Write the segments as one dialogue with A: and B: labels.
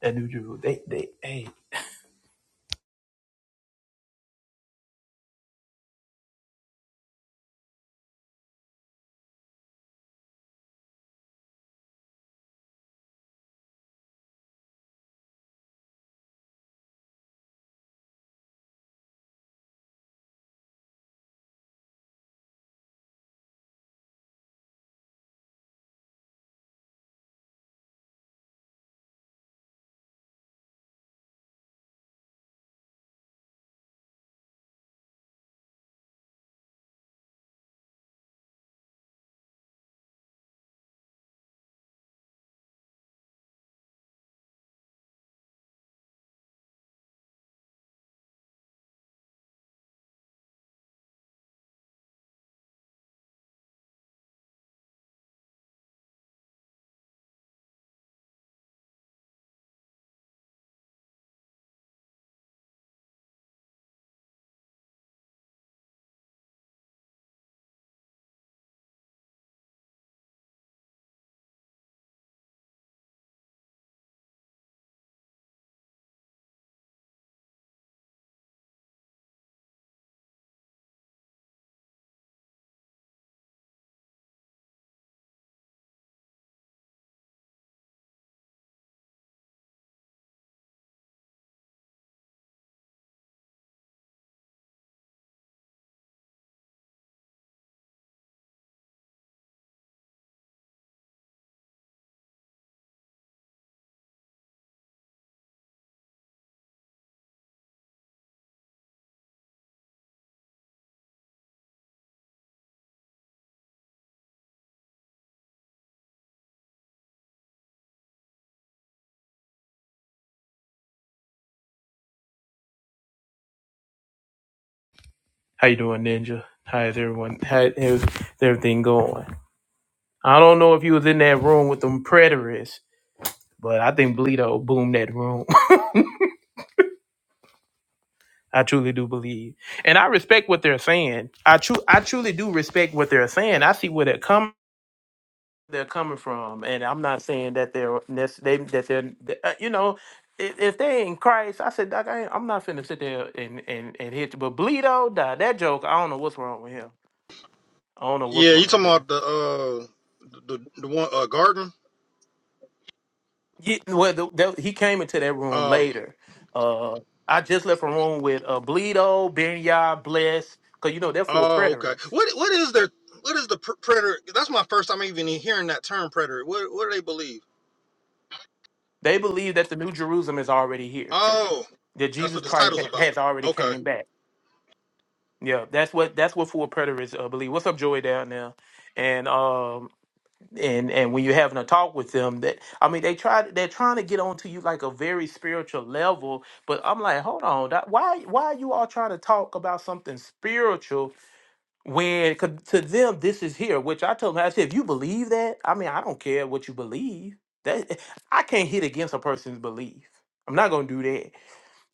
A: that new Jeru- They, they, hey, how you doing, Ninja? How is everyone? How is everything going? I don't know if you was in that room with them preterists, but I think Bleedo boomed that room. I truly do believe, and I respect what they're saying. I tru- I truly do respect what they're saying. I see where they're coming they're coming from, and I'm not saying that they're nec- they that they're uh, you know. i- If they ain't Christ, I said, Doc, I ain't, I'm not finna sit there and and and hit you. But Bleedo, nah, that joke, I don't know what's wrong with him. I don't know what's
B: Yeah, you
A: wrong with
B: talking
A: him.
B: about the uh the the one uh garden?
A: Yeah, well, the, the, he came into that room
B: Um.
A: later. Uh, I just left a room with uh, Bleedo, Benya, Bless, because you know they're full
B: Oh, okay.
A: preterists.
B: What what is their what is the pr- predator? That's my first time even hearing that term predator. What what do they believe?
A: They believe that the New Jerusalem is already here,
B: Oh,
A: that
B: that's
A: Jesus
B: what this
A: Christ
B: title's
A: ha-
B: about.
A: has already
B: Okay.
A: came back. Yeah, that's what that's what full preterists uh, believe. What's up, Joy down there? And um and and when you're having a talk with them, that I mean they try they're trying to get onto you like a very spiritual level, but I'm like, hold on, that, why why are you all trying to talk about something spiritual When 'cause to them this is here, which I told them, I said, if you believe that, I mean, I don't care what you believe. That eh, I can't hit against a person's belief. I'm not gonna do that.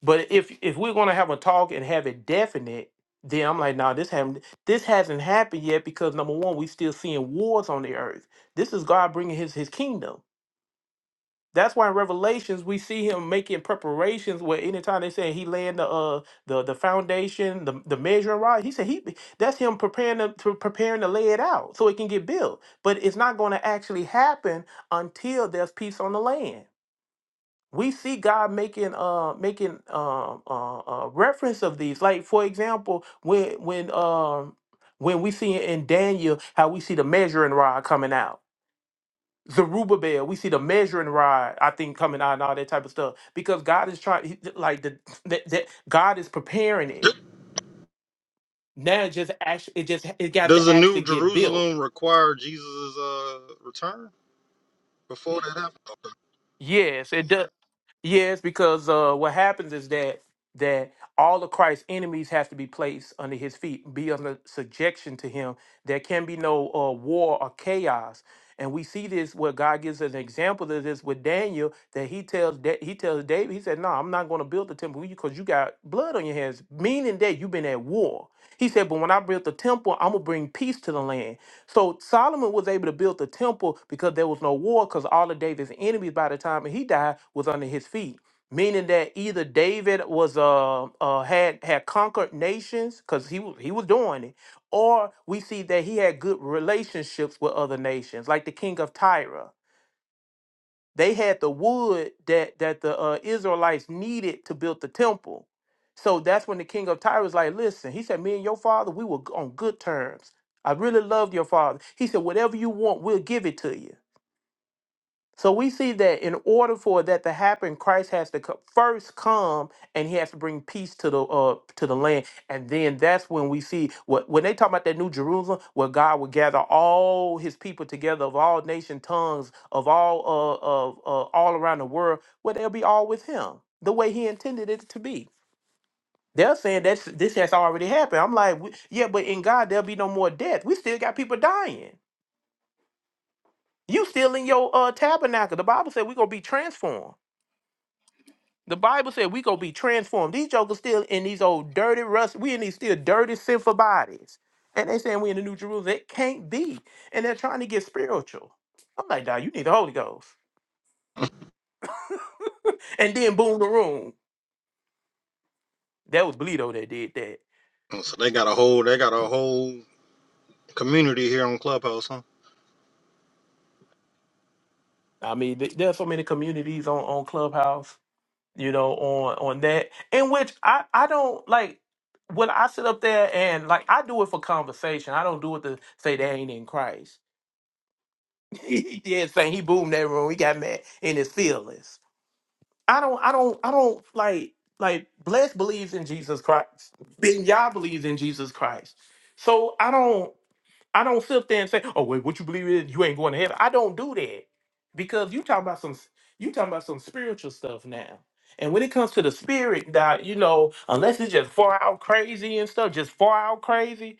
A: But if if we're gonna have a talk and have it definite, then I'm like, nah, this haven't this hasn't happened yet because number one, we still seeing wars on the earth. This is God bringing His His kingdom. That's why in Revelations we see him making preparations. Where anytime they say he laying the uh the the foundation, the the measure right, he said he that's him preparing to, to preparing to lay it out so it can get built. But it's not going to actually happen until there's peace on the land. We see God making uh making uh, uh, uh reference of these. Like for example, when when um when we see in Daniel how we see the measuring rod coming out Zerubbabel, we see the measuring rod, I think, coming out and all that type of stuff because God is trying, he- like the that, that God is preparing it now. It just actually, it just it got
B: Does
A: to
B: the
A: actually
B: New
A: get built.
B: Jerusalem require Jesus' uh return before that happens?
A: Yes, it does. Yes, because uh, what happens is that that all of Christ's enemies have to be placed under his feet, be under subjection to him. There can be no uh, war or chaos. And we see this where God gives us an example of this with Daniel that he tells that he tells David, he said, No, I'm not going to build the temple because you got blood on your hands, meaning that you've been at war. He said, But when I build the temple, I'm gonna bring peace to the land. So Solomon was able to build the temple because there was no war, because all of David's enemies by the time he died was under his feet. Meaning that either David was uh, uh had had conquered nations because he was he was doing it, or we see that he had good relationships with other nations, like the king of Tyre they had the wood that that the uh, Israelites needed to build the temple. So that's when the king of Tyre was like, "Listen," he said, "Me and your father, we were on good terms. I really loved your father." He said, "Whatever you want, we'll give it to you." So we see that in order for that to happen, Christ has to co- first come and he has to bring peace to the uh to the land. And then that's when we see what when they talk about that new Jerusalem, where God will gather all his people together of all nation tongues, of all uh of uh, all around the world, where they'll be all with him, the way he intended it to be. They're saying that's this has already happened. I'm like, "We- yeah, but in God there'll be no more death. We still got people dying. You still in your uh tabernacle. The Bible said we're gonna be transformed. The Bible said we gonna be transformed. These jokers still in these old dirty rust. We in these still dirty sinful bodies, and they saying we in the New Jerusalem. It can't be, and they're trying to get spiritual. I'm like, dog, you need the Holy Ghost. And then boom, the room. That was Bleedo that did that.
B: So they got a whole they got a whole community here on Clubhouse, huh?
A: I mean, th- there are so many communities on on Clubhouse, you know, on on that, in which I I don't like when I sit up there and like I do it for conversation. I don't do it to say they ain't in Christ. he did say he boomed that room. He got mad in his feelings. I don't, I don't, I don't like like blessed believes in Jesus Christ. Then you believes in Jesus Christ. So I don't, I don't sit there and say, oh wait, what you believe in? You ain't going to heaven. I don't do that because you talking about some, you talking about some spiritual stuff now. And when it comes to the spirit, that you know, unless it's just far out crazy and stuff, just far out crazy,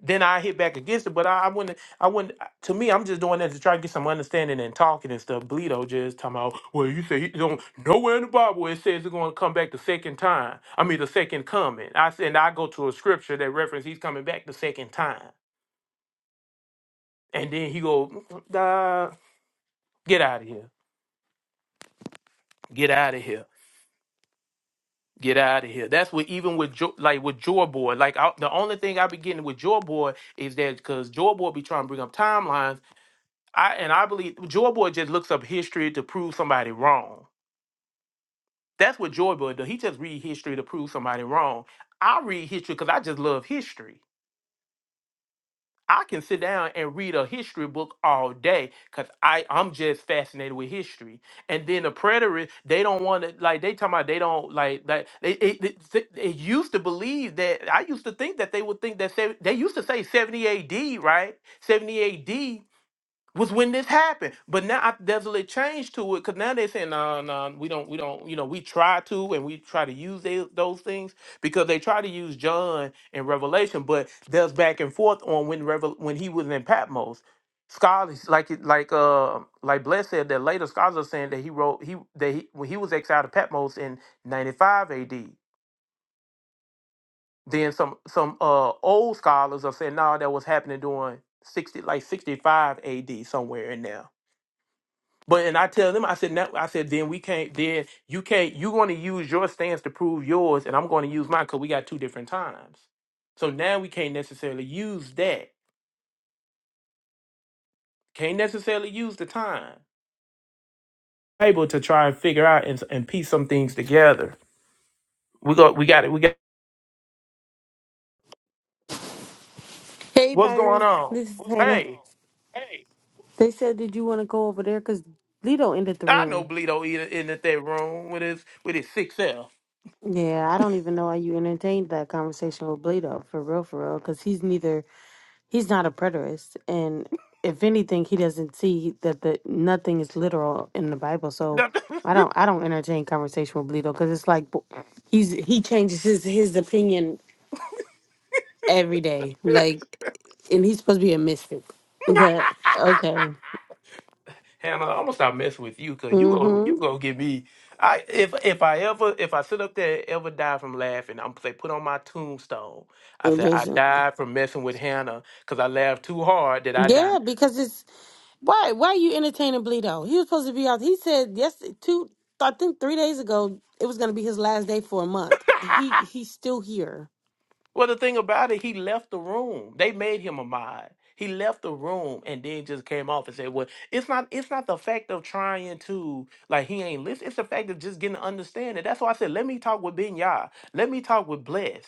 A: then I hit back against it. But I, I wouldn't. I wouldn't. To me, I'm just doing that to try to get some understanding and talking and stuff. Bleedo just talking about. Well, you say he don't nowhere in the Bible it says he's going to come back the second time. I mean, the second coming. I said and I go to a scripture that reference he's coming back the second time, and then he go, "Nah, get out of here, get out of here. Get out of here. That's what even with jo- like with Joy Boy, like I, the only thing I be getting with Joy Boy is that because Joy Boy be trying to bring up timelines I and I believe Joy Boy just looks up history to prove somebody wrong. That's what Joy Boy does. He just read history to prove somebody wrong. I read history because I just love history. I can sit down and read a history book all day because I I'm just fascinated with history. And then the preterists, they don't want to like they talking about they don't like that. They, they, they, they they used to believe that I used to think that they would think that sev- they used to say 70 A.D. right 70 A.D was when this happened. But now I, there's a little change to it because now they're saying, no, no, we don't, we don't, you know, we try to and we try to use they, those things because they try to use John in Revelation, but there's back and forth on when Revel- when he was in Patmos. Scholars like it, like uh like Bless said that later scholars are saying that he wrote he that he, when he was exiled to Patmos in 95 AD. Then some some uh old scholars are saying no that was happening during 60 like 65 AD somewhere in there. But and I tell them, I said, no, I said, then we can't. Then you can't. You're going to use your stance to prove yours, and I'm going to use mine because we got two different times. So now we can't necessarily use that. Can't necessarily use the time able to try and figure out and, and piece some things together. We got, we got it. We got
C: Hey
A: what's going
C: Byron,
A: on.
C: this is Hannah.
A: Hey,
C: They said, did you want to go over there? Because Bleedo ended the
A: I know
C: room.
A: Bleedo eater in that room with his with his six L.
C: Yeah, I don't even know why you entertained that conversation with Bleedo, for real, for real, because he's neither, he's not a preterist. And if anything, he doesn't see that the nothing is literal in the Bible. So I don't, I don't entertain conversation with Bleedo because it's like bo- he's, he changes his, his opinion every day. Like, and he's supposed to be a mystic. But okay.
A: Hannah, I'm gonna stop messing with you because you go
C: Mm-hmm.
A: you gonna get me. I if if I ever if I sit up there and ever die from laughing, I'm say put on my tombstone. I said I died from messing with Hannah because I laughed too hard that I died.
C: Yeah, because it's why why are you entertaining Bleedo? He was supposed to be out. He said yes two I think three days ago it was gonna be his last day for a month. He he's still here.
A: Well, the thing about it, he left the room. They made him a mod. He left the room and then just came off and said, "Well, it's not. It's not the fact of trying to like he ain't listen. It's the fact of just getting to understand it. That's why I said, let me talk with Ben Yah. Let me talk with Bless.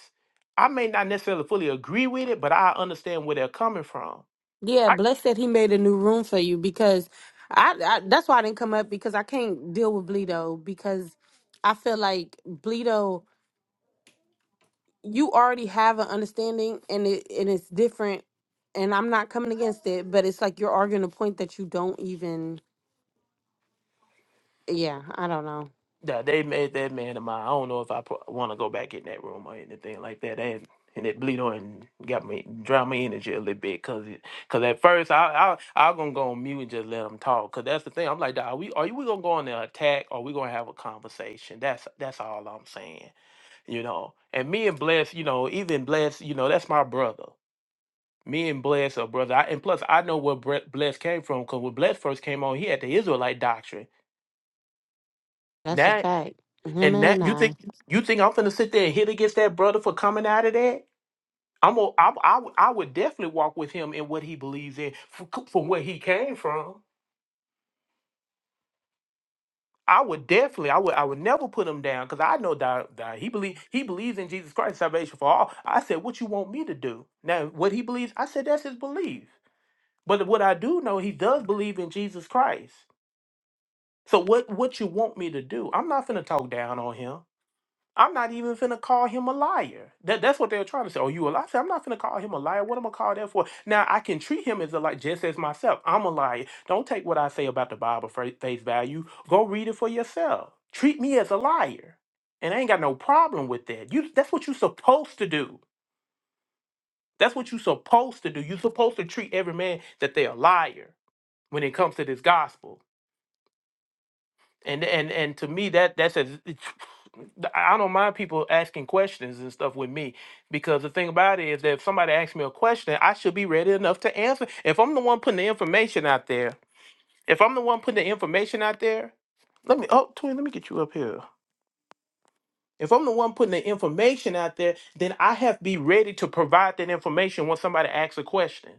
A: I may not necessarily fully agree with it, but I understand where they're coming from.
C: Yeah, Bless said he made a new room for you because I, I that's why I didn't come up because I can't deal with Bleedo because I feel like Bleedo you already have an understanding and it and it's different and I'm not coming against it, but it's like you're arguing a point that you don't even yeah, I don't know.
A: Yeah, they made that man of mine. I don't know if I pro- want to go back in that room or anything like that. And and it bleed on got me drown my energy a little bit because cause it- 'cause at first I I I gonna go on mute and just let them talk because that's the thing. I'm like, "Dawg, are we are you we gonna go on the attack or we gonna have a conversation? That's that's all I'm saying, you know. And me and Bless, you know, even Bless, you know, that's my brother. Me and Bless are brother. I, and plus, I know where Bre- Bless came from because when Bless first came on, he had the Israelite doctrine.
C: That's a
A: Now
C: fact. Him
A: And
C: and
A: that you
C: I.
A: think you think I'm finna sit there and hit against that brother for coming out of that? I'm a, I, I, would- I would definitely walk with him in what he believes in from, from where he came from. I would definitely I would I would never put him down because I know that, that he believe he believes in Jesus Christ salvation for all. I said, what you want me to do now? What he believes, I said that's his belief. But what I do know, he does believe in Jesus Christ. So what what you want me to do? I'm not finna talk down on him. I'm not even finna call him a liar. That that's what they were trying to say. Oh, you a liar? I said, I'm not finna call him a liar. What am I call that for? Now I can treat him as a liar, just as myself. I'm a liar. Don't take what I say about the Bible for face value. Go read it for yourself. Treat me as a liar, and I ain't got no problem with that. You that's what you're supposed to do. That's what you're supposed to do. You're supposed to treat every man that they're a liar when it comes to this gospel. and and and to me that that's as it's, I don't mind people asking questions and stuff with me because the thing about it is that if somebody asks me a question, I should be ready enough to answer. If I'm the one putting the information out there, if I'm the one putting the information out there, let me oh twin, let me get you up here. If I'm the one putting the information out there, then I have to be ready to provide that information when somebody asks a question.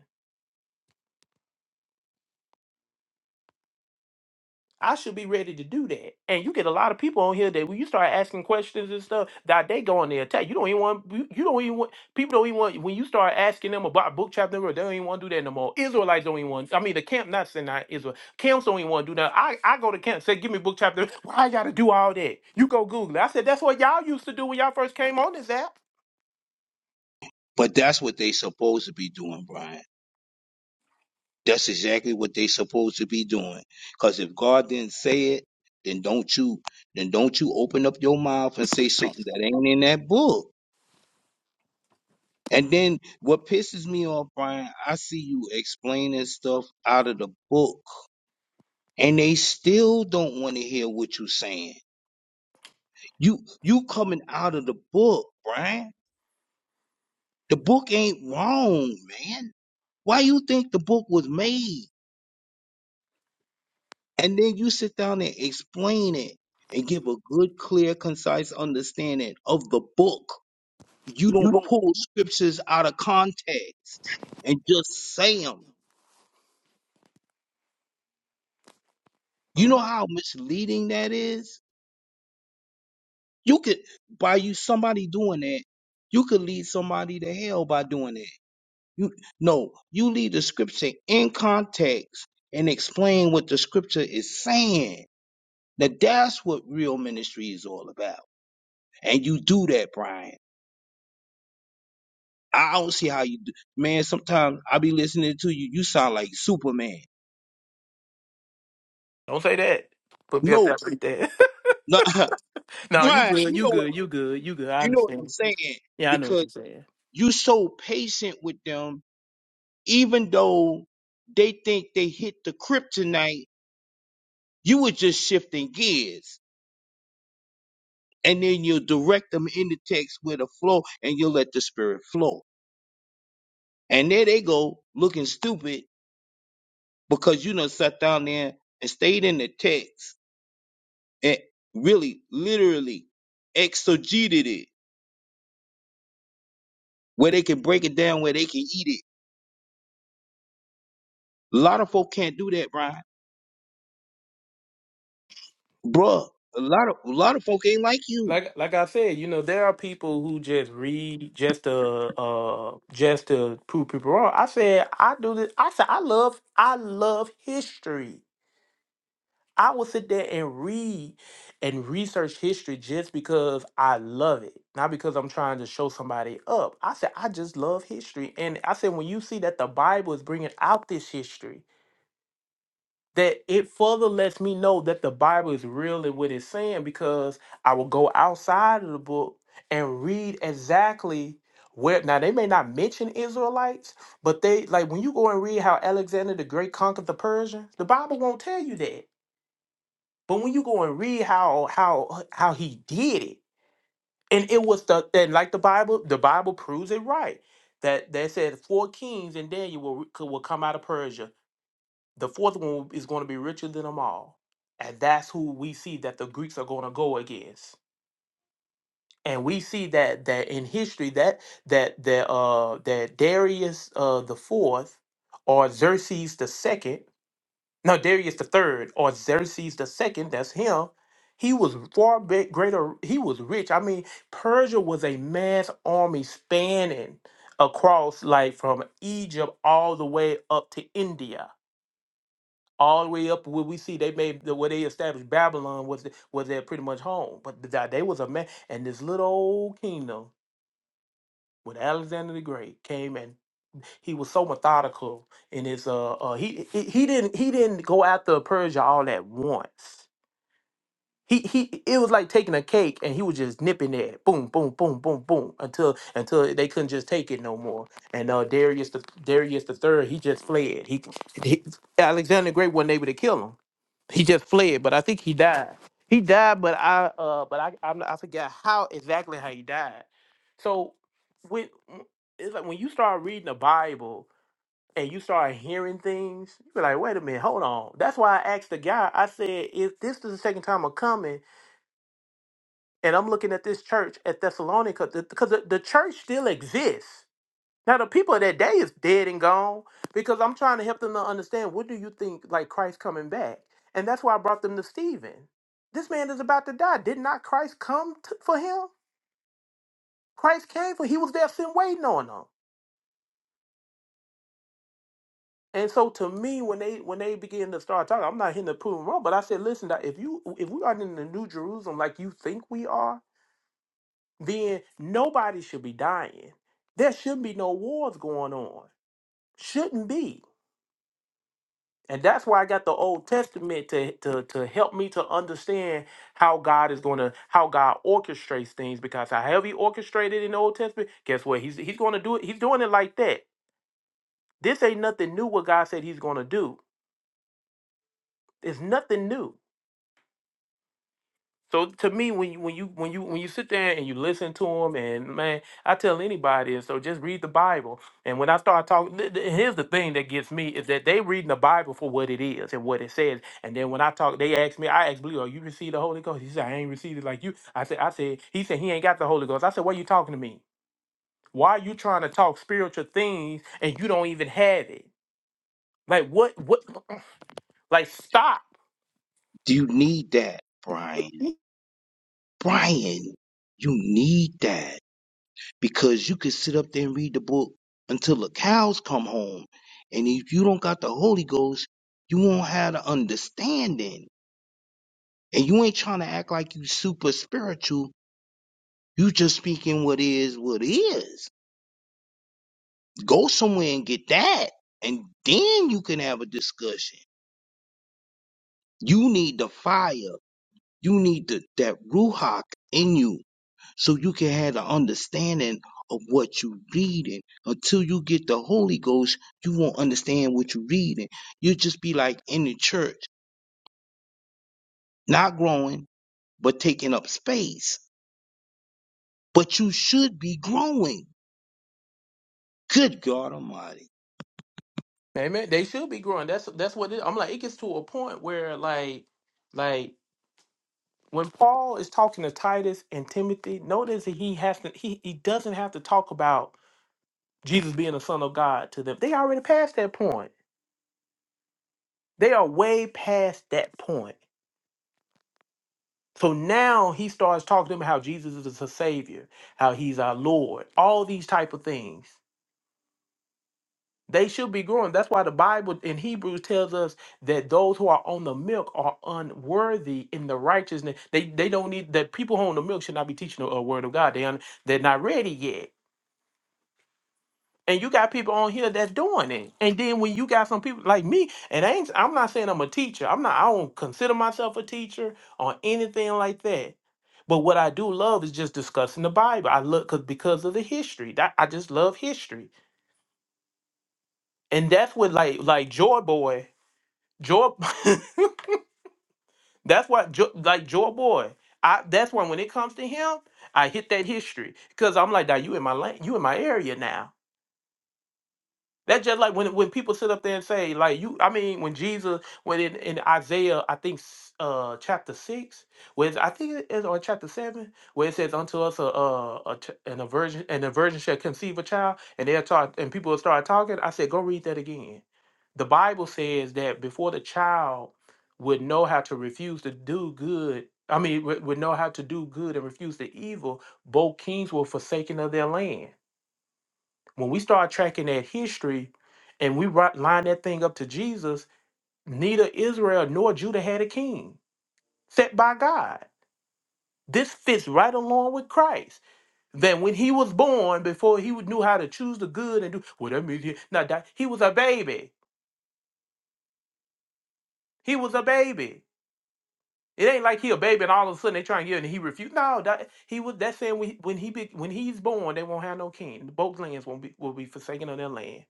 A: I should be ready to do that. And you get a lot of people on here that when you start asking questions and stuff, that they go on their attack. You don't even want you you don't even want people don't even want when you start asking them about book chapter verse, they don't even want to do that no more. Israelites don't even want I mean the camp not saying not Israel. Camps don't even want to do that. I, I go to camp, say give me book chapter. Why I gotta do all that? You go Google it. I said that's what y'all used to do when y'all first came on this app.
D: But that's what they supposed to be doing, Brian. That's exactly what they supposed to be doing. Cause if God didn't say it, then don't you then don't you open up your mouth and say
A: You
D: something that ain't in that book. And then what pisses me off, Brian, I see you explaining stuff out of the book. And they still don't want to hear what you're saying. You you coming out of the book, Brian. The book ain't wrong, man. Why you think the book was made? And then you sit down and explain it and give a good, clear, concise understanding of the book. You don't
A: don't
D: pull scriptures out of context and just say them. You
A: Uh,
D: know how misleading that is? You could, by you somebody doing that, you could lead somebody to hell by doing that. You no, you leave the scripture in context and explain what the scripture is saying. Now that's what real ministry is all about. And you do that, Brian. I don't see how you do. Man, sometimes I be listening to you. You sound like Superman.
A: don't say that. Put me up
D: No,
A: there like that.
D: no,
A: no, you
D: Brian,
A: good,
D: you
A: you
D: know what
A: good, you good, you good. I
D: you know what I'm
A: understand.
D: saying
A: Yeah, I know what
D: because
A: you're saying.
D: you so patient with them, even though they think they hit the kryptonite. You were just shifting gears, and then you direct them in the text with a flow, and you let the spirit flow. And there they go, looking stupid because you done sat down there and stayed in the text and really literally exegeted it where they can break it down where they can eat it. A lot of folk can't do that, Brian. Bruh, a lot of a lot of folk ain't like you.
A: like like I said, you know, there are people who just read just to uh just to prove people wrong. I said I do this. I said I love I love history. I will sit there and read and research history just because I love it, not because I'm trying to show somebody up. I said I just love history, and I said when you see that the Bible is bringing out this history, that it further lets me know that the Bible is real in what it's saying because I will go outside of the book and read exactly where now they may not mention Israelites, but they like when you go and read how Alexander the Great conquered the Persians, the Bible won't tell you that. But when you go and read how how how he did it, and it was the and like the Bible, the Bible proves it right. That that said four kings and Daniel will, will come out of Persia the fourth one is going to be richer than them all. And that's who we see that the Greeks are going to go against. And we see that that in history that that that uh that Darius uh the fourth or Xerxes the second, no Darius the third or Xerxes the second, that's him. He was far big, greater. He was rich. I mean, Persia was a mass army spanning across, like from Egypt all the way up to India all the way up where we see they made the where they established Babylon was was their pretty much home. But th- they was a man and this little old kingdom when Alexander the Great came and he was so methodical in his uh, uh he, he he didn't he didn't go after Persia all at once. He he it was like taking a cake and he was just nipping at it. Boom, boom, boom, boom, boom until until they couldn't just take it no more. And uh Darius the Darius the third, he just fled. He, he Alexander the Great wasn't able to kill him he just fled, but I think he died. He died, but I uh, but I I'm, I forget how exactly how he died. So when it's like when you start reading the Bible and you start hearing things, you be like, wait a minute, hold on. That's why I asked the guy. I said, if this is the second time I'm coming, and I'm looking at this church at Thessalonica, because the, 'cause the the church still exists. Now the people of that day is dead and gone because I'm trying to help them to understand what do you think like Christ coming back, and that's why I brought them to Stephen. This man is about to die. Did not Christ come t- for him? Christ came for he was there sitting waiting on him. And so to me, when they when they begin to start talking, I'm not hitting the prove 'em wrong, but I said, listen, now, if you if we aren't in the New Jerusalem like you think we are, then nobody should be dying. There shouldn't be no wars going on. Shouldn't be. And that's why I got the Old Testament to, to, to help me to understand how God is going to, how God orchestrates things. Because however he orchestrated in the Old Testament, guess what? He's, he's going to do it. He's doing it like that. This ain't nothing new what God said he's going to do. It's nothing new. So to me, when you when you when you when you sit there and you listen to him, and man, I tell anybody, and so just read the Bible. And when I start talking, th- th- here's the thing that gets me is that they reading the Bible for what it is and what it says. And then when I talk, they ask me, I ask Blue, "Are you received the Holy Ghost?" He said, "I ain't received it like you." I said, "I said." He said, "He ain't got the Holy Ghost." I said, "Why you talking to me? Why are you trying to talk spiritual things and you don't even have it? Like what? What? Like stop."
D: Do you need that, Brian? Brian, you need that because you can sit up there and read the book until the cows come home. And if you don't got the Holy Ghost, you won't have the understanding. And you ain't trying to act like you super spiritual. You just speaking what is what is Go somewhere and get that, and then you can have a discussion. You need the fire. You need the, that ruach in you, so you can have the understanding of what you are reading. Until you get the Holy Ghost, you won't understand what you are reading. You'll just be like in the church, not growing, but taking up space. But you should be growing. Good God Almighty.
A: Amen. They should be growing. That's that's what it, I'm like. It gets to a point where like like when Paul is talking to Titus and Timothy, notice that he has to he, he doesn't have to talk about Jesus being the Son of God to them. They already past that point. They are way past that point. So now he starts talking to them how Jesus is the Savior, how he's our Lord, all these type of things. They should be growing. That's why the Bible in Hebrews tells us that those who are on the milk are unworthy in the righteousness. They they don't need that people who are on the milk should not be teaching the uh, word of God. They un, they're not ready yet. And you got people on here that's doing it. And then when you got some people like me, and I ain't I'm not saying I'm a teacher. I'm not I don't consider myself a teacher or anything like that. But what I do love is just discussing the Bible. I look cause because of the history. That I just love history. And that's what like like Joy Boy. Joe, that's why, Jo- like Joe Boy, I that's why when it comes to him, I hit that history because I'm like, now you in my lane, you in my area now. That's just like when when people sit up there and say, like you, I mean, when Jesus, when in, in Isaiah, I think s- uh chapter six, where it's, I think it is or chapter seven, where it says, "Unto us a, a, a ch- an a virgin and a virgin shall conceive a child," and they'll talk, and people will start talking. I said, "Go read that again." The Bible says that before the child would know how to refuse to do good, I mean, would would know how to do good and refuse the evil, both kings were forsaken of their land. When we start tracking that history and we ri- line that thing up to Jesus, neither Israel nor Judah had a king set by God. This fits right along with Christ. That when he was born, before he would- knew how to choose the good and do well, that means he, not that he was a baby. He was a baby. It ain't like he a baby and all of a sudden they try and get him and he refused. No, that he was. That's saying when, when he be, when he's born, they won't have no king. Both lands won't be will be forsaken of their land.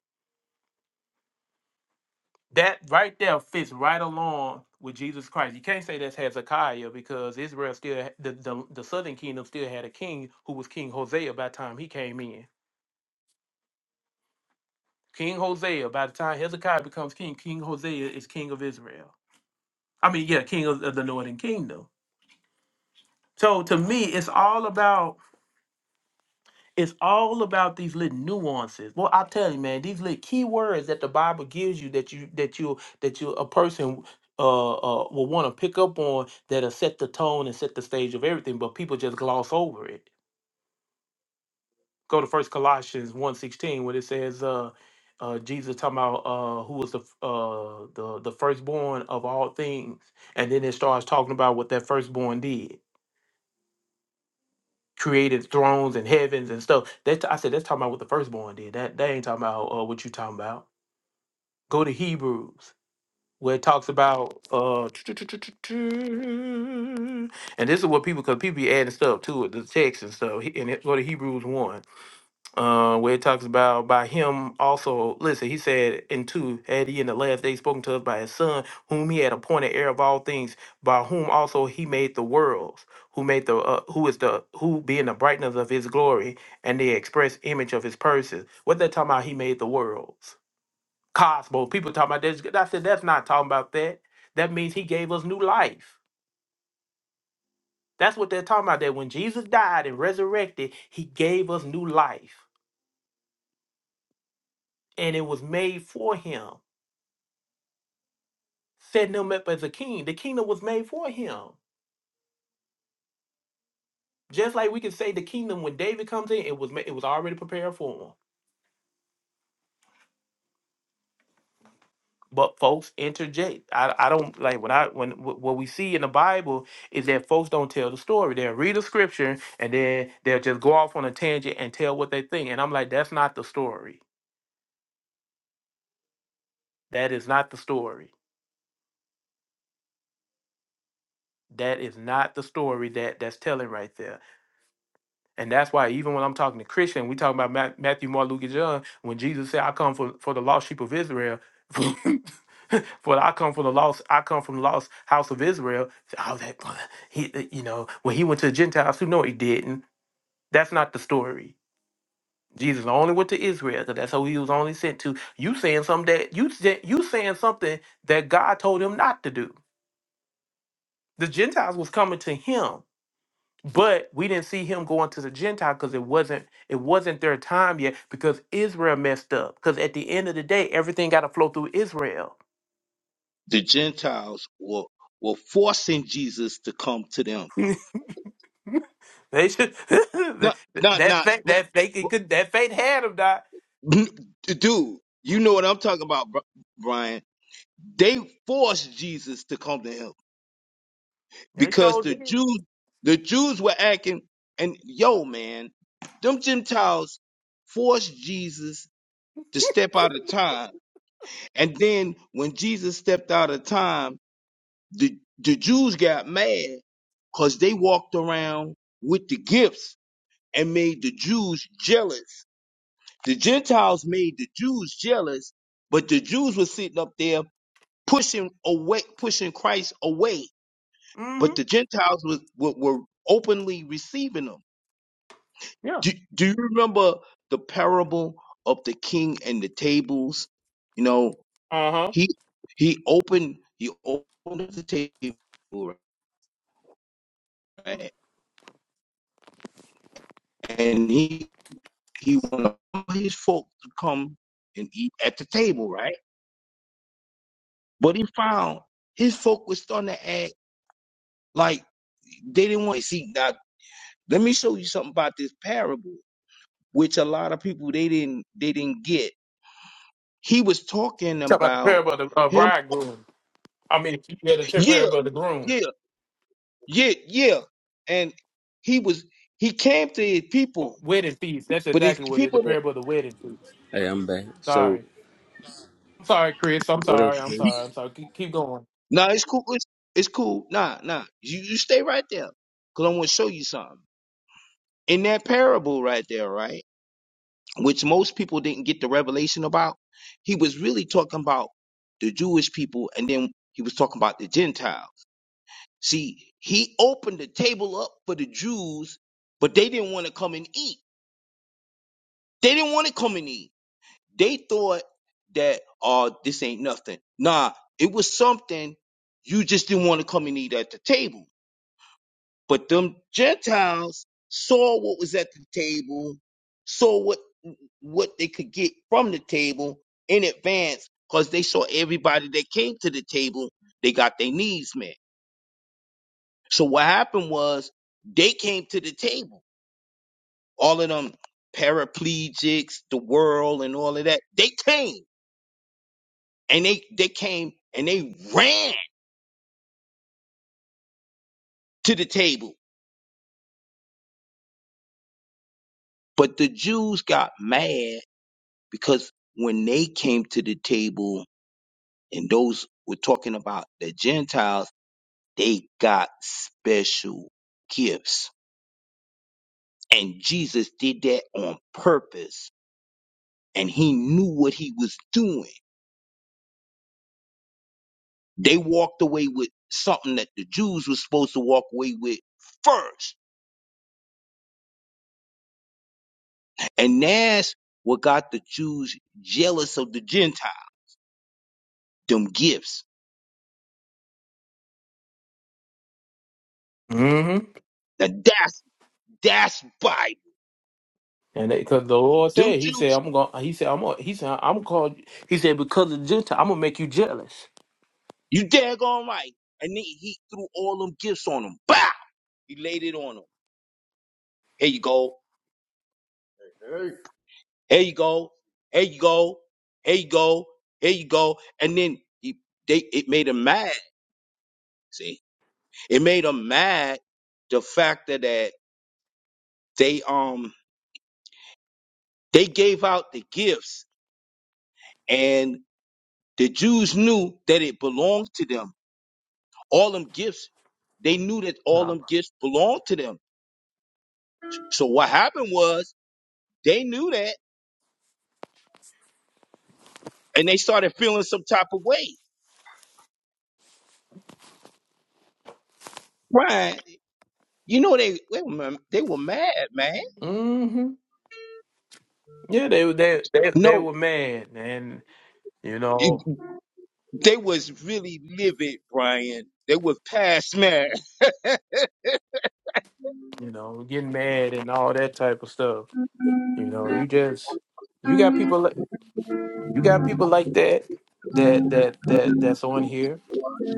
A: That right there fits right along with Jesus Christ. You can't say that's Hezekiah because Israel still ha- the, the the southern kingdom still had a king who was King Hosea by the time he came in. King Hosea, by the time Hezekiah becomes king, King Hosea is king of Israel. I mean, yeah, king of, of the northern kingdom. So to me, it's all about It's all about these little nuances. Well, I tell you, man, these little key words that the Bible gives you that you that you that you a person uh, uh will want to pick up on that'll set the tone and set the stage of everything, but people just gloss over it. Go to First Colossians one sixteen, where it says uh uh Jesus talking about uh who was the f- uh the the firstborn of all things, and then it starts talking about what that firstborn did. created thrones and heavens and stuff. That I said that's talking about what the firstborn did. That that ain't talking about uh, what you talking about. Go to Hebrews where it talks about uh and this is what people because people be adding stuff to it, the text and stuff. He- And it, go to Hebrews one uh, where it talks about by him also. Listen, he said in two, had he in the last day spoken to us by his son, whom he had appointed heir of all things, by whom also he made the worlds, who made the uh, who is the who being the brightness of his glory and the express image of his person. What they talking about? He made the worlds, cosmos. People talking about this. I said that's not talking about that. That means he gave us new life. That's what they're talking about. That when Jesus died and resurrected, he gave us new life, and it was made for him. setting him up as a king. The kingdom was made for him. Just like we can say the kingdom when David comes in, it was ma- it was already prepared for him. But folks interject. I, I don't like when I when wh- what we see in the Bible is that folks don't tell the story. They'll read the scripture and then they'll just go off on a tangent and tell what they think. And I'm like, that's not the story. That is not the story. That is not the story that that's telling right there And that's why even when I'm talking to Christian, we talking about Ma- Matthew, Mark, Luke, and John. When Jesus said, "I come for for the lost sheep of Israel," for I come from the lost, I come from the lost house of Israel. So, Oh, that he, uh, you know, when he went to the Gentiles, who no, he didn't. That's not the story. Jesus only went to Israel because that's who he was only sent to. You saying something that you said- you saying something that God told him not to do. The Gentiles was coming to him but we didn't see him going to the Gentile because it wasn't it wasn't their time yet because Israel messed up. Because at the end of the day, everything got to flow through Israel.
D: The Gentiles were, were forcing Jesus to come to them
A: they should
D: Not, not,
A: that
D: not,
A: faith that they could could- that faith had them die.
D: dude. You know what I'm talking about, Bri- Brian? They forced Jesus to come to him
A: They
D: because
A: showed
D: the
A: it.
D: Jews, the Jews were acting, and yo, man, them Gentiles forced Jesus to step out of time, and then when Jesus stepped out of time, the the Jews got mad because they walked around with the gifts and made the Jews jealous The Gentiles made the Jews jealous, but the Jews were sitting up there pushing away, pushing Christ away.
A: Mm-hmm.
D: But the Gentiles was, were, were openly receiving him.
A: Yeah.
D: Do, do you remember the parable of the king and the tables? You know,
A: Uh huh.
D: he he opened he opened the table right, and he he wanted all his folk to come and eat at the table, right? But he found his folk was starting to add Like they didn't want to see now. Let me show you something about this parable, which a lot of people they didn't they didn't get. He was talking
A: Talk about the
D: about
A: parable of the uh,
D: him.
A: bridegroom. I mean, yeah, the ter-
D: Yeah,
A: parable of the groom.
D: yeah, yeah, yeah. And he was he came to his people,
A: Wedding feast. That's
D: but his
A: exactly what it is. The
D: people there.
A: parable of the wedding feast.
E: Hey, I'm back. So,
A: Sorry. I'm sorry, Chris. I'm
E: what up,
A: sorry. I'm sorry. I'm
E: Chris?
A: sorry. Keep, keep going.
D: Nah, it's cool. It's, it's cool. Nah, nah. You you stay right there, cause I want to show you something in that parable right there, right? which most people didn't get the revelation about. He was really talking about the Jewish people and then he was talking about the Gentiles. See, he opened the table up for the Jews, but they didn't want to come and eat. They didn't want to come and eat. They thought that, oh, this ain't nothing. Nah, it was something you just didn't want to come and eat at the table. But them Gentiles saw what was at the table, saw what what they could get from the table in advance, because they saw everybody that came to the table, they got their needs met. So what happened was they came to the table. All of them paraplegics, the world and all of that, they came. And they they came and they ran to the table. But the Jews got mad because when they came to the table And those we're talking about, the Gentiles, they got special gifts. And Jesus did that on purpose. And he knew what he was doing. They walked away with something that the Jews were supposed to walk away with first. And that's what got the Jews jealous of the Gentiles, them gifts. Now that's, that's Bible.
A: And because the Lord
D: Them
A: said, He said,
D: Jews,
A: I'm going. to He said, I'm. Gonna, he said, I'm called. He said, because of the Gentile, I'm gonna make you jealous.
D: you daggone right. And then he threw all them gifts on them. Bow! He laid it on them. Here you go. Hey, Here you go. Here you go. Here you go. Here you go. And then he, they, it made him mad. See, it made him mad. The fact that that they, um, they gave out the gifts and the Jews knew that it belonged to them. All them gifts, they knew that all them gifts belonged to them. So what happened was they knew that and they started feeling some type of way. Right. You know, they, they were, they were mad, man.
A: Mm-hmm. Yeah, they were. They, they they
D: No.
A: were mad, and you know,
D: You- They was really livid, Brian. They was past mad.
A: you know, getting mad and all that type of stuff. You know, you just you got people. like You got people like that. That that that that's on here.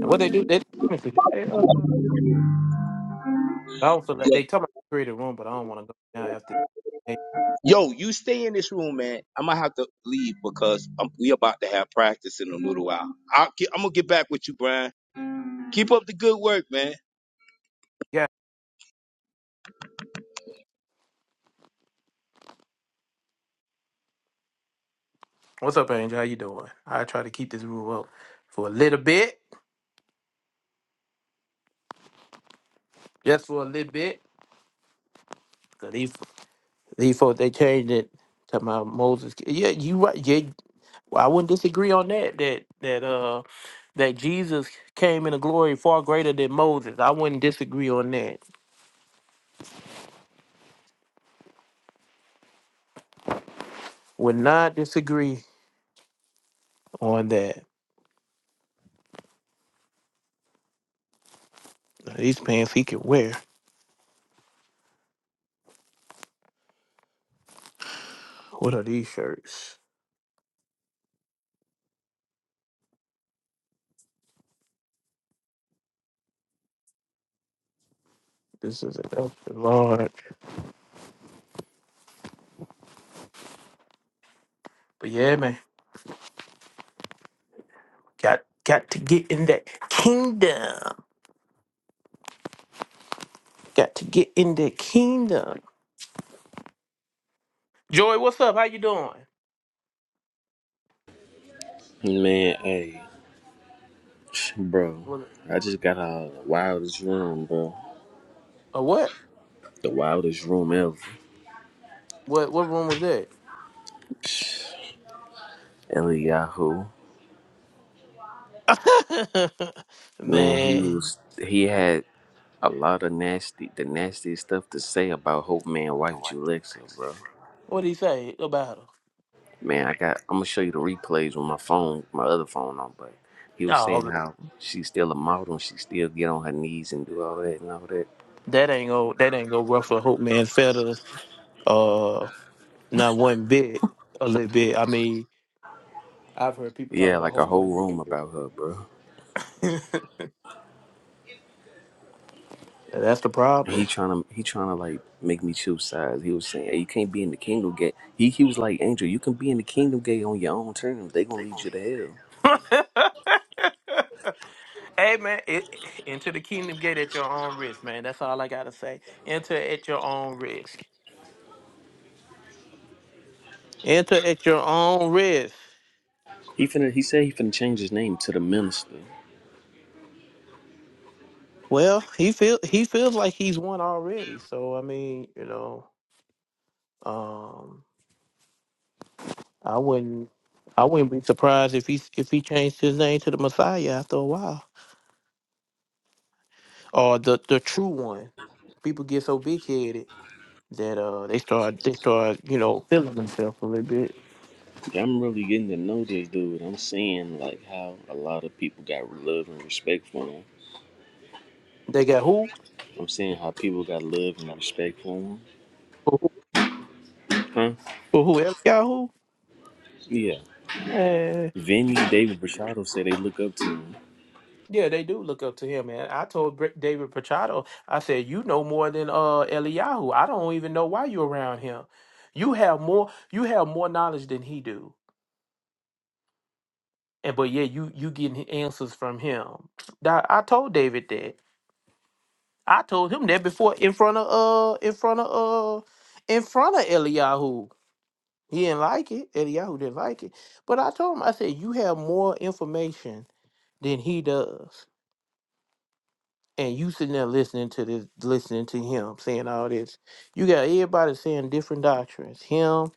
A: And what they do? They, they uh, I also like.
D: But,
A: They tell me I a room, but I don't want to go down after.
D: Yo, you stay in this room, man. I might have to leave because I'm, we about to have practice in a little while. I'll get, I'm gonna get back with you, Brian. Keep up the good work, man.
A: What's up, Angel? How you doing? I try to keep this room up for a little bit, just for a little bit. 'Cause These these folks they changed it to my Moses. Yeah, you right. Yeah, well, I wouldn't disagree on that. That that uh that Jesus came in a glory far greater than Moses. I wouldn't disagree on that. Would not disagree on that. These pants he can wear. What are these shirts? This is an extra large. But yeah, man, got got to get in that kingdom. Got to get in the kingdom. Joy, what's up? How you doing?
E: Man, hey, bro,
A: What?
E: I just got out of the wildest room, bro.
A: A what?
E: The wildest room ever.
A: What? What room was that?
E: Eliyahu, man, he
A: man,
E: was he had a lot of nasty, the nastiest stuff to say about Hope Man wife Julexa, bro.
A: what did he say about her?
E: Man, I got. I'm gonna show you the replays with my phone, my other phone on, but. He was saying
A: Oh,
E: how she's still a model and she still get on her knees and do all that and all that.
A: that ain't go. That ain't go ruffle Hope Man feathers. Uh, not one bit. A little bit. I mean, I've heard people talk
E: Yeah,
A: about
E: like a
A: Hope
E: whole
A: Man.
E: room about her, bro.
A: That's the
E: And he
A: problem.
E: trying to he trying to like make me choose sides. He was saying, "Hey, you can't be in the kingdom gate." He he was like, "Angel, you can be in the kingdom gate on your own terms. They gonna lead you to hell."
A: Hey man, it, enter the kingdom gate at your own risk, man. That's all I gotta say. Enter at your own risk. Enter at your own risk.
E: He finna he said he finna change his name to the minister.
A: Well, he feel he feels like he's won already. So I mean, you know, um, I wouldn't I wouldn't be surprised if he if he changed his name to the Messiah after a while, or the the true one. People get so big headed that uh they start they start you know feeling themselves a little bit.
E: Yeah, I'm really getting to know this dude. I'm seeing like how a lot of people got love and respect for him.
A: They got who
E: I'm seeing how people got love and respect for him.
A: for who
E: Huh?
A: for who Eliyahu?
E: Yeah. Vinny, David Brashado say they look up to him.
A: Yeah, they do look up to him, man. I told Br- David Pachado, I said, "You know more than uh Eliyahu. I don't even know why you're around him. You have more. You have more knowledge than he do. And but yeah, you you getting answers from him. That I told David that. I told him that before in front of uh in front of uh in front of Eliyahu. He didn't like it. Eliyahu didn't like it. But I told him, I said, you have more information than he does. and you sitting there listening to this, listening to him saying all this. You got everybody saying different doctrines. Him,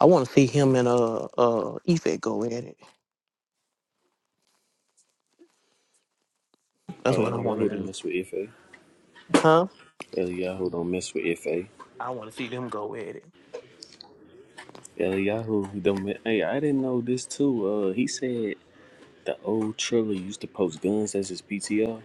A: I want to see him and uh uh Ife go at it.
E: Oh,
A: That's what I want to
E: Eliyahu don't
A: do,
E: mess with Ife.
A: huh?
E: Eliyahu don't mess with Ife.
A: I want to see them go at it.
E: Eliyahu, the ma- hey, I didn't know this too. Uh, he said the old Triller used to post guns as his PTR.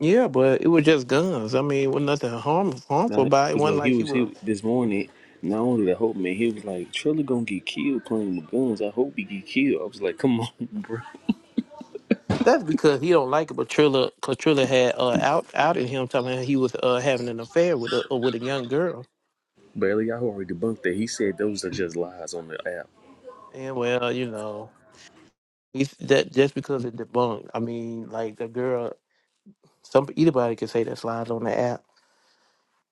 A: Yeah, but it was just guns. I mean, it was nothing harm, harmful
E: Now,
A: about it. it.
E: cause
A: wasn't
E: look, he
A: like he
E: was
A: was.
E: he this morning. Not only the hope man, he was like Triller gonna get killed playing with guns. I hope he get killed. I was like, come on, bro.
A: That's because he don't like it. But Trilla, cause Trilla had uh out outed him, talking about he was uh having an affair with a uh, with a young girl.
E: But Eliyahu already debunked that. He said those are just lies on the app.
A: And well, you know, he's that just because it debunked. I mean, like the girl. Some anybody can say that's lies on the app.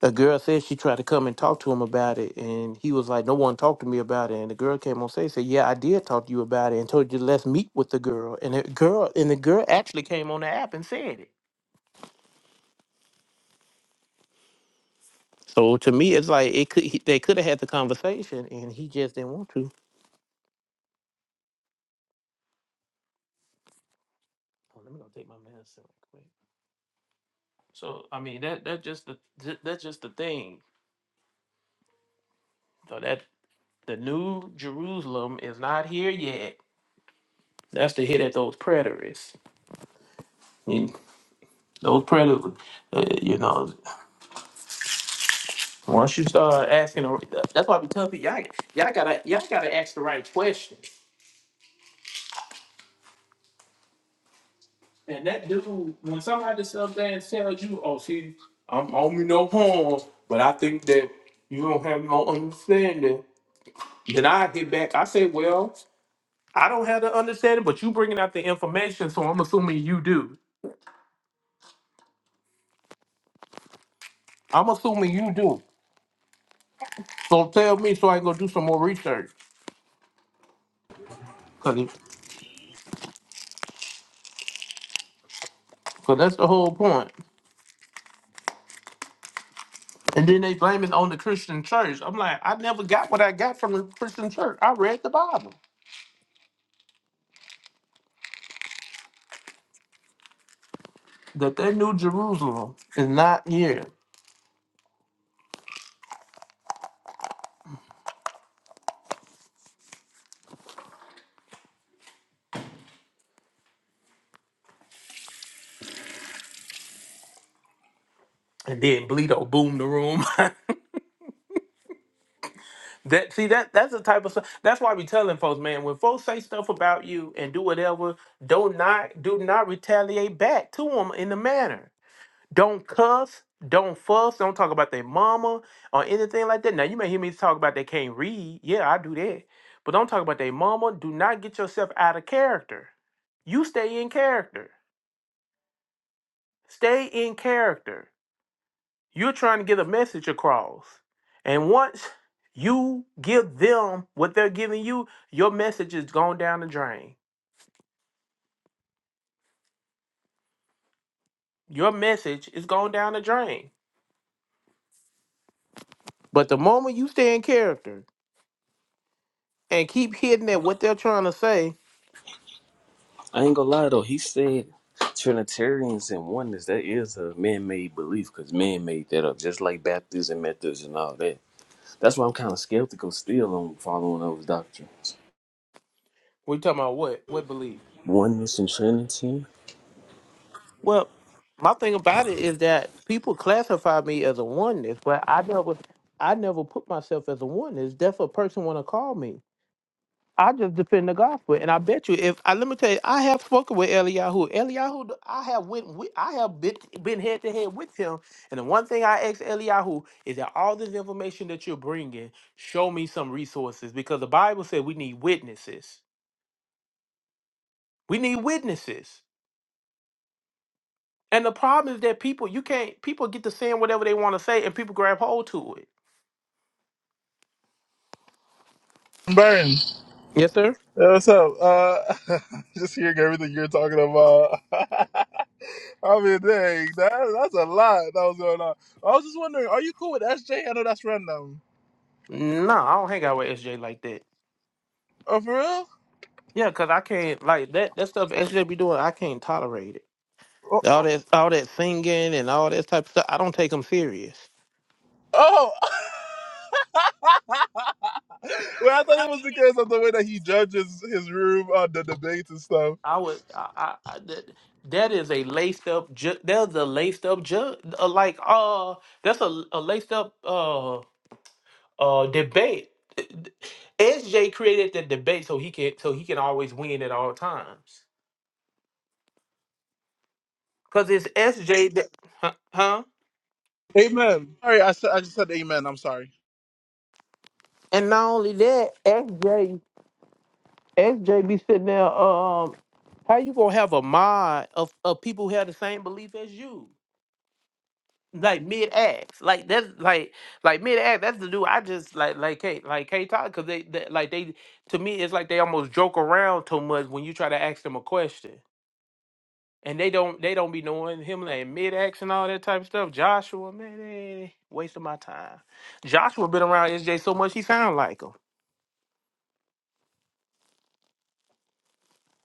A: A girl said she tried to come and talk to him about it, and he was like, "No one talked to me about it." And the girl came on stage, said, "Yeah, I did talk to you about it, and told you let's meet with the girl." And the girl and the girl actually came on the app and said it. So to me, it's like it could he, they could have had the conversation, and he just didn't want to. Oh, let me go take my medicine real quick. So I mean that that's just the th- that's just the thing. So that the new Jerusalem is not here yet. That's to hit at those preterists. Those predators, uh, you know, once you start asking, the- that's why we tell people, y'all, y'all gotta, y'all gotta ask the right questions. And that dude, when somebody sits up there and tells you, "Oh, see, I'm on me no harm," but I think that you don't have no understanding, then I hit back. I say, "Well, I don't have the understanding, but you bringing out the information, so I'm assuming you do. I'm assuming you do. So tell me, so I can go do some more research, cause, 'cause that's the whole point." And then they blame it on the Christian church. I'm like, I never got what I got from the Christian church. I read the Bible. That they knew Jerusalem is not here. And then Bleedo boomed the room. that see that that's the type of stuff. That's why we telling folks, man, when folks say stuff about you and do whatever, do not do not retaliate back to them in the manner. Don't cuss, don't fuss, don't talk about their mama or anything like that. Now you may hear me talk about they can't read. Yeah, I do that. But don't talk about their mama. Do not get yourself out of character. You stay in character. Stay in character. You're trying to get a message across. And once you give them what they're giving you, your message is going down the drain. Your message is going down the drain. But the moment you stay in character and keep hitting at what they're trying to say,
E: I ain't gonna lie though. He said Trinitarians and oneness that is a man-made belief because man made that up, just like Baptists and Methodists and all that. That's why I'm kind of skeptical still on following those doctrines.
A: We talking about what? What belief?
E: Oneness and Trinity.
A: Well, my thing about it is that people classify me as a oneness, but I never, I never put myself as a oneness. That's what a person want to call me. I just defend the gospel, and I bet you, if I let me tell you, I have spoken with Eliyahu. Eliyahu, I have went, with, I have been, been head to head with him. And the one thing I asked Eliyahu is that all this information that you're bringing, show me some resources, because the Bible said we need witnesses. We need witnesses. And the problem is that people, you can't, people get to saying whatever they want to say and people grab hold to it.
F: Burn. Hey,
A: Yes, sir.
F: what's up? Uh, just hearing everything you're talking about. I mean, dang, that, that's a lot that was going on. I was just wondering, are you cool with SJ? I know that's random.
A: No, I don't hang out with SJ like that.
F: Oh, for real?
A: Yeah, because I can't, like, that, that stuff SJ be doing, I can't tolerate it.
F: Oh.
A: All that, all that singing and all that type of stuff. I don't take them serious.
F: oh. well, I thought it was because of the way that he judges his room on the debates and stuff.
A: I would, I, I, I that, that is a laced up, ju- that's a laced up, ju- uh, like, uh, that's a, a laced up, uh. uh debate sj created the debate so he can so he can always win at all times because it's sj that, huh, huh
F: Amen. Sorry, I, said, I just said amen. I'm sorry.
A: And not only that, SJ SJ be sitting there. Um, how you gonna have a mod of, of people who have the same belief as you like mid-ax like that's like like mid-ax that's the dude i just like like K like K Todd because they, they like they to me it's like they almost joke around too much when you try to ask them a question And they don't they don't be knowing him like mid ax and all that type of stuff. Joshua, man, eh, waste of my time. Joshua been around SJ so much he sound like him.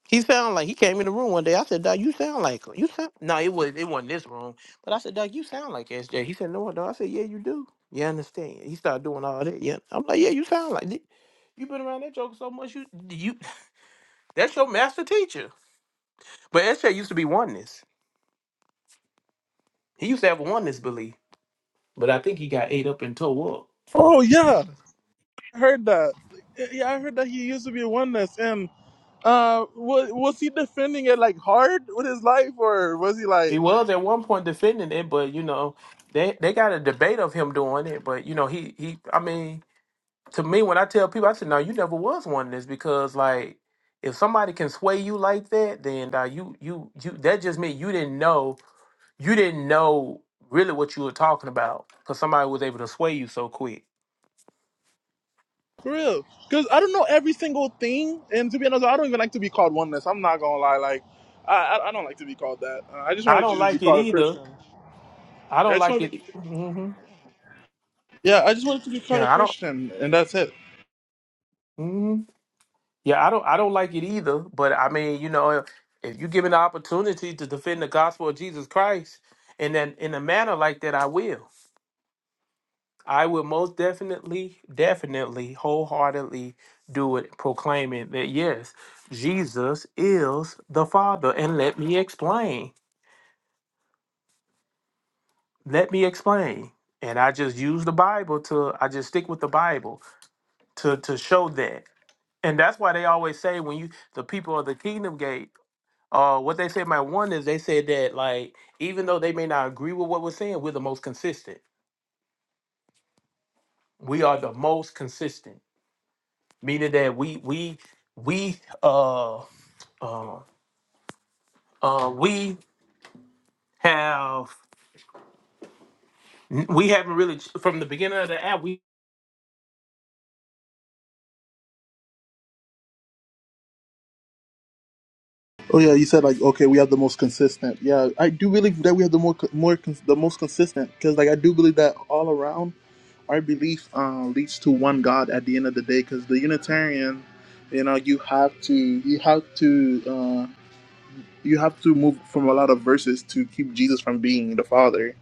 A: He sound like he came in the room one day. I said, Doc, you sound like him. You sound no, it was it wasn't this room. But I said, Doc, you sound like SJ. He said, No, no. I said, Yeah, you do. You understand? He started doing all that. Yeah. I'm like, Yeah, you sound like thi- you been around that joker so much, you you that's your master teacher. But SJ used to be oneness. He used to have a oneness belief. But I think he got ate up and tore up.
F: Oh, yeah. I heard that. Yeah, I heard that he used to be a oneness. and Uh, was, was he defending it like hard with his life, or was he
A: He
F: like
A: was at one point defending it, but you know, they they got a debate of him doing it. But you know, he he. I mean, to me, when I tell people, I said, "No, you never was one of this," because like, if somebody can sway you like that, then uh, you you you that just means you didn't know you didn't know really what you were talking about because somebody was able to sway you so quick.
F: for real? Because I don't know every single thing, and to be honest, I don't even like to be called oneness. I'm not gonna lie, like I I, I don't like to be called that. Uh, I just
A: I
F: wanted to
A: don't
F: just be
A: like it
F: called a
A: either.
F: Christian.
A: I
F: I
A: don't
F: just
A: like
F: want to be,
A: it. hmm
F: yeah, I just wanted to be called a
A: Yeah, I don't.
F: Christian, and that's it.
A: mm-hmm. Yeah, I don't I don't like it either, but I mean, you know, if you give me the opportunity to defend the gospel of Jesus Christ in that in a manner like that, I will. I will most definitely, definitely, wholeheartedly do it, proclaiming that yes, Jesus is the Father. And let me explain. Let me explain. And I just use the Bible to I just stick with the Bible to to show that. And that's why they always say when you the people of the kingdom gate uh, what they said my one is they said that like even though they may not agree with what we're saying, we're the most consistent. We are the most consistent, meaning that we we we uh uh, uh we have we haven't really ch- from the beginning of the app we
F: Oh yeah, you said like okay, we have the most consistent. Yeah, I do believe that we have the more more cons- the most consistent because like I do believe that all around. our belief uh, leads to one God at the end of the day. Because the Unitarian, you know, you have to you have to uh, you have to move from a lot of verses to keep Jesus from being the Father,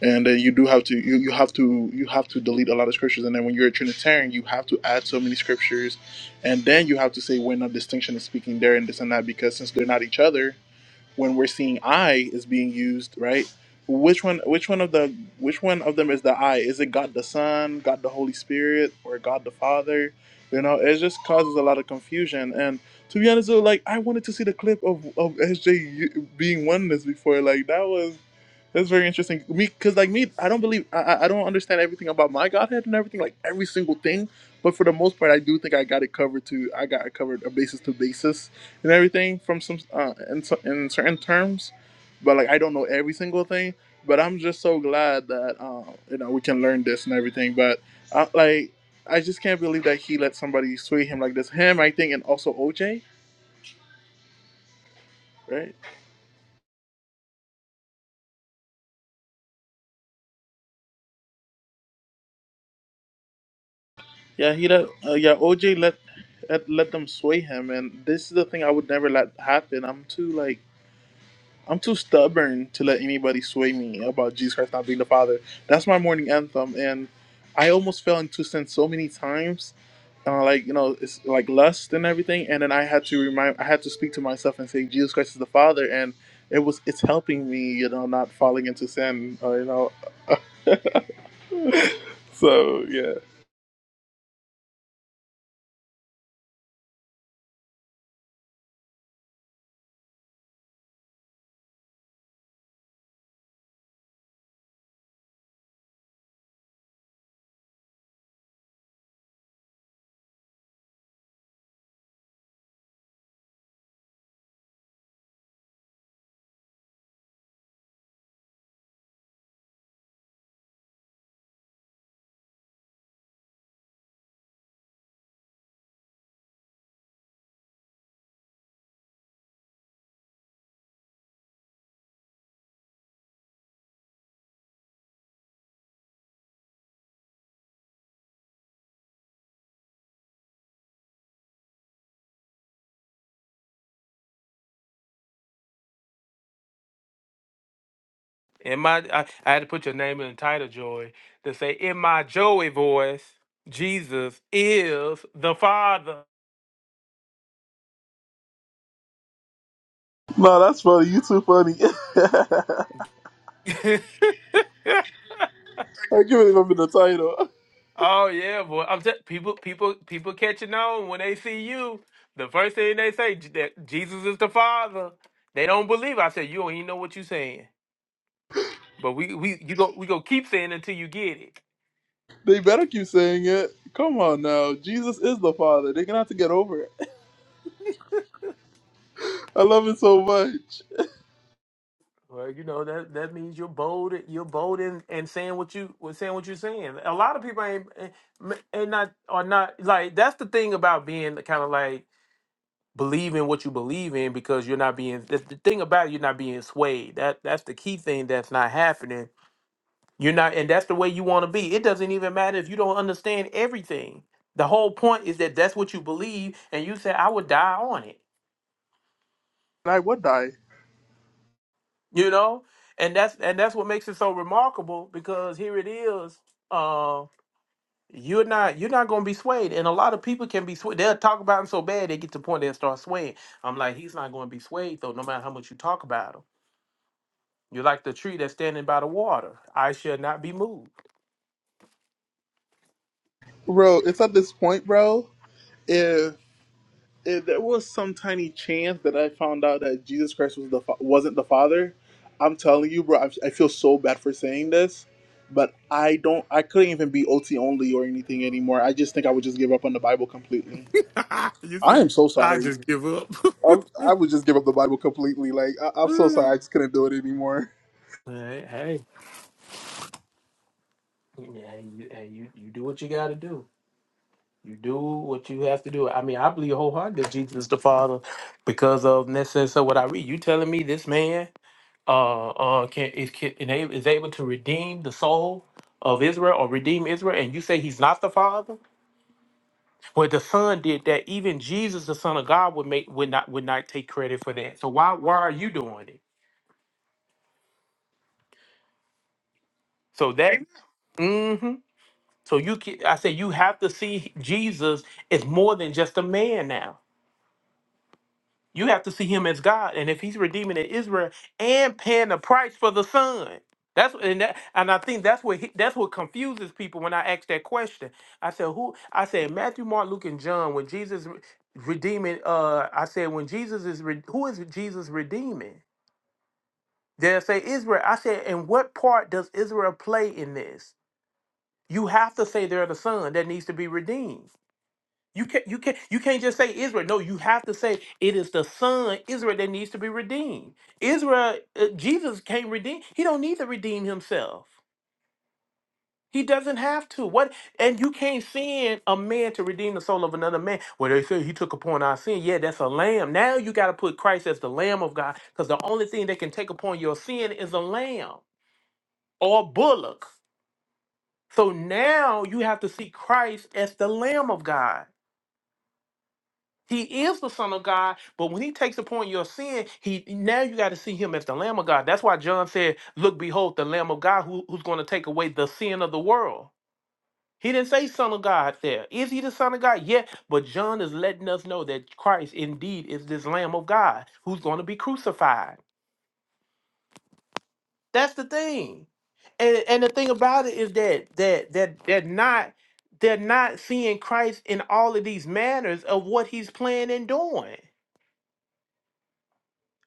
F: and then you do have to you, you have to you have to delete a lot of scriptures. And then when you're a Trinitarian, you have to add so many scriptures, and then you have to say when a distinction is speaking there and this and that because since they're not each other when we're seeing I is being used, right? Which one? Which one of the? Which one of them is the I? Is it God the Son, God the Holy Spirit, or God the Father? You know, it just causes a lot of confusion. And to be honest, though, like I wanted to see the clip of of SJ u- being oneness before. Like that was that's very interesting. Me, because like me, I don't believe I I I don't understand everything about my Godhead and everything, like every single thing. But for the most part, I do think I got it covered. To I got it covered a basis to basis and everything from some uh, in, so, in certain terms, but like I don't know every single thing. But I'm just so glad that uh, you know we can learn this and everything. But uh, like I just can't believe that he let somebody sway him like this. Him, I think, and also OJ, right? Yeah, he let uh, yeah OJ let, let let them sway him, and this is the thing I would never let happen. I'm too like I'm too stubborn to let anybody sway me about Jesus Christ not being the Father. That's my morning anthem, and I almost fell into sin so many times, uh, like you know, it's like lust and everything. And then I had to remind, I had to speak to myself and say, Jesus Christ is the Father, and it was, it's helping me, you know, not falling into sin, or, you know. So yeah,
A: in my I, I had to put your name in the title Joy to say in my Joey voice Jesus is the Father.
F: no, that's funny. You too funny. I give it up in the title.
A: Oh yeah, boy. I'm t- people, people, people catching on when they see you. The first thing they say J- that Jesus is the Father. They don't believe. it. I said you don't even know what you're saying. But we, we, you go, we go keep saying until you get it.
F: They better keep saying it. Come on now, Jesus is the Father. They're gonna have to get over it. I love it so much.
A: Well, you know that that means you're bold. You're bold in and saying what you was saying what you're saying. A lot of people ain't ain't ain't not are not like that's the thing about being kind of like believing what you believe in because you're not being that's the thing about it, you're not being swayed. That that's the key thing that's not happening You're not, and that's the way you want to be. It doesn't even matter if you don't understand everything. The whole point is that that's what you believe, and you say, "I would die on it,"
F: and I would die.
A: you know, and that's and that's what makes it so remarkable because here it is. Uh, you're not you're not going to be swayed, and a lot of people can be swayed. They'll talk about him so bad they get to the point they'll start swaying. I'm like, he's not going to be swayed though, no matter how much you talk about him. You're like the tree that's standing by the water. I shall not be moved.
F: Bro, it's at this point, bro. If if there was some tiny chance that I found out that Jesus Christ was the fa- wasn't the Father, I'm telling you, bro. I, I feel so bad for saying this, but I don't. I couldn't even be OT only or anything anymore. I just think I would just give up on the Bible completely.
A: you
F: I
A: said
F: am so
A: I
F: sorry.
A: just give up.
F: I, I would just give up the Bible completely. Like I, I'm so sorry. I just couldn't do it anymore.
A: Hey, hey, hey, you, hey, you, you do what you got to do. You do what you have to do. I mean, I believe wholeheartedly that Jesus is the Father because of necessary. So what I read, you telling me this man uh uh can is can, is able is able to redeem the soul of Israel or redeem Israel, and you say he's not the Father? Well, the Son did that. Even Jesus, the Son of God, would make would not would not take credit for that. So why why are you doing it? So that. So you, can, I say, you have to see Jesus as more than just a man now. You have to see him as God, and if he's redeeming Israel and paying the price for the son, that's and that, and I think that's what he, that's what confuses people when I ask that question. I said, who? I said Matthew, Mark, Luke, and John. When Jesus re- redeeming, uh, I said when Jesus is re- who is Jesus redeeming? They say Israel. I said, and what part does Israel play in this? You have to say they're the son that needs to be redeemed. You can't you can't you can't just say Israel. No, you have to say it is the son Israel that needs to be redeemed. Israel, uh, Jesus can't redeem. He don't need to redeem himself. He doesn't have to. What and you can't send a man to redeem the soul of another man. Well, they say he took upon our sin. Yeah, that's a lamb. Now you got to put Christ as the Lamb of God, because the only thing that can take upon your sin is a lamb or a bullock. So now you have to see Christ as the Lamb of God. He is the Son of God, but when He takes upon your sin, He now you got to see Him as the Lamb of God. That's why John said, "Look, behold, the Lamb of God who, who's going to take away the sin of the world." He didn't say Son of God there. Is He the Son of God? Yeah, but John is letting us know that Christ indeed is this Lamb of God who's going to be crucified. That's the thing, and and the thing about it is that that that that not they're not seeing Christ in all of these manners of what He's planning and doing.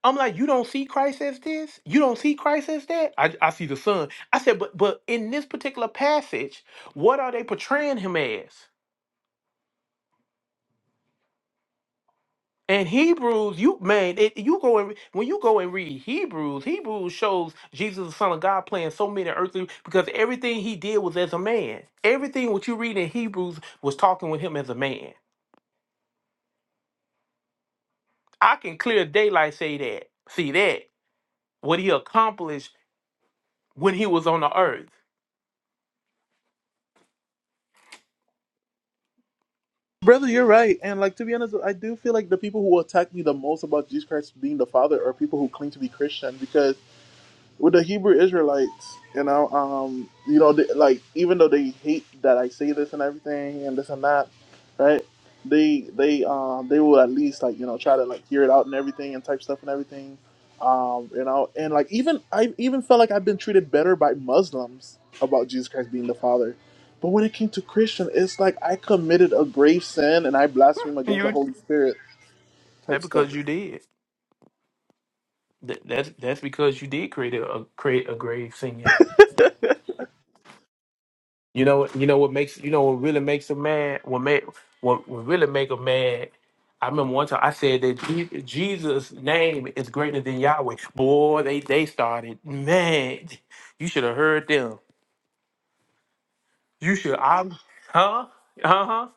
A: I'm like, you don't see Christ as this? You don't see Christ as that? I, I see the son. I said, but but in this particular passage, what are they portraying him as? And Hebrews, you man, it, you go and when you go and read Hebrews, Hebrews shows Jesus the Son of God playing so many earthly because everything he did was as a man. Everything what you read in Hebrews was talking with him as a man. I can clear daylight say that. See that what he accomplished when he was on the earth.
F: Brother, you're right. And like to be honest, I do feel like the people who attack me the most about Jesus Christ being the Father are people who claim to be Christian because with the Hebrew Israelites, you know, um, you know, they, like even though they hate that I say this and everything and this and that, right? They they um they will at least like you know try to like hear it out and everything and type stuff and everything, um you know and like even I even felt like I've been treated better by Muslims about Jesus Christ being the Father, but when it came to Christian, it's like I committed a grave sin and I blaspheme against the
A: You
F: Holy Spirit
A: that
F: type stuff.
A: because you did. Th- that's that's because you did create a, a create a grave singing. You know you know what makes you know what really makes a man what make what, what really make a man. I remember one time I said that Je- Jesus' name is greater than Yahweh. Boy, they they started man. You should have heard them. You should I huh uh huh.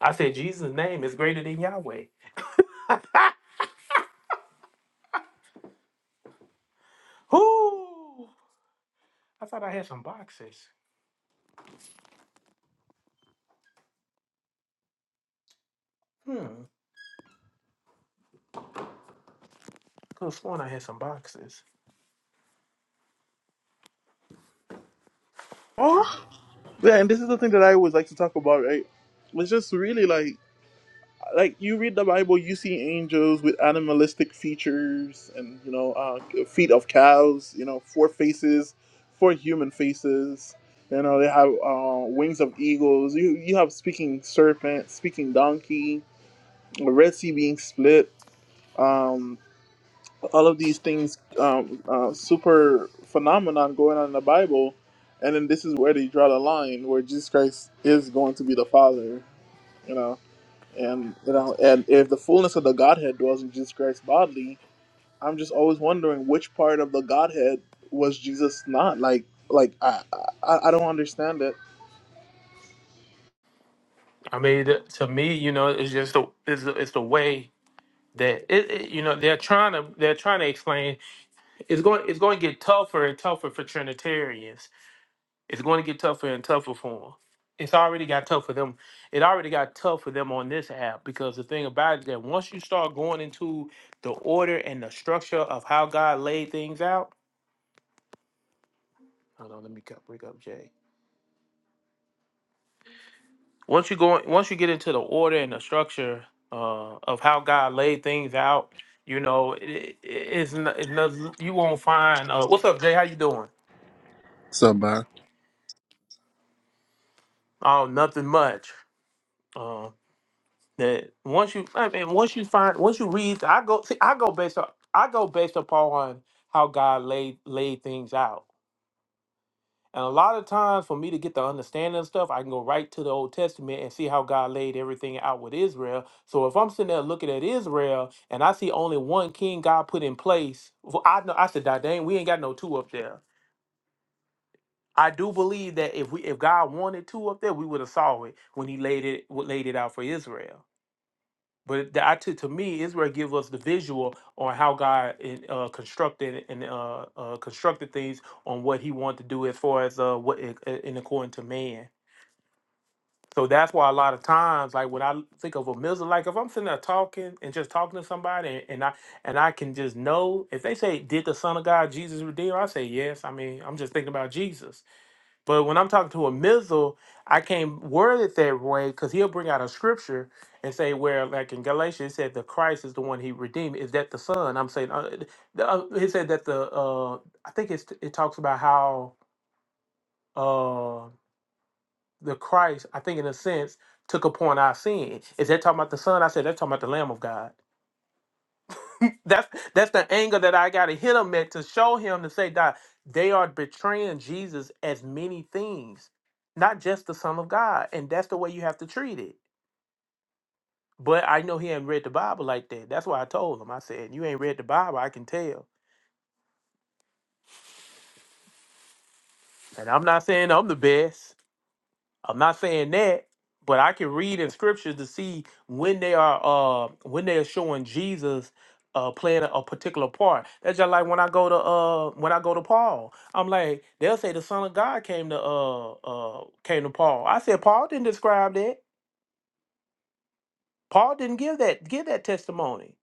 A: I said Jesus' name is greater than Yahweh. Whoo! I thought I had some boxes. Hmm. Could have sworn I had some boxes.
F: Oh, yeah, and this is the thing that I always like to talk about, right? It's just really like. like you read the Bible, you see angels with animalistic features and you know uh, feet of cows, you know four faces, four human faces. You know they have uh, wings of eagles. You you have speaking serpent, speaking donkey, the Red Sea being split. Um, all of these things, um, uh, super phenomenon going on in the Bible, and then this is where they draw the line where Jesus Christ is going to be the Father. You know. And you know, and if the fullness of the Godhead dwells in Jesus Christ bodily, I'm just always wondering which part of the Godhead was Jesus not like. Like I, I, I don't understand it.
A: I mean, th- to me, you know, it's just the it's, the- it's the way that it, it- you know they're trying to they're trying to explain it's going it's going to get tougher and tougher for Trinitarians. It's going to get tougher and tougher for them. It's already got tough for them. It already got tough for them on this app because the thing about it is that once you start going into the order and the structure of how God laid things out. Hold on, let me co- bring up Jay. once you go once you get into the order and the structure uh, of how God laid things out, you know, it, it, it's, no- it's no- you won't find. Uh, What's up, Jay? How you doing?
G: Somebody.
A: Oh, nothing much. Uh, that once you, I mean, once you find, once you read, I go, see, I go based on, I go based upon how God laid laid things out. And a lot of times, for me to get the understanding of stuff, I can go right to the Old Testament and see how God laid everything out with Israel. So if I'm sitting there looking at Israel and I see only one king God put in place, well, I know I said, "Dang, dang, we ain't got no two up there." I do believe that if we if God wanted two up there, we would have saw it when He laid it laid it out for Israel. But the, I, to, to me, Israel give us the visual on how God uh, constructed and uh, uh, constructed things on what He wanted to do as far as uh, what in according to man. So that's why a lot of times, like when I think of a music, like if I'm sitting there talking and just talking to somebody, and, and I and I can just know if they say, "Did the Son of God Jesus redeem?" I say, "Yes." I mean, I'm just thinking about Jesus. But when I'm talking to a missile, I can't word it that way because he'll bring out a scripture and say, "Where like in Galatians, it said the Christ is the one he redeemed. Is that the Son?" I'm saying, uh, the, uh, he said that the uh, I think it's, it talks about how. uh, the Christ, I think in a sense, took upon our sin. Is that talking about the Son? I said that's talking about the Lamb of God. That's that's the anger that I gotta hit him at to show him to say that they are betraying Jesus as many things, not just the Son of God. And that's the way you have to treat it. But I know he ain't read the Bible like that. That's why I told him. I said, You ain't read the Bible, I can tell. And I'm not saying I'm the best. I'm not saying that, but I can read in scriptures to see when they are uh when they are showing Jesus uh playing a, a particular part. That's just like when I go to uh when I go to Paul. I'm like, they'll say the Son of God came to uh uh came to Paul. I said Paul didn't describe that. Paul didn't give that give that testimony.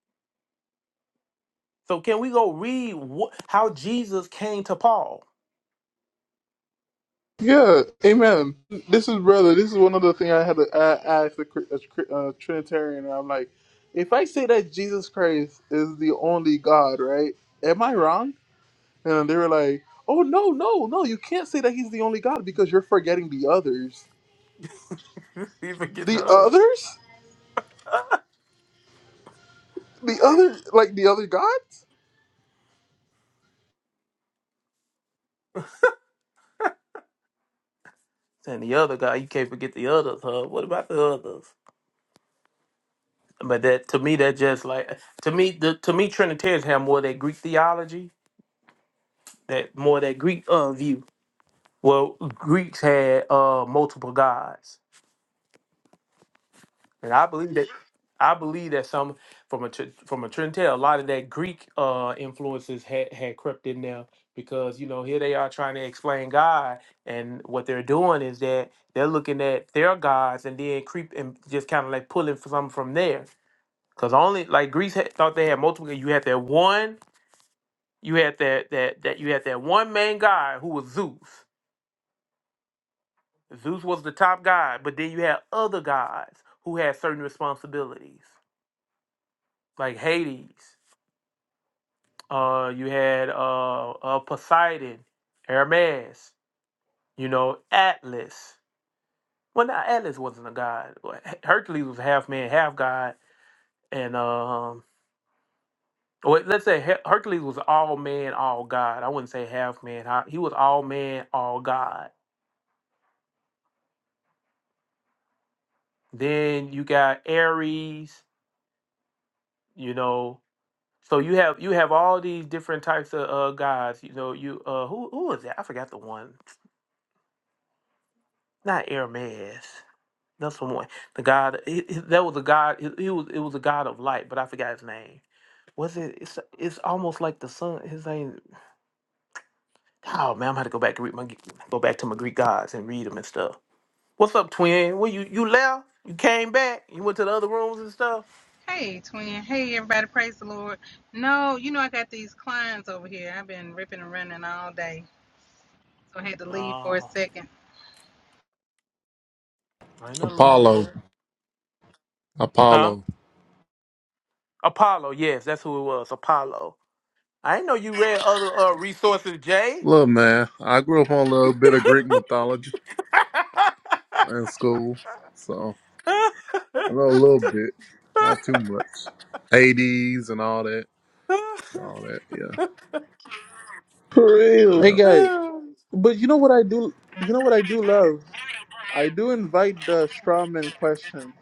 A: So can we go read wh- how Jesus came to Paul?
F: Yeah, Amen. This is brother. This is one other thing I had to I ask a, a, a Trinitarian. And I'm like, if I say that Jesus Christ is the only God, right? Am I wrong? And they were like, Oh no, no, no! You can't say that he's the only God because you're forgetting the others.
A: you forget the
F: The
A: other.
F: others? The other, like the other gods?
A: And the other guy, you can't forget the others, huh? What about the others? But that to me, that just like to me, the to me Trinitarians have more of that Greek theology, that more of that Greek uh view. Well, Greeks had uh multiple gods, and I believe that I believe that some from a tr- from a Trinitarian, a lot of that Greek uh influences had had crept in there because you know here they are trying to explain God, and what they're doing is that they're looking at their gods and then creep and just kind of like pulling some from there. Cause only like Greece had, thought they had multiple. You had that one. You had that that that you had that one main god who was Zeus. Zeus was the top god, but then you had other gods who had certain responsibilities, like Hades. Uh, you had uh, uh Poseidon, Hermes. You know Atlas. Well, not Atlas wasn't a god. Well, H- Hercules was half man, half god, and um. Well, let's say Her- Hercules was all man, all god. I wouldn't say half man. ha- He was all man, all god. Then you got Ares. you know so you have you have all these different types of uh guys you know you uh who who was that i forgot the one not Hermes. that's the one the god he, he- that was a god he, he was it was a god of light but i forgot his name was it it's, it's almost like the sun his name oh man i'm gonna have to go back and read my go back to my greek gods and read them and stuff what's up twin well you you left you came back you went to the other rooms and stuff
H: Hey, twin. Hey, everybody. Praise the Lord. No, you know, I got these clients over here. I've been ripping and running all day. So I had to leave for a
A: oh
H: second.
A: ain't nothing wrong with
G: Apollo.
A: that huh
G: Apollo.
A: apollo yes that's who it was apollo I didn't know you read other uh, resources, Jay.
G: Look, man, I grew up on a little bit of Greek mythology in school, so I know a little bit, not too much. Hades and all that, all that. Yeah,
F: For real. Hey
G: yeah.
F: guy, but you know what I do? You know what I do love? I do invite the strawman questions.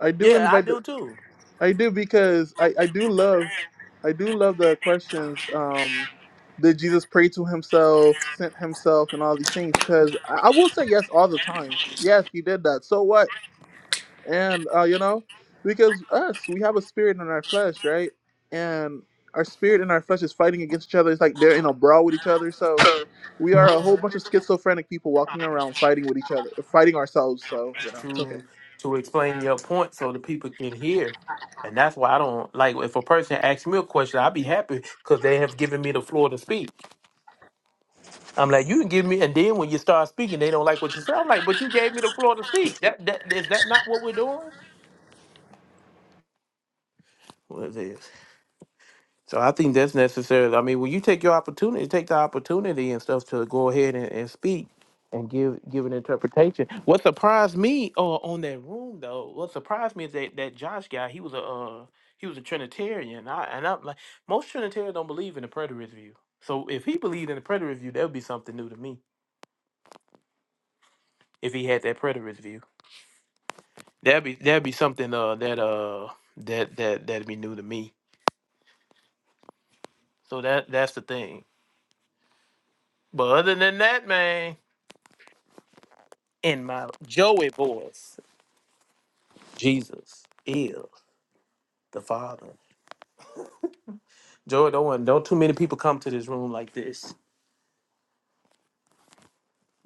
F: I do
A: yeah, I
F: invite the.
A: do too.
F: I do because I I do love, I do love the questions. Um, did Jesus pray to himself, sent himself, and all these things? Because I, I will say yes all the time. Yes, he did that. So what? And uh, you know, because us, we have a spirit in our flesh, right? And our spirit and our flesh is fighting against each other. It's like they're in a brawl with each other. So we are a whole bunch of schizophrenic people walking around fighting with each other, fighting ourselves. So
A: It's
F: you know, it's okay.
A: to to explain your point so the people can hear, and that's why I don't like if a person asks me a question, I'd be happy because they have given me the floor to speak. I'm like, you can give me, and then when you start speaking, they don't like what you say. I'm like, but you gave me the floor to speak. That, that is that not what we're doing? What is this? So I think that's necessary. I mean, when you take your opportunity, take the opportunity and stuff to go ahead and, and speak and give give an interpretation. What surprised me uh, on that room though, what surprised me is that that Josh guy, he was a uh, he was a Trinitarian. I, and I'm like, most Trinitarians don't believe in the preterist view. So if he believed in the preterist view, that would be something new to me. If he had that preterist view, that'd be that'd be something uh, that uh that that that'd be new to me. So that that's the thing. But other than that, man. And my Joey voice, Jesus is the Father. Joey, don't want- don't too many people come to this room like this.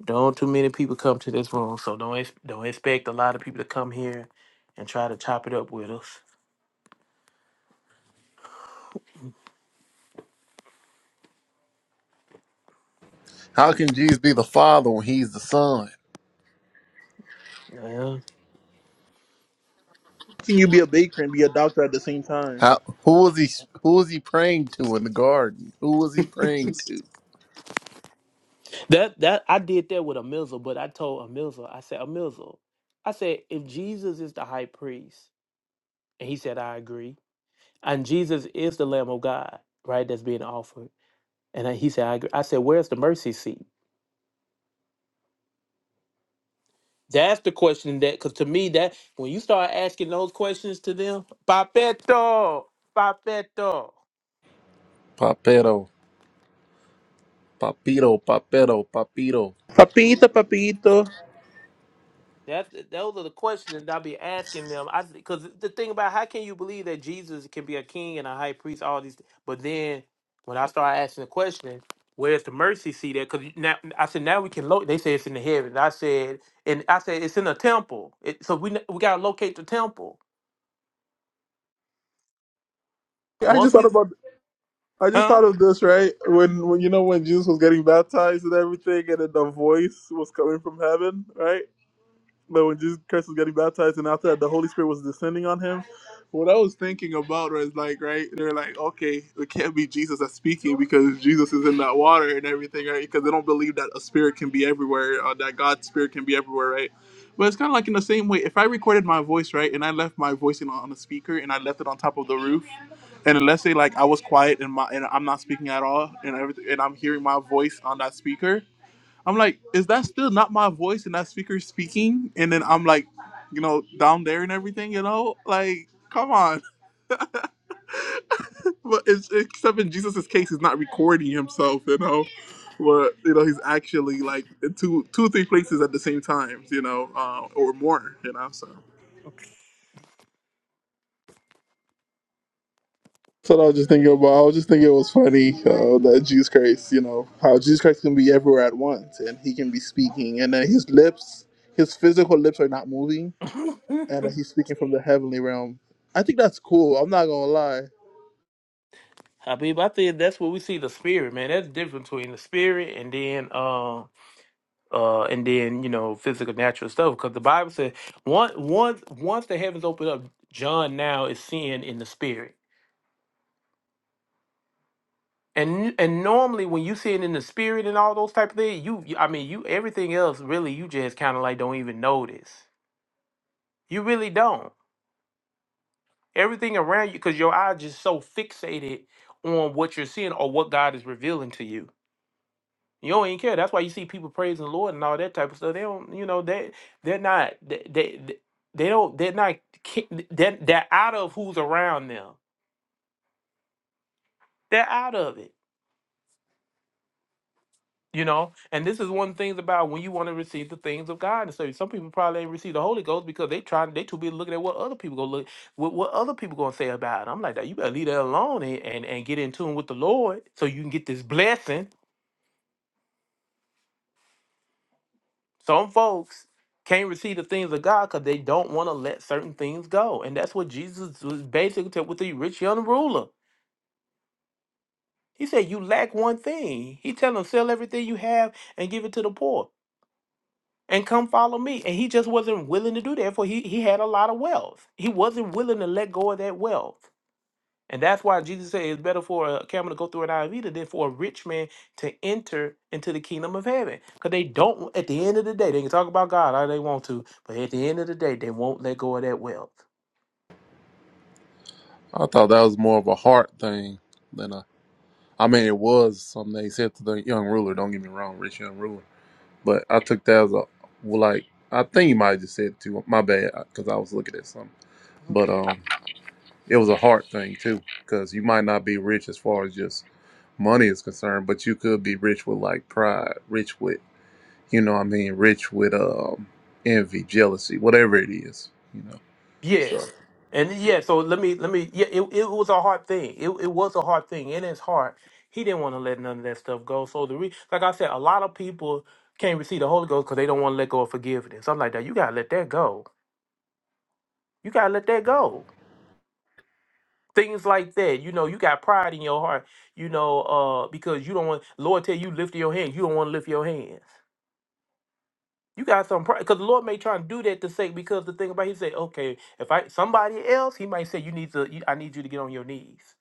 A: Don't too many people come to this room, so don't ex- don't expect a lot of people to come here and try to chop it up with us.
G: How can Jesus be the Father when He's the Son?
A: Yeah.
F: How can you be a baker and be a doctor at the same time?
G: How? Who was he? Who was he praying to in the garden? Who was he praying to?
A: That that I did that with a Amizel, but I told Amizel, I said Amizel, I said if Jesus is the high priest, and he said I agree, and Jesus is the Lamb of God, right? That's being offered, and I- he said I agree. I said where's the mercy seat? That's the question that, because to me, that when you start asking those questions to them, Papeto, Papeto.
G: Papito, papito, papito, papito.
F: Papito,
A: Mhm.
F: papito.
A: That those are the questions that I'll be asking them. I because the thing about how can you believe that Jesus can be a king and a high priest, all these, but then when I start asking the question, where's the mercy seat at? Because now I said now we can look. They say it's in the heavens. I said and I said it's in a temple. It, so we we gotta locate the temple.
F: I
A: Once
F: just
A: we,
F: thought about. I just
A: huh?
F: thought of this right when, when you know when Jesus was getting baptized and everything, and then the voice was coming from heaven, right? But when Jesus Christ was getting baptized, and after that, the Holy Spirit was descending on him. What I was thinking about was like, right? They're like, okay, it can't be Jesus that's speaking because Jesus is in that water and everything, right? Because they don't believe that a spirit can be everywhere, uh, that God's spirit can be everywhere, right? But it's kind of like in the same way. If I recorded my voice, right, and I left my voice in, on a speaker and I left it on top of the roof, and let's say like I was quiet and my and I'm not speaking at all, and everything, and I'm hearing my voice on that speaker, I'm like, is that still not my voice and that speaker speaking? And then I'm like, you know, down there and everything, you know, like, come on. But it's, except in Jesus's case, he's not recording himself, you know, but you know, he's actually like in two, two or three places at the same time, you know, uh, or more, you know. So. So I was just thinking about. I was just thinking it was funny uh, that Jesus Christ, you know, how Jesus Christ can be everywhere at once, and he can be speaking, and then his lips, his physical lips are not moving, and that he's speaking from the heavenly realm. I think that's cool. I'm not gonna lie.
A: Habib, I think that's where we see the spirit, man. That's the difference between the spirit and then uh uh and then, you know, physical natural stuff. Because the Bible says once once once the heavens open up, John now is seeing in the spirit. And and normally when you see it in the spirit and all those type of things, you you- I mean you everything else really you just kinda like don't even notice. You really don't. Everything around you because your eye just so fixated on what you're seeing or what God is revealing to you. You don't even care. That's why you see people praising the Lord and all that type of stuff. They don't, you know, they they're not they they, they they don't they're not ki- they're, they're out of who's around them. They're out of it. You know, and this is one of the things about when you want to receive the things of God. And so some people probably ain't receive the Holy Ghost because they trying they too busy looking at what other people gonna look what, what other people gonna say about it. I'm like that. You better leave that alone and, and and get in tune with the Lord so you can get this blessing Some folks can't receive the things of God because they don't want to let certain things go. And that's what Jesus was basically t- with the rich young ruler. He said, You lack one thing. He tell him, sell everything you have and give it to the poor. And come follow me. And he just wasn't willing to do that. For he, he had a lot of wealth. He wasn't willing to let go of that wealth. And that's why Jesus said it's better for a camel to go through an eye of needle than for a rich man to enter into the kingdom of heaven. Because they don't, at the end of the day, they can talk about God all they want to, but at the end of the day, they won't let go of that wealth.
G: I thought that was more of a heart thing than a I mean, it was something they said to the young ruler. Don't get me wrong, rich young ruler. But I took that as a well, like I think you might have just said to my bad because I was looking at something. But um, it was a heart thing too because you might not be rich as far as just money is concerned, but you could be rich with like pride, rich with you know what I mean, rich with um envy, jealousy, whatever it is, you know. So
A: Yes. And yeah, so let me, let me, yeah, it, it was a hard thing. It, it was a hard thing. In his heart, he didn't want to let none of that stuff go. So the re- like I said, a lot of people can't receive the Holy Ghost because they don't want to let go of forgiveness. I'm like, that you gotta let that go. You gotta let that go. things like that. You know, you got pride in your heart, you know, uh, because you don't want Lord tell you lift your hands, you don't want to lift your hands. You got some pride because the Lord may try and do that to say because the thing about it, he said, okay, if I somebody else, he might say you need to, you, I need you to get on your knees.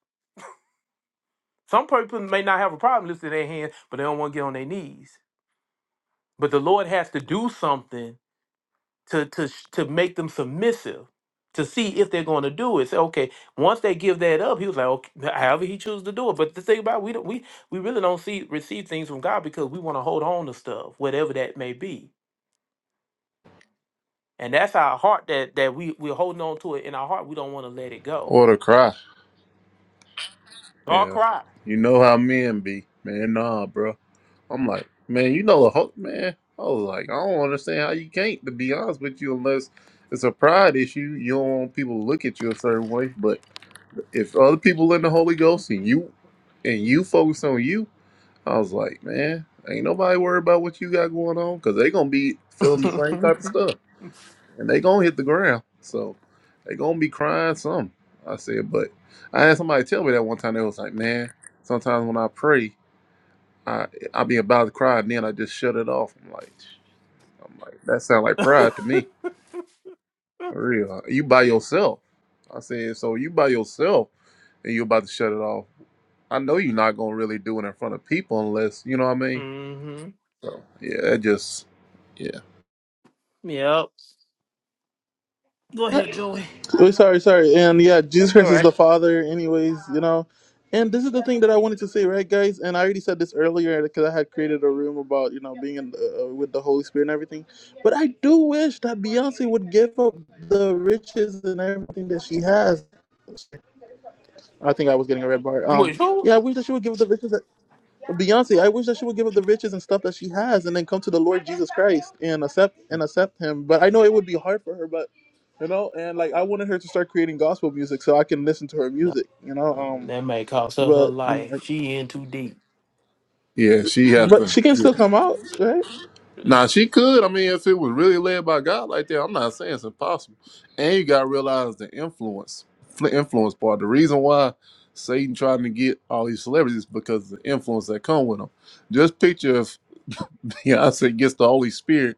A: Some people may not have a problem lifting their hands, but they don't want to get on their knees. But the Lord has to do something to to sh- to make them submissive to see if they're going to do it. Say, okay, once they give that up, he was like, okay, however he chooses to do it. But the thing about it, we don't we we really don't see receive things from God because we want to hold on to stuff, whatever that may be, and that's our heart that that we we're holding on to it in our heart. We don't want to let it go
G: or the cry,
A: or
G: yeah.
A: cry.
G: You know how men be, man. Nah, bro. I'm like, man, you know the whole man. I was like, I don't understand how you can't. To be honest with you, unless it's a pride issue, you don't want people to look at you a certain way. But if other people in the Holy Ghost and you and you focus on you, I was like, man, ain't nobody worried about what you got going on because they gonna be feeling the same type of stuff and they gonna hit the ground. So they gonna be crying some. I said, but I had somebody tell me that one time. They was like, man, sometimes when I pray. I I be about to cry and then I just shut it off. I'm like I'm like that sound like pride to me. For real. You by yourself. I said, so you by yourself and you about to shut it off. I know you're not gonna really do it in front of people unless you know what I mean.
A: mm-hmm.
G: So yeah, it just yeah.
A: Yep. Go ahead, Joey.
F: Oh, sorry, sorry. And yeah, Jesus
A: All
F: Christ is
A: right.
F: the Father, anyways. You know. And this is the thing that I wanted to say, right, guys? And I already said this earlier because I had created a room about you know being in, the, uh, with the Holy Spirit and everything. But I do wish that Beyonce would give up the riches and everything that she has. I think I was getting a red bar.
A: You
F: Um,
A: wish who?
F: yeah, I wish that she would give up the riches. that. Beyonce, I wish that she would give up the riches and stuff that she has, and then come to the Lord Jesus Christ and accept and accept Him. But I know it would be hard for her, but you know, and like I wanted her to start creating gospel music so I can listen to her
A: No,
F: music, you know.
A: uh,
F: Um,
A: that may cost her her
F: but you know,
A: life. She in too deep.
G: Yeah, she
F: like-
G: have
F: but
G: to.
F: she can
G: yeah.
F: still come out, right?
G: Now she could. I mean, if it was really led by God like that, I'm not saying it's impossible. And you gotta realize the influence, fl- influence part. The reason why Satan trying to get all these celebrities is because of the influence that come with them. Just picture if Beyonce gets the Holy Spirit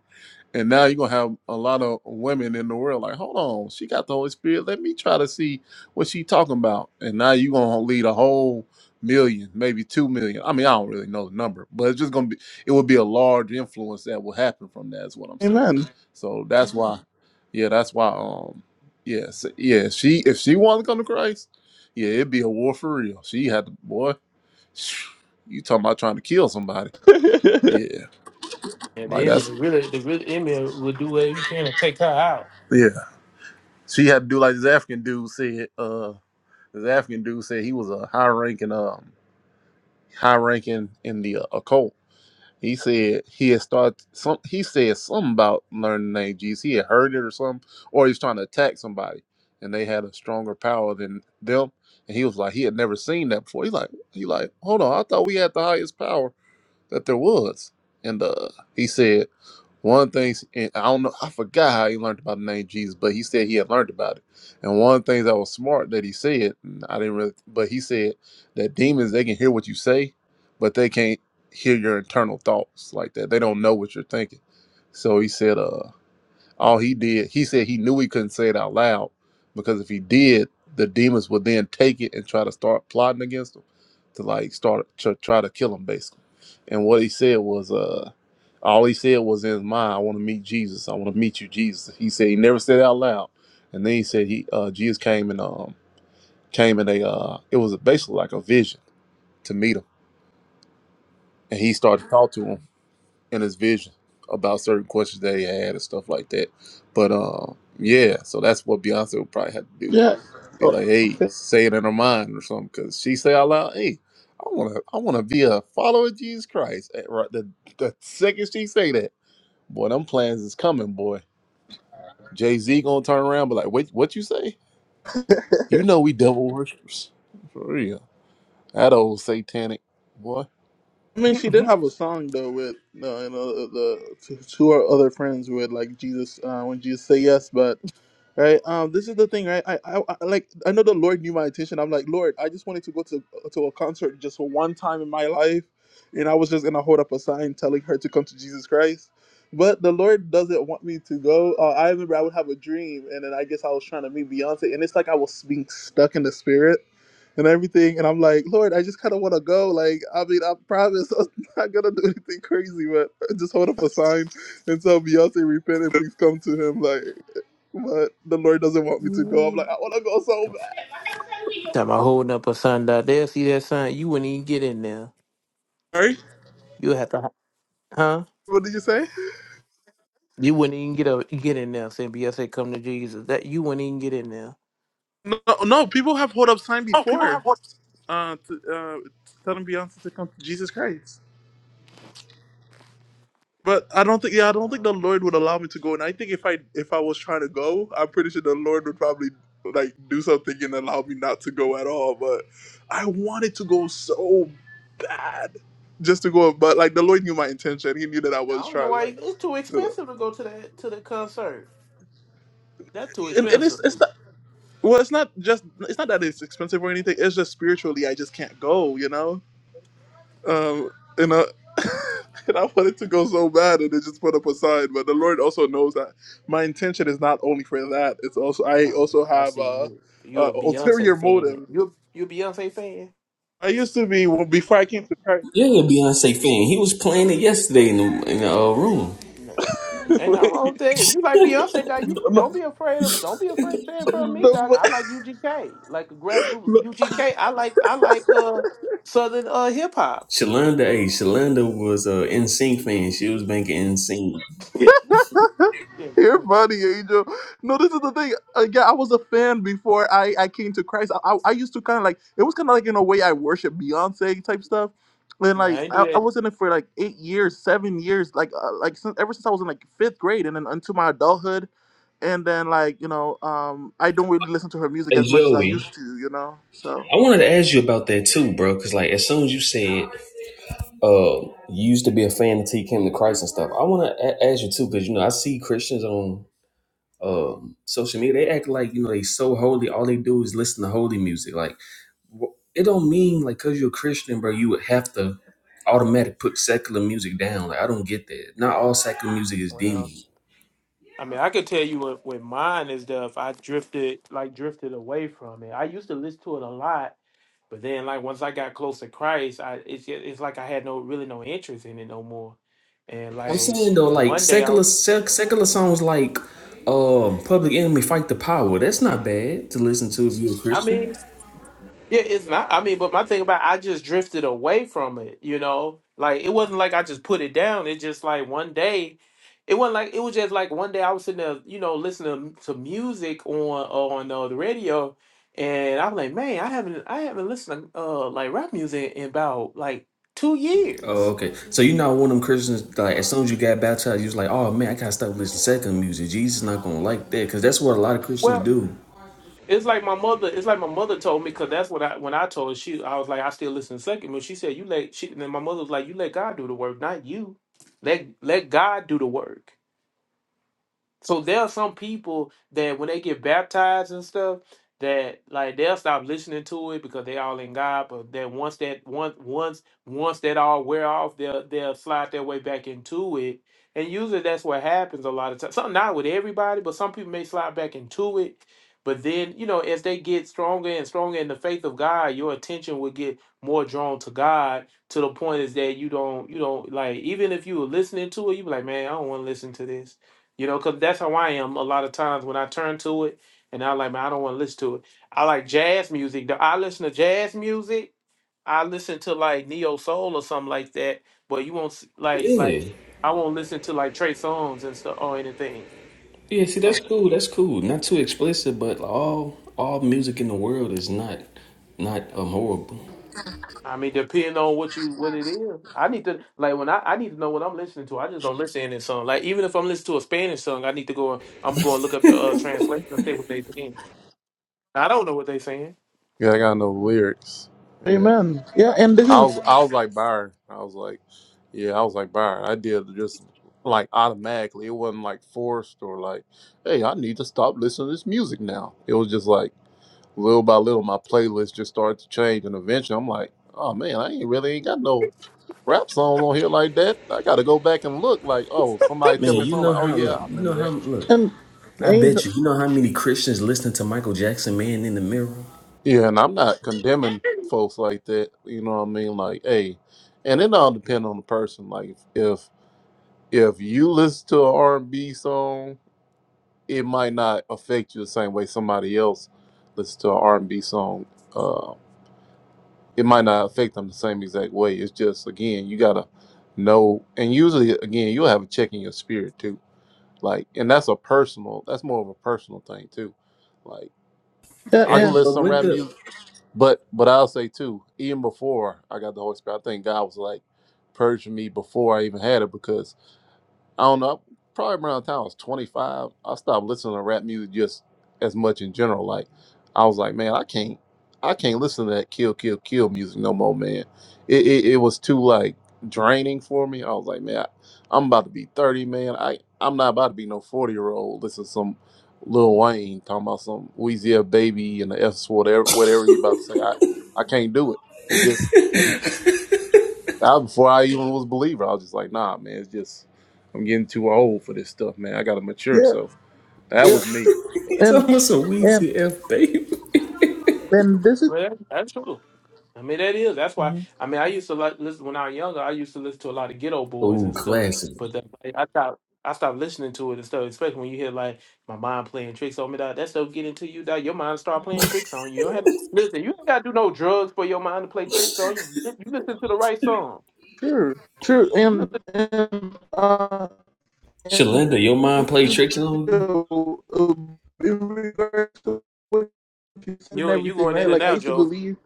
G: and now you're gonna have a lot of women in the world like, hold on, she got the Holy Spirit. Let me try to see what she talking about. And now you're gonna lead a whole million, maybe two million. I mean, I don't really know the number, but it's just gonna be it would be a large influence that will happen from that, is what I'm saying.
F: Amen.
G: So that's why, Mhm. yeah, that's why um yes, yeah, s- yeah, if she if she wanted to come to Christ, yeah, it'd be a war for real. She had to boy, you talking about trying to kill somebody. Yeah.
A: Yeah,
G: Like
A: the enemy
G: that's
A: really, the real enemy would do whatever he can to take her out.
G: She had to do like this African dude said. Uh, this African dude said he was a high ranking, um, high ranking in the uh, occult. He said he had started some. He said something about learning the name Jesus. He had heard it or something, or he was trying to attack somebody, and they had a stronger power than them. And he was like, he had never seen that before. He's like, he like, hold on, I thought we had the highest power that there was. And uh, he said one thing, and I don't know, I forgot how he learned about the name Jesus, but he said he had learned about it. And one of the things that was smart that he said, and I didn't really, but he said that demons, they can hear what you say, but they can't hear your internal thoughts like that. They don't know what you're thinking. So he said, uh. All he did, he said he knew he couldn't say it out loud because if he did, the demons would then take it and try to start plotting against him to like start to try to kill him basically. And what he said was, uh, all he said was in his mind, I want to meet Jesus. I want to meet you, Jesus. He said he never said it out loud. And then he said he, uh, Jesus came and, um, came in a, uh, it was basically like a vision to meet him. And he started to talk to him and his vision about certain questions that he had and stuff like that. But um, yeah, so that's what Beyonce would probably have to do.
F: yeah.
G: Be
F: Oh,
G: like, hey,
F: okay.
G: say it in her mind or something, because she say out loud, hey, I wanna, I wanna be a follower of Jesus Christ. And right, the the second she say that, boy, them plans is coming, boy. Jay Z gonna turn around, but like, wait, what you say? You know we devil worshippers, for real. That old satanic boy.
F: I mean, she did
A: Talking
F: have a song though with uh, you know the two or other friends with like Jesus uh, when Jesus say yes, but. Right. Um. This is the thing, right? I, I, I like. I know the Lord knew my intention. I'm like, Lord, I just wanted to go to to a concert just for one time in my life, and I was just gonna hold up a sign telling her to come to Jesus Christ. But the Lord doesn't want me to go. Uh, I remember I would have a dream, and then I guess I was trying to meet Beyonce, and it's like I was being stuck in the spirit and everything. And I'm like, Lord, I just kind of want to go. Like, I mean, I promise I'm not gonna do anything crazy, but just hold up a sign and tell Beyonce repent and please come to him. Like but the Lord doesn't want me to go. I'm like, I want to go so bad.
A: about holding up a son down there. See that son? You wouldn't even get in there.
F: Sorry?
A: You have to, huh?
F: What did you say?
A: You wouldn't even get a, get in there. Saying Beyonce, come to Jesus. That you wouldn't even get in there.
F: No, no, people have hold up sign
A: Oh, people have
F: before,
A: what?
F: uh, to, uh, telling Beyonce to come to Jesus Christ. But I don't think, yeah, I don't think
A: No,
F: the Lord would allow me to go. And I think if I if I was trying to go, I'm pretty sure the Lord would probably like do something and allow me not to go at all. But I wanted to go so bad, just to go. But like the Lord knew my intention. He knew that I
A: no, I
F: was
A: don't know
F: trying to
A: why.
F: like.
A: It's too
F: you know.
A: expensive to go to that to the concert. That's too
F: And, and it's,
A: expensive.
F: it's Well, it's not just it's not that it's expensive or anything. It's just spiritually, I just can't go. You know, um, and uh, and I wanted to go so bad, and it just put up a sign. But the Lord also knows that my intention is not only for that. It's also I
A: Um,
F: also
A: I
F: have
A: see
F: uh,
A: you.
F: uh
A: You're a
F: ulterior
A: Beyonce fan.
F: motive.
A: you you a Beyonce fan.
F: I used to be well, before I came to Christ.
E: Yeah, you're a Beyonce fan. He was playing it yesterday in the, in the uh, room.
A: Nah, Ain't nothing wrong with
F: Wait,
A: that. If you like Beyonce, doc, you
F: no,
A: don't be afraid of don't be afraid to say in front of me, doc.
F: no,
A: I like UGK. Like a grab group UGK. I like I like uh Southern uh hip hop.
E: Shalonda, hey, Shalonda was a NSYNC fan. She was making NSYNC.
A: Yeah,
F: You're
A: yeah.
F: funny, Angel. No, this is the thing. Uh, Yeah, I was a fan before I, I came to Christ. I, I, I used to kind of like, it was kind of like in a way I worship Beyonce type stuff. And
A: No, I
F: like,
A: ain't do
F: I, I
A: that.
F: was in it for like eight years, seven years, like, uh, like since, ever since I was in like fifth grade and then until my adulthood. And then like, you know, um, I don't really listen to her music
E: Hey,
F: as much as I used
E: Joey.
F: to, you know? So.
E: I wanted to ask you about that too, bro. Because like, as soon as you said, uh, you used to be a fan until you came to Christ and stuff. I want to a- ask you too, because you know I see Christians on um social media. They act like you know they so holy. All they do is listen to holy music. Like it don't mean like because you're a Christian, bro, you would have to automatic put secular music down. Like I don't get that. Not all secular music is
A: Well,
E: demon.
A: I mean, I could tell you what, what mine is. The I drifted, like drifted away from it. I used to listen to it a lot, but then like once I got close to Christ, I it's ju- it's like I had no really no interest in it no more. And
E: I'm
A: like,
E: saying though,
A: and
E: like
A: one day I,
E: secular sec, secular songs like um Public Enemy Fight the Power, that's not bad to listen to if you're a
A: I mean,
E: Christian.
A: Yeah, it's not. I mean, but my thing about I just drifted away from it, you know? Like it wasn't like I just put it down. It just like one day it wasn't like it was just like one day I was sitting there, you know, listening to music on on uh, the radio and I was like, "Man, I haven't I haven't listened to uh like rap music in about like 2
E: Oh,
A: years."
E: okay. So you're not one of them Christians like as soon as you got baptized, you was like, oh man, I gotta stop listening to secular music. Jesus not gonna like that, cause that's what a lot of Christians do.
A: It's like my mother. It's like my mother told me because that's what I when I told her she I was like I still listen to second but she said you let she and then my mother was like you let God do the work not you let let God do the work so there are some people that when they get baptized and stuff, that like they'll stop listening to it because they all in God. But then once that once once once that all wear off, they'll they'll slide their way back into it. And usually that's what happens a lot of times. Some not with everybody, but some people may slide back into it. But then you know, as they get stronger and stronger in the faith of God, your attention will get more drawn to God to the point is that you don't you don't like even if you were listening to it, you be like, man, I don't want to listen to this you know, because that's how I am a lot of times when I turn to it and I'm like, man, I don't want to listen to it. I like jazz music. Do I listen to jazz music? I listen to like neo soul or something like that. But you won't s- like like
E: Yeah.
A: I won't listen to like Trey songs and stuff or anything.
E: Yeah, see, that's
A: Um,
E: cool. That's cool. Not too explicit, but all all music in the world is not not um horrible.
A: I mean, depending on what you what it is, I need to like when I, I need to know what I'm listening to. I just don't listen to any song. Like even if I'm listening to a Spanish song, I need to go. and- I'm gonna go and look up the uh, translation and see what they saying. I don't know what they saying.
G: Yeah, I got no lyrics. Yeah.
F: Amen. Yeah, and this
G: I
F: is
G: was I was like Byron. I was like, yeah, I was like Byron. I did just like automatically. It wasn't like forced or like, hey, I need to stop listening to this music now. It was just like little by little, my playlist just started to change, and eventually, I'm like, oh man, I ain't really ain't got no rap songs on here like that. I got to go back and look. Like, oh, somebody
E: Man,
G: tell me
E: you
G: something.
E: know
G: Like, oh
E: how
G: yeah,
E: look.
G: I
E: You
G: remember
E: know how
G: that.
E: look.
F: and
E: I
F: angel
E: bet you. You know how many Christians listen to Michael Jackson, "Man in the Mirror."
G: Yeah, and I'm not condemning folks like that. You know what I mean? Like, hey, and it all depends on the person. Like, if if you listen to an R&B song, it might not affect you the same way somebody else listens to an R&B song. Uh, it might not affect them the same exact way. It's just again, you gotta know, and usually again, you'll have a check in your spirit too. Like, and that's a personal. That's more of a personal thing too. Like,
F: yeah,
G: I
E: Eh,
G: can
F: and
G: listen to
E: but
G: some
E: with
G: rap
E: the
G: music, but but I'll say too, even before I got the Holy Spirit, I think God was like purging me before I even had it because I don't know, probably around the time I was 25, I stopped listening to rap music just as much in general. Like, I was like, man, I can't, I can't listen to that kill, kill, kill music no more, man. It, it, it was too like draining for me. I was like, man, I, I'm about to be 30, man. I, I'm not about to be no 40 year old. Listen to some Lil Wayne talking about some Weezy F baby and the F word, whatever, whatever you about to say. I, I can't do it. I, before I even was a believer, I was just like, nah, man, it's just I'm getting too old for this stuff, man. I gotta mature.
F: yeah,
G: So that
F: yeah,
G: was me.
E: it's
F: and
E: almost a
F: and
E: Weezy F baby.
F: and this is
A: Well, that, that's true. I mean, that is. That's why. I mean, I used to like listen when I was younger. I used to listen to a lot of ghetto boys
E: Oh,
A: and stuff.
E: classic.
A: But that, like, I stopped. I stopped listening to it and stuff. Especially when you hear like my mind playing tricks on me. Dog. That stuff get into you. Dog. Your mind start playing tricks on you. You don't have listen. You ain't got to do no drugs for your mind to play tricks on you. You listen to the right song.
F: Sure, sure.
A: You
F: And,
A: listen.
F: and, uh,
E: Shalinda,
F: and
E: your mind play tricks on you.
F: Angel, uh, in regards to what you said and
A: You you
F: everything,
A: going
F: right?
A: in and
F: Like, I
A: out,
F: used to
A: Joe?
F: believe.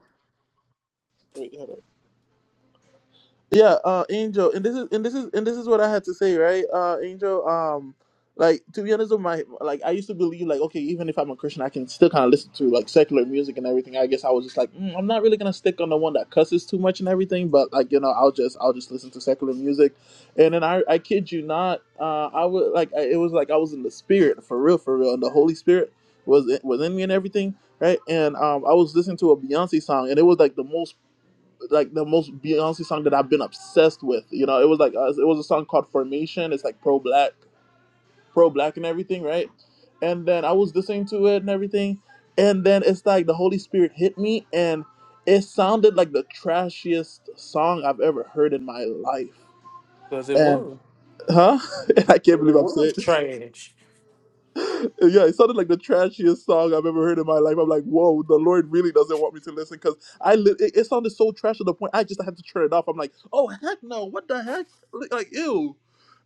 F: Yeah, uh Angel, and this is and this is and this is what I had to say, right? Uh Angel, um like to be honest with my like I used to believe like okay, even if I'm a Christian, I can still kind of listen to like secular music and everything. I guess I was just like, mm, I'm not really going to stick on the one that cusses too much and everything, but like you know, I'll just I'll just listen to secular music. And then I I kid you not, uh I would like I, it was like I was in the spirit for real for real and the Holy Spirit was was in me and everything right? And um, I was listening to a Beyonce song, and it was like the most like the most Beyonce song that I've been obsessed with. You know, it was like uh, it was a song called Formation. It's like pro black, pro black and everything, right? And then I was listening to it and everything, and then it's like the Holy Spirit hit me, and it sounded like the trashiest song I've ever heard in my life.
A: Because it
F: And
A: was.
F: huh? I can't
A: 'Cause
F: believe
A: it
F: I'm
A: was
F: saying this
A: trash.
F: yeah, it sounded like the trashiest song I've ever heard in my life. I'm like, whoa, the Lord really doesn't want me to listen because I li- it, it sounded so trash to the point I just had to turn it off. I'm like, oh heck no, what the heck? Like, like, ew.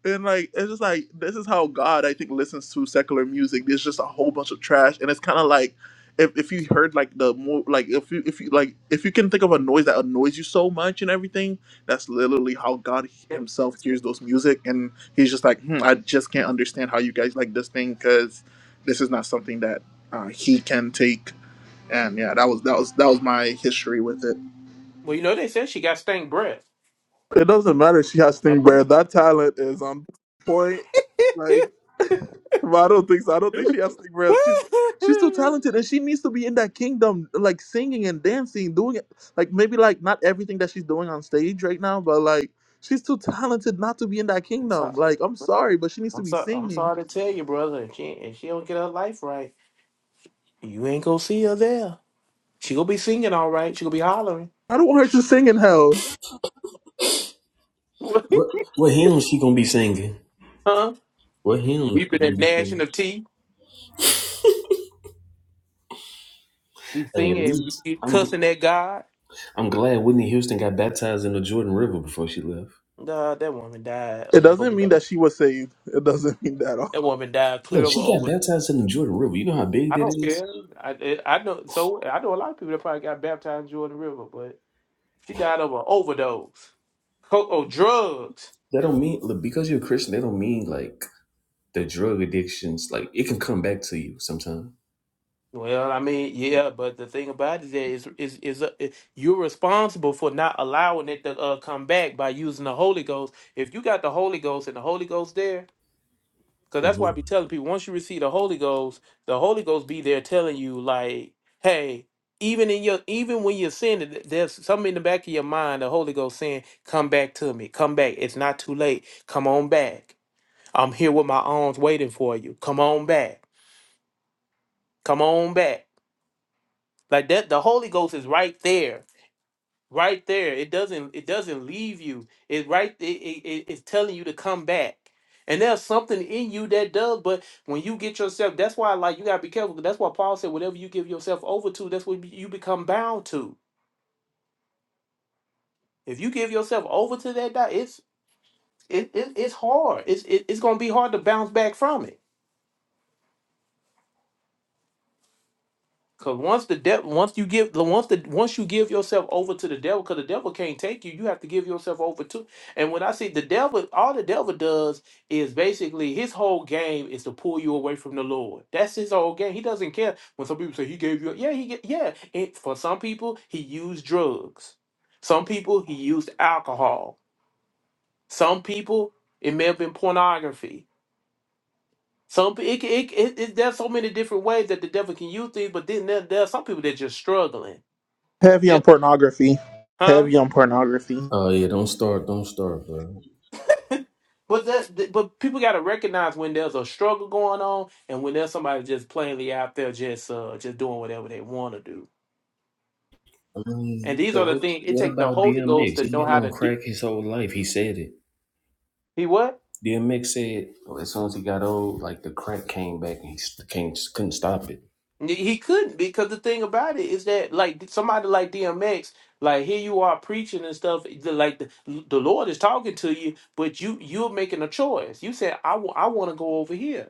F: And like it's just like this is how God I think listens to secular music. There's just a whole bunch of trash, and it's kind of like if, if you heard like the more like if you if you like if you can think of a noise that annoys you so much and everything, that's literally how God Himself hears those music he's just like, hmm, I just can't understand how you guys like this thing because this is not something that uh, he can take. And yeah, that was that was that was my history with it.
A: Well, you know they said she got stank breath.
F: It doesn't matter. if She has
A: Her
F: Sting Bear. That talent is on point. Like, but I don't think so. I don't think she
A: breath.
F: has Sting Bear. She's she's too talented, and she needs to be in that kingdom, like singing and dancing, doing it. Like maybe like not everything that she's doing on stage right now, but like. She's too talented not to be in that
A: I'm
F: kingdom.
A: sorry.
F: Like, I'm sorry, but she needs to
A: I'm
F: be
A: sorry. I'm
F: singing.
A: sorry to tell you, brother. If she if she don't get her life right, you ain't gonna see her there. She gonna be singing all right. She gonna be hollering,
F: I don't want her to sing in hell.
E: What what hymn she gonna be singing?
A: huh?
E: What hymn she
A: Weeping and
E: gonna be
A: gnashing
E: singing?
A: of teeth. Be
E: Hey, at
A: singing,
E: least
A: be
E: I'm gl-
A: cussing at God.
E: I'm glad Whitney Houston got baptized in the Jordan River before she left.
A: Nah, that woman died
F: It
A: of an
F: doesn't mean
A: overdose.
F: that she was saved. It doesn't mean that at all.
A: That woman died clear
E: Look,
A: of an
E: she got
A: over.
E: baptized in the Jordan River. You know how big
A: I
E: that
A: don't
E: is?
A: care. I it- I know. So I know a lot of people that probably got baptized in Jordan River, but she died of an overdose. Coco drugs.
E: That don't mean look, because you're a Christian, that don't mean like the drug addictions, like it can come back to you sometime.
A: Well, I mean, yeah, but the thing about it is, that is, is, is uh, you're responsible for not allowing it to uh, come back by using the Holy Ghost. If you got the Holy Ghost and the Holy Ghost there, because that's
E: hmm
A: why I be telling people once you receive the Holy Ghost, the Holy Ghost be there telling you like, hey, even in your, even when you're sinning, th- there's something in the back of your mind, the Holy Ghost saying, come back to me, come back. It's not too late. Come on back. I'm here with my arms waiting for you. Come on back. Come on back. Like that the Holy Ghost is right there. Right there. It doesn't it doesn't leave you. It right it, it, it- it's telling you to come back. And there's something in you that does, but when you get yourself, that's why like you gotta be careful. 'cause That's why Paul said, whatever you give yourself over to, that's what you become bound to. If you give yourself over to that, di- it's it, it it's hard. It's it, it's gonna be hard to bounce back from it. Cause once the devil, once you give, the once the once you give yourself over to the devil, cause the devil can't take you. You have to give yourself over to. And when I say the devil, all the devil does is basically his whole game is to pull you away from the Lord. That's his whole game. He doesn't care when some people say he gave you. Yeah, he get yeah. It, for some people, he used drugs. Some people he used alcohol. Some people it may have been pornography. Some pe- it, it, it, it there's so many different ways that the devil can use things. But then there, there are some people that are just struggling
F: Heavy
A: yeah,
F: on pornography.
A: huh?
F: Heavy on pornography.
E: Oh yeah, don't start, don't start, bro.
A: But that, but people got to recognize when there's a struggle going on, and when there's somebody just plainly out there just uh just doing whatever they want to do.
E: I
A: And
E: mean,
A: these
E: so
A: are the
E: what
A: things it
E: what
A: takes the
E: about
A: Holy Ghost
E: DMX?
A: to
E: He
A: know
E: been
A: how
E: on
A: to. De-
E: crack his whole life. He said it.
A: he what?
E: DMX said well, as soon as he got old, like the crack came back and he st- can't couldn't stop it.
A: He he couldn't because the thing about it is that like somebody like DMX, like here you are preaching and stuff. the- Like the, the Lord is talking to you, but you you're making a choice. You said I want I want to go over here.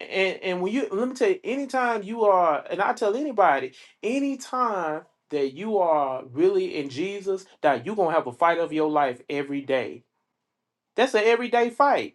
A: and and when you let me tell you anytime you are and i tell anybody anytime that you are really in jesus that you're gonna have a fight of your life every day that's an everyday fight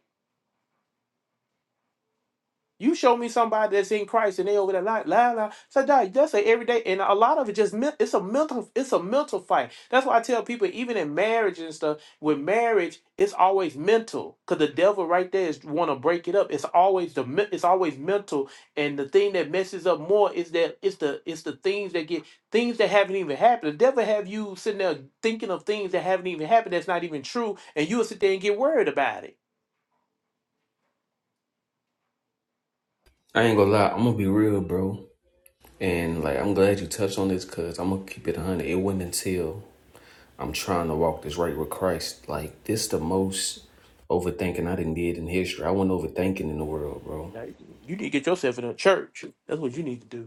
A: You show me somebody that's in Christ and they over there la la la. So that, that's a everyday, and a lot of it just men- it's a mental it's a mental fight. That's why I tell people even in marriage and stuff with marriage it's always mental because the devil right there is want to break it up. It's always the men- it's always mental, and the thing that messes up more is that it's the it's the things that get things that haven't even happened. The devil have you sitting there thinking of things that haven't even happened that's not even true, and you'll sit there and get worried about it.
E: I ain't gonna lie, I'm gonna be real, bro. And like I'm glad you touched on this cause I'm gonna keep it one hundred. It wasn't until I'm trying to walk this right with Christ. Like this the most overthinking I didn't did in history. I wasn't overthinking in the world, bro.
A: Like, You need to get yourself in a church. That's what you need to do.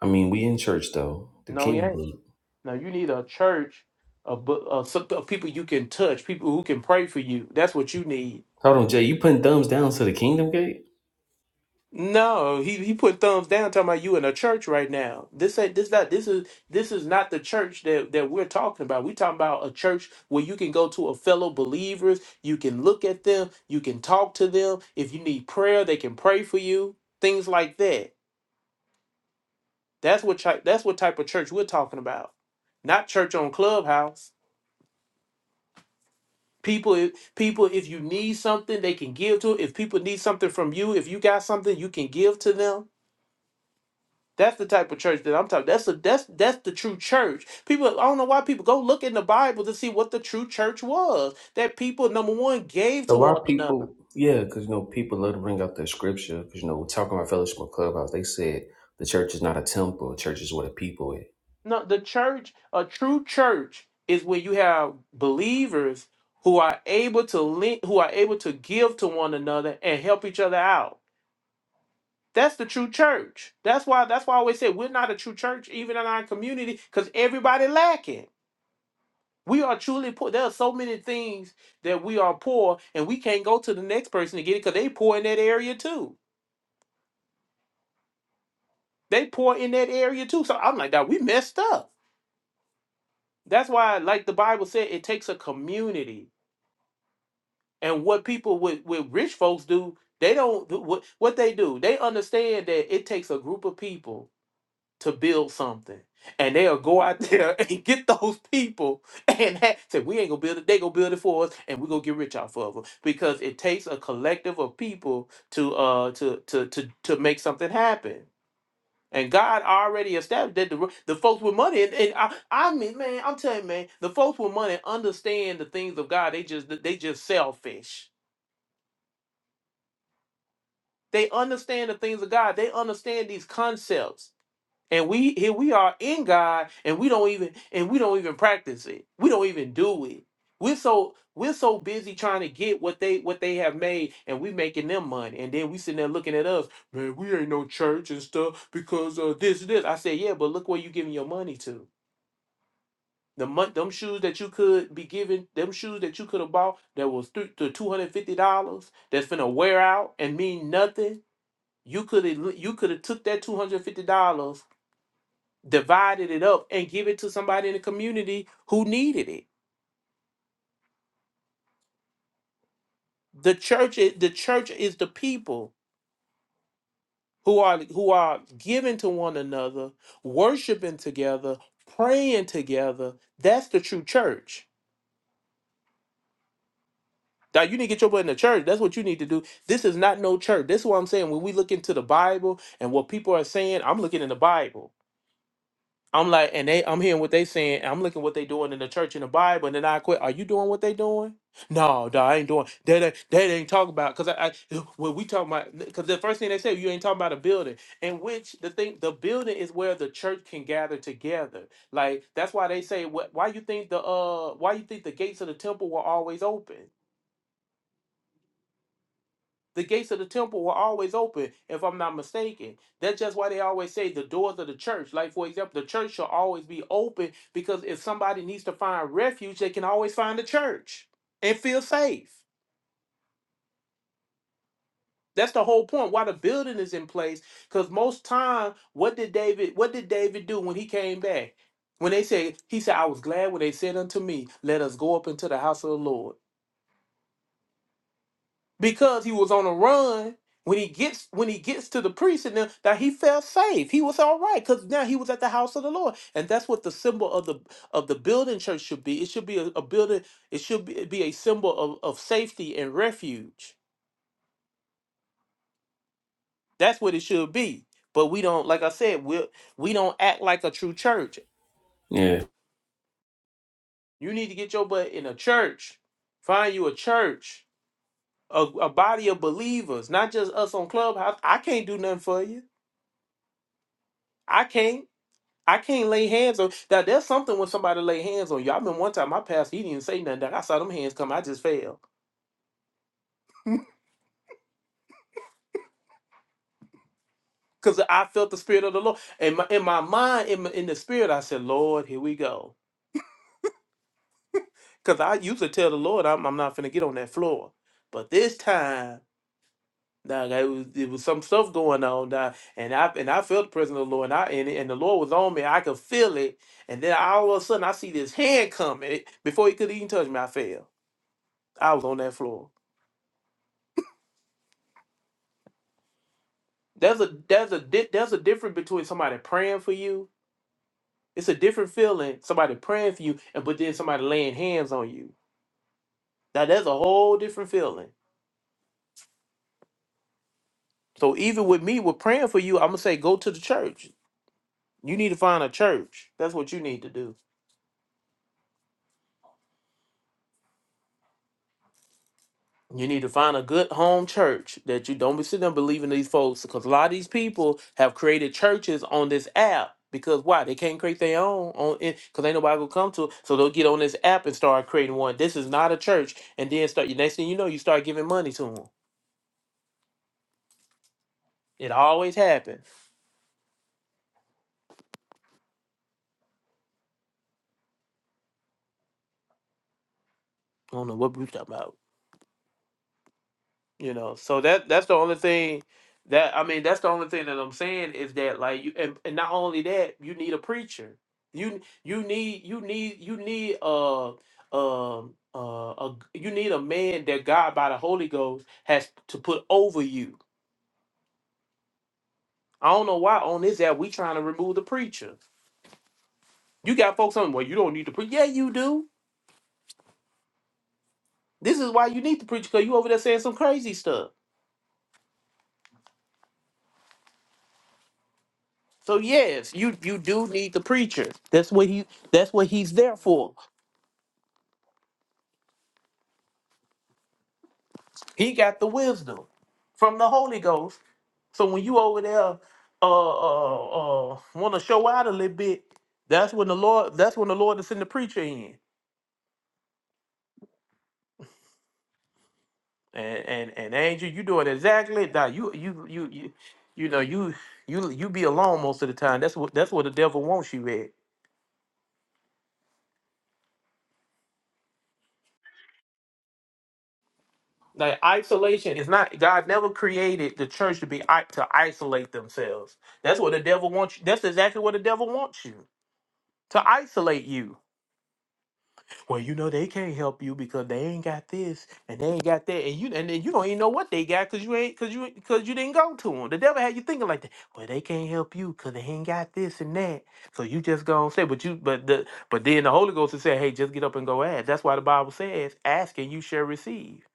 E: I mean, we in church though. The
A: No, he ain't.
E: kingdom.
A: No, you need a church of, bu- of, some- of people you can touch, people who can pray for you. That's what you need.
E: Hold on, Jay. You putting thumbs down to the kingdom gate?
A: No, he, he put thumbs down talking about you in a church right now. This ain't this not this is this is not the church that, that we're talking about. We're talking about a church where you can go to a fellow believers, you can look at them, you can talk to them. If you need prayer, they can pray for you. Things like that. That's what chi- that's what type of church we're talking about. Not church on Clubhouse. People, if- people, if you need something, they can give to it. If people need something from you, if you got something, you can give to them. That's the type of church that I'm talking. That's a that's that's the true church. People, I don't know why people go look in the Bible to see what the true church was. That people, number one, gave
E: A
A: to
E: lot
A: one
E: of
A: another.
E: people, yeah, because you know people love to bring up their scripture. Because you know, we're talking about fellowship of clubhouse, they said the church is not a temple. The church is where the people is.
A: No, the church, a true church, is where you have believers who are able to link, who are able to give to one another and help each other out. That's the true church. That's why that's why I always say we're not a true church, even in our community, because everybody lacking. We are truly poor. There are so many things that we are poor, and we can't go to the next person to get it because they poor in that area too. They poor in that area too. So I'm like, that we messed up. That's why, like the Bible said, it takes a community. And what people with, with rich folks do, they don't do what, what they do. They understand that it takes a group of people to build something. And they'll go out there and get those people and ha- say, We ain't gonna build it, they gonna build it for us and we gonna get rich off of them. Because it takes a collective of people to uh to to to to make something happen. And God already established that the, the folks with money and, and I, I mean man, I'm telling you, man, the folks with money understand the things of God. They just they just selfish. They understand the things of God. They understand these concepts And we here we are in God and we don't even and we don't even practice it. We don't even do it. We're so we're so busy trying to get what they what they have made and we making them money. And then we sitting there looking at us, man, we ain't no church and stuff because uh this this. I said, yeah, but look where you giving your money to. The month them shoes that you could be giving, them shoes that you could have bought that was th- to two hundred fifty dollars that's gonna wear out and mean nothing. You could have you could have took that two hundred fifty dollars divided it up and give it to somebody in the community who needed it. The church is, the church is the people who are who are giving to one another, worshiping together, praying together. That's the true church. Now you need to get your butt in the church. That's what you need to do. This is not no church. This is what I'm saying. When we look into the Bible and what people are saying, I'm looking in the Bible. I'm like, and they, I'm hearing what they saying. and I'm looking what they doing in the church in the Bible, and then I quit. Are you doing what they doing? No, dog, I ain't doing. They they that ain't talking about. Cause I, I when we talking about, cause the first thing they say, you ain't talking about a building. in which the thing, the building is where the church can gather together. Like that's why they say, what? Why you think the uh, why you think the gates of the temple were always open? The gates of the temple were always open, if I'm not mistaken. That's just why they always say the doors of the church. Like, for example, the church shall always be open because if somebody needs to find refuge, they can always find the church and feel safe. That's the whole point why the building is in place. Because most time, what did David, what did David do when he came back? When they said, he said, I was glad when they said unto me, Let us go up into the house of the Lord. because he was on a run when he gets when he gets to the priest and them that he felt safe he was all right because now he was at the house of the lord and that's what the symbol of the of the building church should be it should be a, a building it should be, be a symbol of, of safety and refuge that's what it should be but we don't like i said we we don't act like a true church
E: Yeah.
A: you need to get your butt in a church find you a church a, a body of believers not just us on clubhouse i can't do nothing for you i can't I can't lay hands on that. There's something when somebody lay hands on you. I remember one time my pastor, he didn't say nothing. That I saw them hands come, I just fell because I felt the spirit of the Lord. And my, in my mind, in, my, in the spirit, I said, "Lord, here we go." Because I used to tell the Lord, "I'm, I'm not finna get on that floor," but this time. Now it was, it was some stuff going on, dog, and I and I felt the presence of the Lord, and I and, and the Lord was on me. I could feel it, and then all of a sudden I see this hand coming. Before he could even touch me, I fell. I was on that floor. There's a there's a di- there's a difference between somebody praying for you. It's a different feeling. Somebody praying for you, and but then somebody laying hands on you. Now that's a whole different feeling. So even with me, with praying for you, I'm gonna say go to the church. You need to find a church. That's what you need to do. You need to find a good home church that you don't be sitting there believing these folks because a lot of these people have created churches on this app because why they can't create their own on it because ain't nobody gonna come to it so they'll get on this app and start creating one. This is not a church, and then start. next thing you know, you start giving money to them. It always happens. I don't know what we talking about. You know, so that that's the only thing that I mean, that's the only thing that I'm saying is that like you and, and not only that, you need a preacher. You you need you need you need uh um uh, a, you need a man that God by the Holy Ghost has to put over you. I don't know why on this app we trying to remove the preacher. You got folks on well, you don't need to preach. Yeah, you do. This is why you need the preacher because you over there saying some crazy stuff. So yes, you you do need the preacher. That's what he that's what he's there for. He got the wisdom from the Holy Ghost. So when you over there uh uh uh want to show out a little bit, that's when the Lord that's when the Lord is in the preacher in. And and and Angel, you doing exactly that. You you you you you know you you you be alone most of the time. That's what that's what the devil wants you at. Like isolation is not God never created the church to be i- to isolate themselves. That's what the devil wants you. That's exactly what the devil wants you to isolate you Well, you know they can't help you because they ain't got this and they ain't got that, and you and then you don't even know what they got because you ain't because you because you didn't go to them. The devil had you thinking like that. Well, they can't help you because they ain't got this and that. So you just gonna say, but you but the but then the Holy Ghost is saying, hey, just get up and go ask. That's why the Bible says, ask and you shall receive.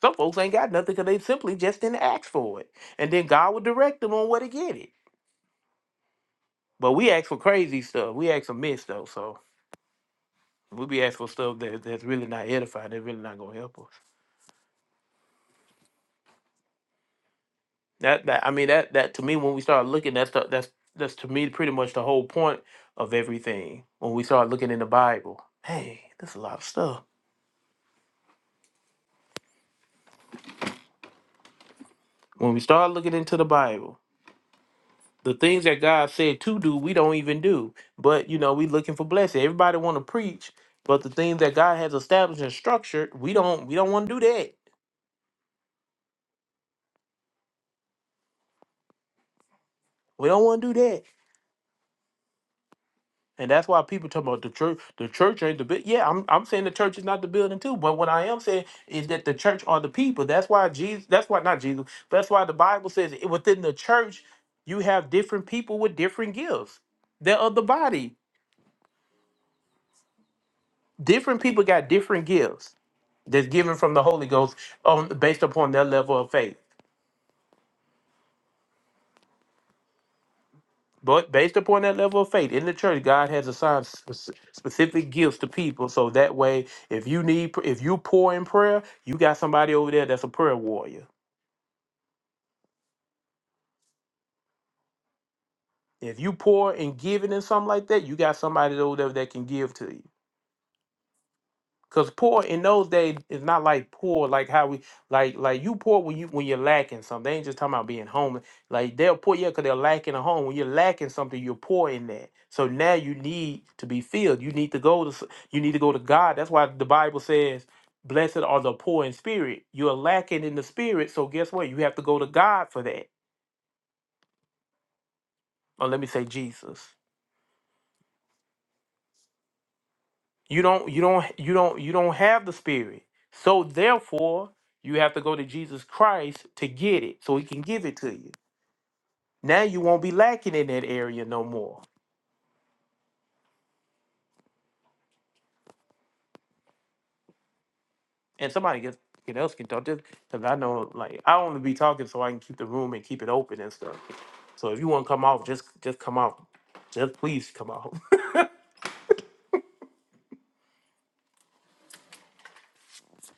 A: Some folks ain't got nothing because they simply just didn't ask for it, and then God would direct them on where to get it. But we ask for crazy stuff. We ask for myths though, so we be asking for stuff that that's really not edifying. That's really not gonna help us. That that I mean that that to me when we start looking that's the, that's that's to me pretty much the whole point of everything. When we start looking in the Bible, hey, there's a lot of stuff. When we start looking into the Bible, the things that God said to do, we don't even do. But you know, we looking for blessing. Everybody want to preach, but the things that God has established and structured, we don't we don't want to do that. We don't want to do that And that's why people talk about the church. The church ain't the big. Yeah, I'm I'm saying the church is not the building too. But what I am saying is that the church are the people. That's why Jesus. That's why not Jesus. that's why the Bible says it- within the church you have different people with different gifts. They're of the body. Different people got different gifts that's given from the Holy Ghost on based upon their level of faith. But based upon that level of faith in the church, God has assigned spec- specific gifts to people. So that way, if you need, if you pour in prayer, you got somebody over there that's a prayer warrior. If you pour in giving and something like that, you got somebody over there that can give to you. Cause poor in those days is not like poor like how we like like you poor when you when you're lacking something. They ain't just talking about being homeless. Like they're poor, yeah, cause they're lacking a home. When you're lacking something, you're poor in that. So now you need to be filled. You need to go to s- you need to go to God. That's why the Bible says, "Blessed are the poor in spirit." You're lacking in the spirit, so guess what? You have to go to God for that. Or let me say Jesus. you don't you don't you don't you don't have the spirit so therefore you have to go to jesus christ to get it so he can give it to you now you won't be lacking in that area no more and somebody gets can else can talk just because i know like i only be talking so i can keep the room and keep it open and stuff so if you want to come off just just come off just please come off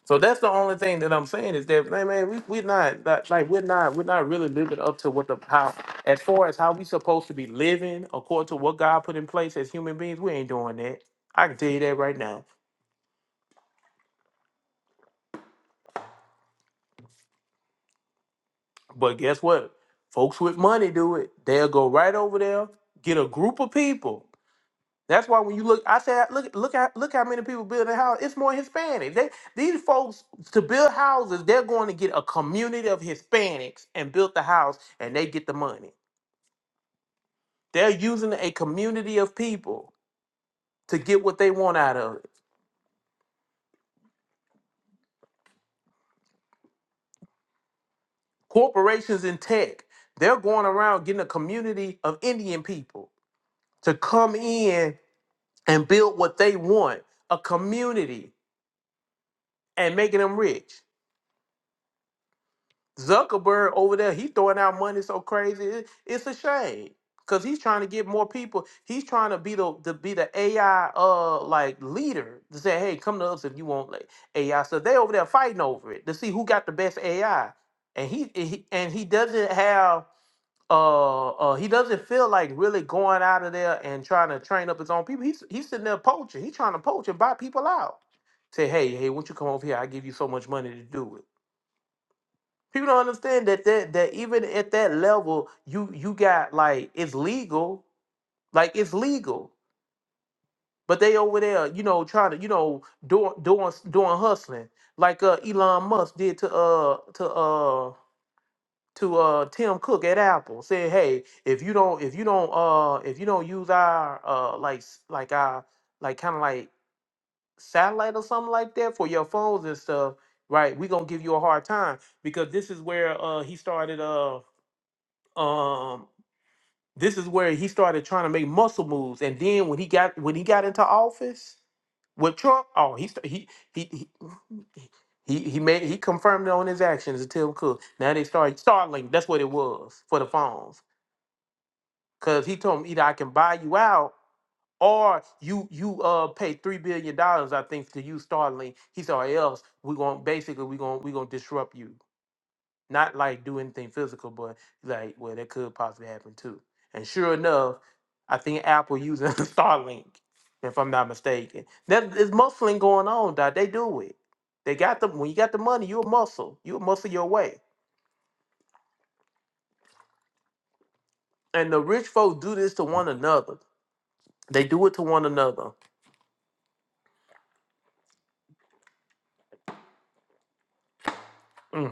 A: So that's the only thing that I'm saying is that man, man, we we're not, not like we're not we're not really living up to what the how as far as how we supposed to be living according to what God put in place as human beings. We ain't doing that. I can tell you that right now. But guess what? Folks with money do it. They'll go right over there, get a group of people. That's why when you look, I said, look, look at look how many people build a house. It's more Hispanic. They these folks to build houses, they're going to get a community of Hispanics and build the house, and they get the money. They're using a community of people to get what they want out of it. Corporations in tech, they're going around getting a community of Indian people to come in and build what they want, a community, and making them rich. Zuckerberg over there, he throwing out money so crazy. It- it's a shame because he's trying to get more people. He's trying to be the, the be the AI uh like leader to say, hey, come to us if you want like AI. So they over there fighting over it to see who got the best AI, and he and he, and he doesn't have. Uh, uh, he doesn't feel like really going out of there and trying to train up his own people. He's he's sitting there poaching. He's trying to poach and buy people out. Say, hey, hey, won't you come over here? I give you so much money to do it. People don't understand that that that even at that level, you you got like it's legal, like it's legal, but they over there, you know, trying to you know doing doing doing hustling like uh, Elon Musk did to uh to uh to uh Tim Cook at Apple, saying, hey, if you don't if you don't uh if you don't use our uh like s- like our like kind of like satellite or something like that for your phones and stuff, right? We gonna give you a hard time because this is where uh he started uh, um this is where he started trying to make muscle moves and then when he got when he got into office with Trump oh he sta- he he he he, he made he confirmed on his actions to Tim Cook now they started Starlink that's what it was for the phones cuz he told him either I can buy you out or you you uh pay 3 billion dollars I think to use Starlink he said or else we're going to basically we're going to we're going to disrupt you not like do anything physical, but like, well, that could possibly happen too. And sure enough, I think Apple using Starlink, if I'm not mistaken. That is muscling going on, dog. They do it. They got the when you got the money, you a muscle. You a muscle your way. And the rich folks do this to one another. They do it to one another. Mm.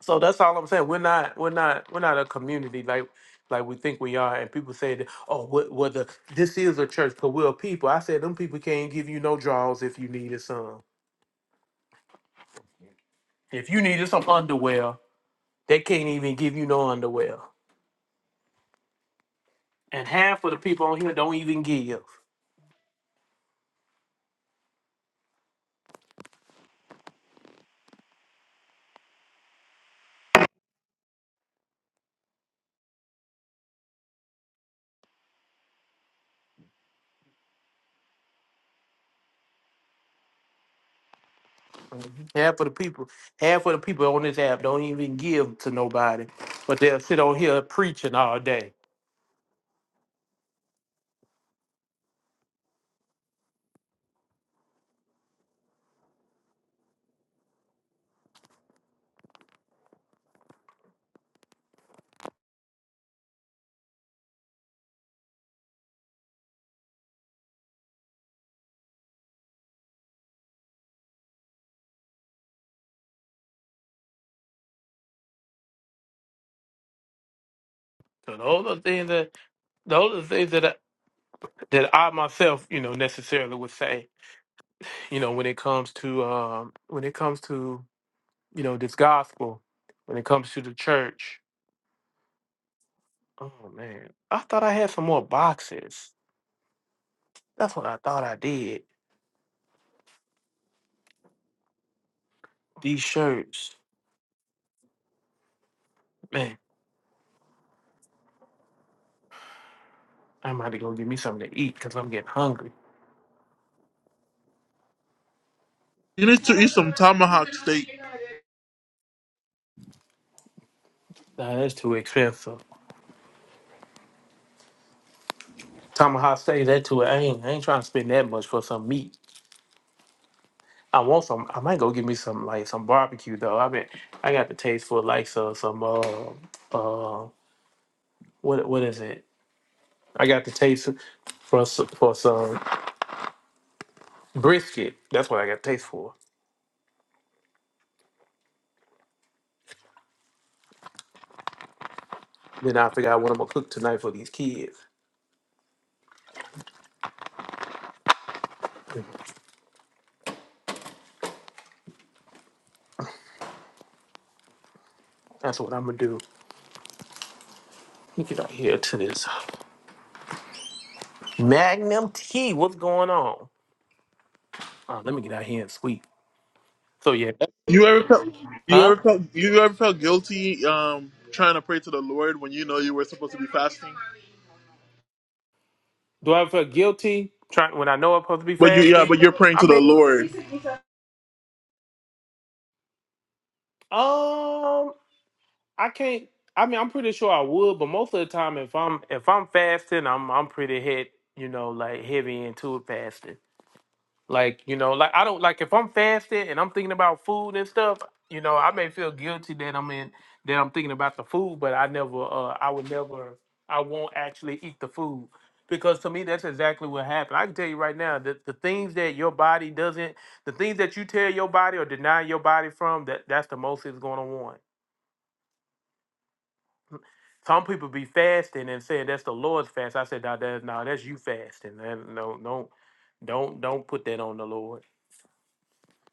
A: So that's all I'm saying. We're not we're not we're not a community like like we think we are. And people say that oh what well the this is a church because we're a people. I said them people can't give you no drawers if you needed some. If you needed some underwear, they can't even give you no underwear. And half of the people on here don't even give. Mhm. Half of the people, half of the people on this app don't even give to nobody, but they'll sit on here preaching all day. So those are things that those are things that I, that I myself, you know, necessarily would say. you know when it comes to um when it comes to you know this gospel when it comes to the church oh man i thought i had some more boxes that's what i thought i did these shirts man i might have go get me something to eat because i'm getting hungry
F: You need to eat some tomahawk steak.
A: nah, that's too expensive tomahawk say that too i ain't i ain't trying to spend that much for some meat i want some i might go get me some like some barbecue though i mean i got the taste for like so, some uh uh what what is it I got the taste for s- for some brisket. That's what I got taste for. Then I figure out what I'm gonna cook tonight for these kids. That's what I'm gonna do. Let me get out here to this Magnum tea. What's going on? Uh, let me get out here and sweep. So yeah, that-
F: You ever felt you
A: huh?
F: ever felt you ever felt guilty um trying to pray to the Lord when you know you were supposed to be fasting?
A: Do I feel guilty trying when I know I'm supposed to be
F: But you yeah,
A: fasting?
F: but you're praying
A: I
F: to the
A: mean,
F: Lord.
A: um, I can't. I mean, I'm pretty sure I would, but most of the time, if I'm if I'm fasting, I'm I'm pretty hit. You know, like heavy into it fasting. Like, you know, like I don't like if I'm fasting and I'm thinking about food and stuff, you know, I may feel guilty that I'm in that I'm thinking about the food, but I never uh I would never I won't actually eat the food. Because to me that's exactly what happened. I can tell you right now that the things that your body doesn't the things that you tell your body or deny your body from, that that's the most it's gonna want. Some people be fasting and saying that's the Lord's fast. I said, no, that's no, that's you fasting. That- no, don't don't don't put that on the Lord.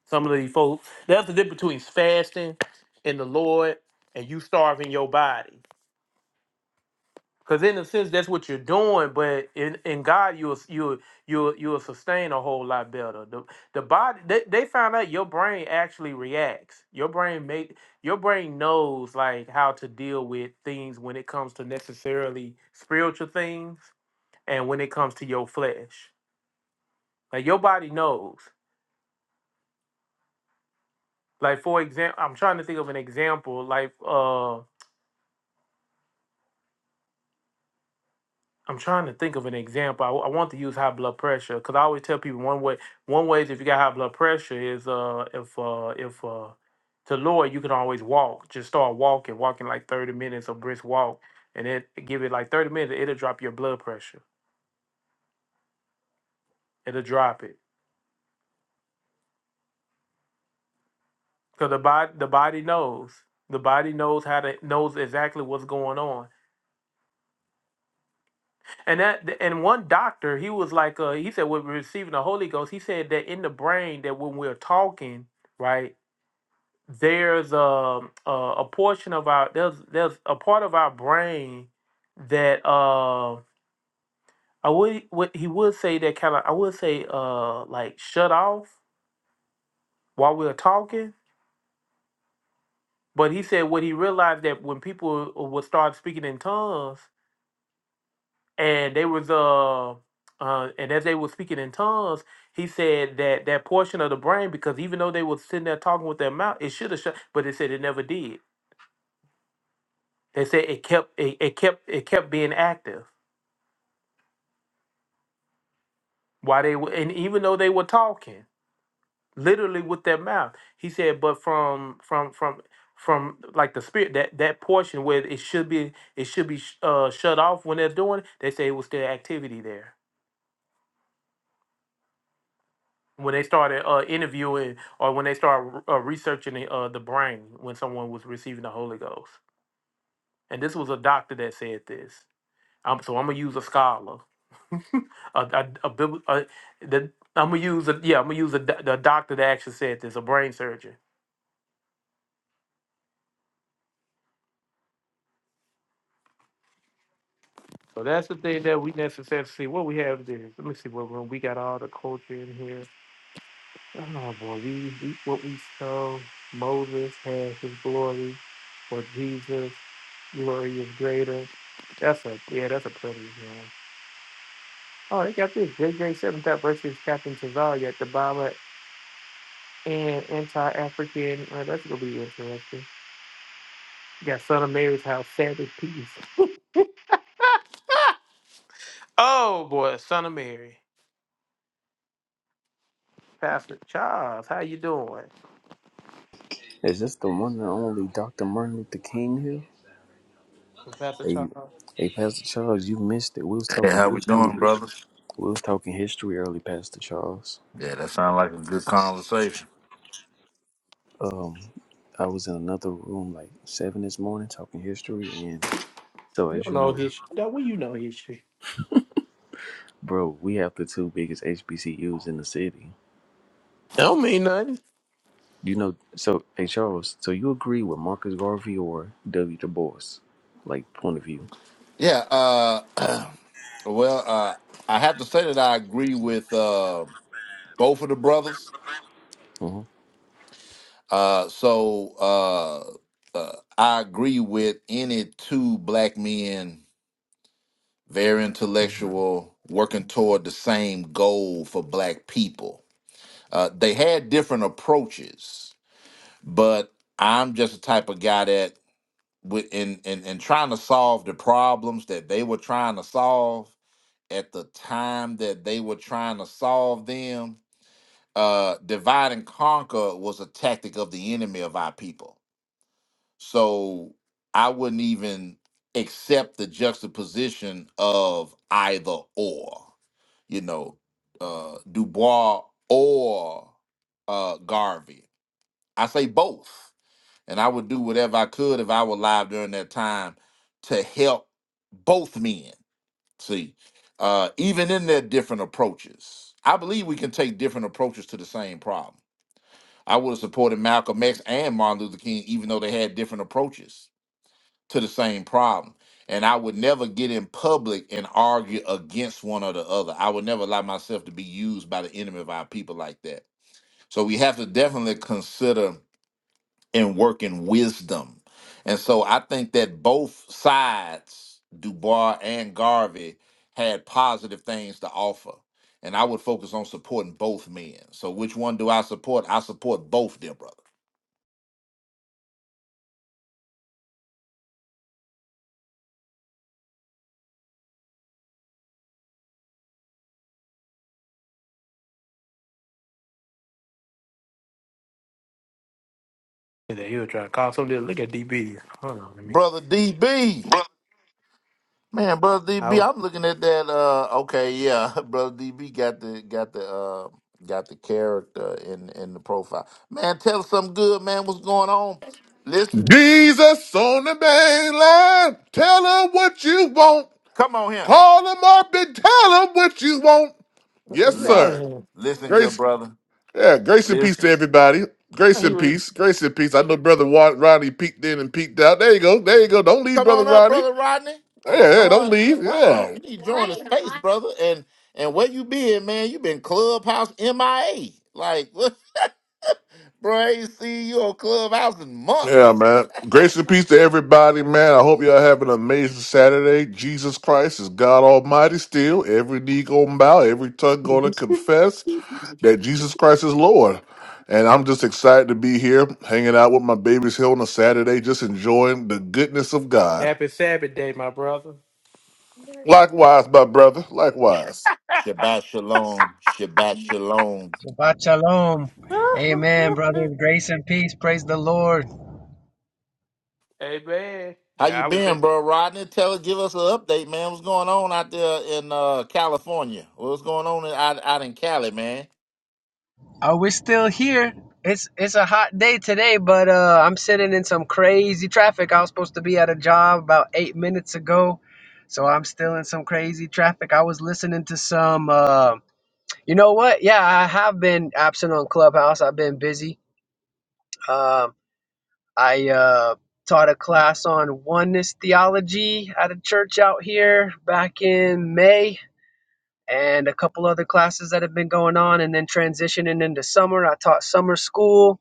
A: Some of these folks, that's the difference between fasting and the Lord and you starving your body. Because in a sense, that's what you're doing, but in, in God, you'll you'll you'll you'll sustain a whole lot better. The the body they, they found out your brain actually reacts. Your brain make your brain knows like how to deal with things when it comes to necessarily spiritual things and when it comes to your flesh. Like your body knows. Like for example, I'm trying to think of an example. Like uh. I'm trying to think of an example. I, w- I want to use high blood pressure because I always tell people one way one way is if you got high blood pressure is uh if uh if uh to lower it, you can always walk. Just start walking, walking like 30 minutes of brisk walk, and then give it like 30 minutes. It'll drop your blood pressure. It'll drop it because the body the body knows the body knows how to knows exactly what's going on. And that and one doctor he was like uh he said we're receiving the Holy Ghost. He said that in the brain that when we're talking right there's a, a a portion of our there's there's a part of our brain that uh I would what he would say that kind of I would say uh like shut off while we were talking, but he said what he realized that when people would start speaking in tongues and they was uh uh and as they were speaking in tongues, he said that that portion of the brain because even though they were sitting there talking with their mouth, it should have shut, but they said it never did. They said it kept it, it kept it kept being active Why they were, and even though they were talking literally with their mouth, he said, but from from from from like the spirit that that portion where it should be it should be sh- uh, shut off when they're doing it, they say it was still activity there when they started uh, interviewing or when they started uh, researching the, uh, the brain when someone was receiving the Holy Ghost. And this was a doctor that said this. Um, so I'm gonna use a scholar, a, a, a, bibl- a the, I'm gonna use a yeah I'm gonna use a, do- the doctor that actually said this, a brain surgeon So that's the thing that we necessarily see. What we have there. Let me see what room we got. All the culture in here. Oh boy, we, we what we saw. Moses has his glory, or Jesus' glory is greater. That's a yeah, that's a pretty one. Oh, they got this J J. Seventh Up versus Captain Cesare at the Baba and anti-African. Oh, that's gonna be interesting. You got Son of Mary's house, Sabbath peace. Oh boy, Son of Mary, Pastor Charles, how you doing?
E: Is this the one and only Dr. Martin Luther King here?
A: Pastor
E: Hey,
A: Charles.
E: hey, Pastor Charles, you missed it. We was
I: Hey,
E: talking
I: how we
E: history
I: doing, brothers?
E: We was talking history early, Pastor Charles.
I: Yeah, that sounds like a good conversation.
E: Um, I was in another room like seven this morning talking history, and so
A: You
E: as
A: don't
E: you
A: know
E: know,
A: history. That way you know history.
E: bro, we have the two biggest HBCUs in the city.
A: That don't mean nothing.
E: You know, so hey Charles, so you agree with Marcus Garvey or W. Du Bois, like point of view?
I: Yeah. Uh, well, uh, I have to say that I agree with uh, both of the brothers.
E: hmm
I: Uh, so uh, uh, I agree with any two black men, very intellectual, working toward the same goal for black people. Uh, they had different approaches, but I'm just the type of guy that. with and and and trying to solve the problems that they were trying to solve at the time that they were trying to solve them uh divide and conquer was a tactic of the enemy of our people so i wouldn't even accept the juxtaposition of either or you know uh dubois or uh garvey i say both and I would do whatever I could if I were alive during that time to help both men. See, uh, even in their different approaches, I believe we can take different approaches to the same problem. I would have supported Malcolm X and Martin Luther King, even though they had different approaches to the same problem. And I would never get in public and argue against one or the other. I would never allow myself to be used by the enemy of our people like that. So we have to definitely consider and work in wisdom. And so I think that both sides, Dubois and Garvey, had positive things to offer. And I would focus on supporting both men. So which one do I support? I support both, dear brother.
A: And then he'll try to call somebody. Look at DB. Hold on, let me.
I: Brother DB.
A: Bro.
I: Man, brother
A: I
I: DB,
A: was.
I: I'm looking at that. Uh, okay, yeah, brother DB got the got the uh, got the character in in the profile. Man, tell us something good, man. What's going on? Listen,
J: Jesus on the main line. Tell her what you want.
I: come on here.
J: Call him up and tell her what you want. Yes,
A: You
I: Listen,
A: out
J: sir.
A: here?
I: listen, good
J: Grace,
I: brother.
J: yeah, grace and peace to
I: Listen,
J: everybody. Grace
A: He
J: and
I: them-
J: peace. Grace and peace. I know brother Wa- Ronnie peeked in and peeked out. There you go. There you go. Don't leave,
I: come
J: brother
I: on up,
J: Ronnie.
I: brother Rodney, and
J: Yeah, yeah, don't
I: join. uh,
J: leave.
I: Why, you,
J: Yeah.
I: you need to join the space, brother. And and where you been, man? You been clubhouse MIA. Like, what? bro, I ain't seen you on clubhouse in
J: Yeah,
I: months.
J: man. Grace and peace to everybody, man. I hope y'all have an amazing Saturday. Jesus Christ is God Almighty still. Every knee gonna bow, every tongue gonna
A: was.
J: confess. that Jesus Christ is Lord. And I'm just excited to be here, hanging out with my babies here on a Saturday, just enjoying the goodness of God.
A: Happy Sabbath day, my brother.
J: Likewise, my brother. Likewise.
I: Shabbat shalom, Shabbat shalom.
K: Shabbat shalom. Amen, brothers. Grace and peace. Praise the Lord.
A: Hey man.
I: How you
A: Yeah, I was.
I: been, bro, Rodney? Tell us, give us an update, man. What's going on out there in uh, California? What's going on in, out out in Cali, man?
K: Are we still here? It's it's a hot day today, but uh, I'm sitting in some crazy traffic. I was supposed to be at a job about eight minutes ago, so I'm still in some crazy traffic. I was listening to some. Uh, you know what? Yeah, I have been absent on Clubhouse. I've been busy. Um, I uh, taught a class on oneness theology at a church out here back in May and a couple other classes that have been going on and then transitioning into summer. I taught summer school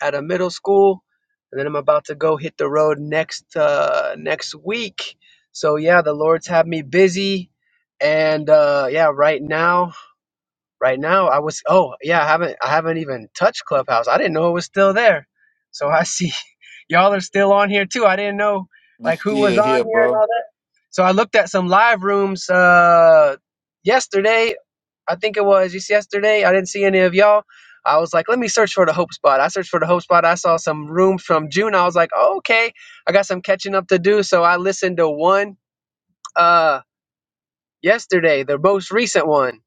K: at a middle school and then I'm about to go hit the road next uh next week. So yeah, the Lord's had me busy and uh yeah, right now right now I was oh yeah, I haven't I haven't even touched Clubhouse. I didn't know it was still there. So I see y'all are still on here too. I didn't know
I: We
K: like who was
I: still
K: on
I: here,
K: here and
I: bro.
K: all that. So I looked at some live rooms uh yesterday I think it was just yesterday. I didn't see any of y'all. I was like, let me search for the hope spot. I searched for the hope spot. I saw some rooms from June. I was like, oh, okay, I got some catching up to do. So I listened to one uh yesterday, the most recent one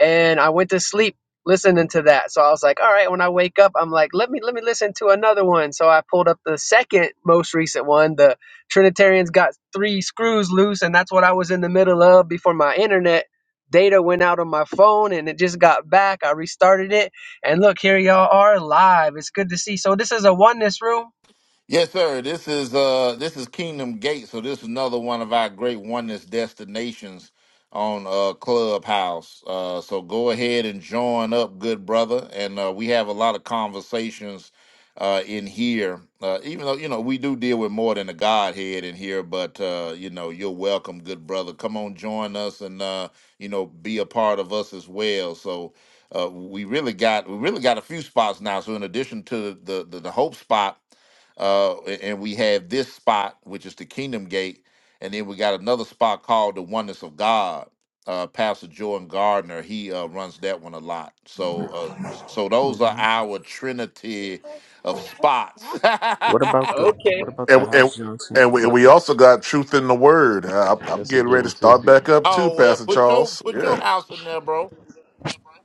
K: and I went to sleep listening to that. So I was like, all right, when I wake up, I'm like, let me let me listen to another one. So I pulled up the second most recent one, the Trinitarians got three screws loose, and that's what I was in the middle of before my internet data went out on my phone and it just got back. I restarted it and look, here y'all are live. It's good to see. So this is a oneness room.
I: Yes, sir. This is uh this is Kingdom Gate, so this is another one of our great oneness destinations on uh Clubhouse. Uh so go ahead and join up, good brother. And uh we have a lot of conversations uh in here. Uh even though, you know, we do deal with more than a Godhead in here, but uh, you know, you're welcome, good brother. Come on, join us and uh, you know, be a part of us as well. So uh we really got we really got a few spots now. So in addition to the the, the hope spot uh, a- and we have this spot, which is the Kingdom Gate, and then we got another spot called the Oneness of God. Uh, Pastor Jordan Gardner, he uh, runs that one a lot. So, uh, so those are our trinity of spots.
E: What about the
K: Okay.
E: What about the
J: And and
E: House Johnson?
J: and we, and
E: What?
J: we
E: ab-
J: also got truth in the word. I, I'm
E: that's a
J: getting
E: good
J: ready to
E: one too.
J: start back up too,
I: oh well,
J: Pastor
I: put your
J: Charles.
I: put
J: Yeah.
I: your house in there, bro.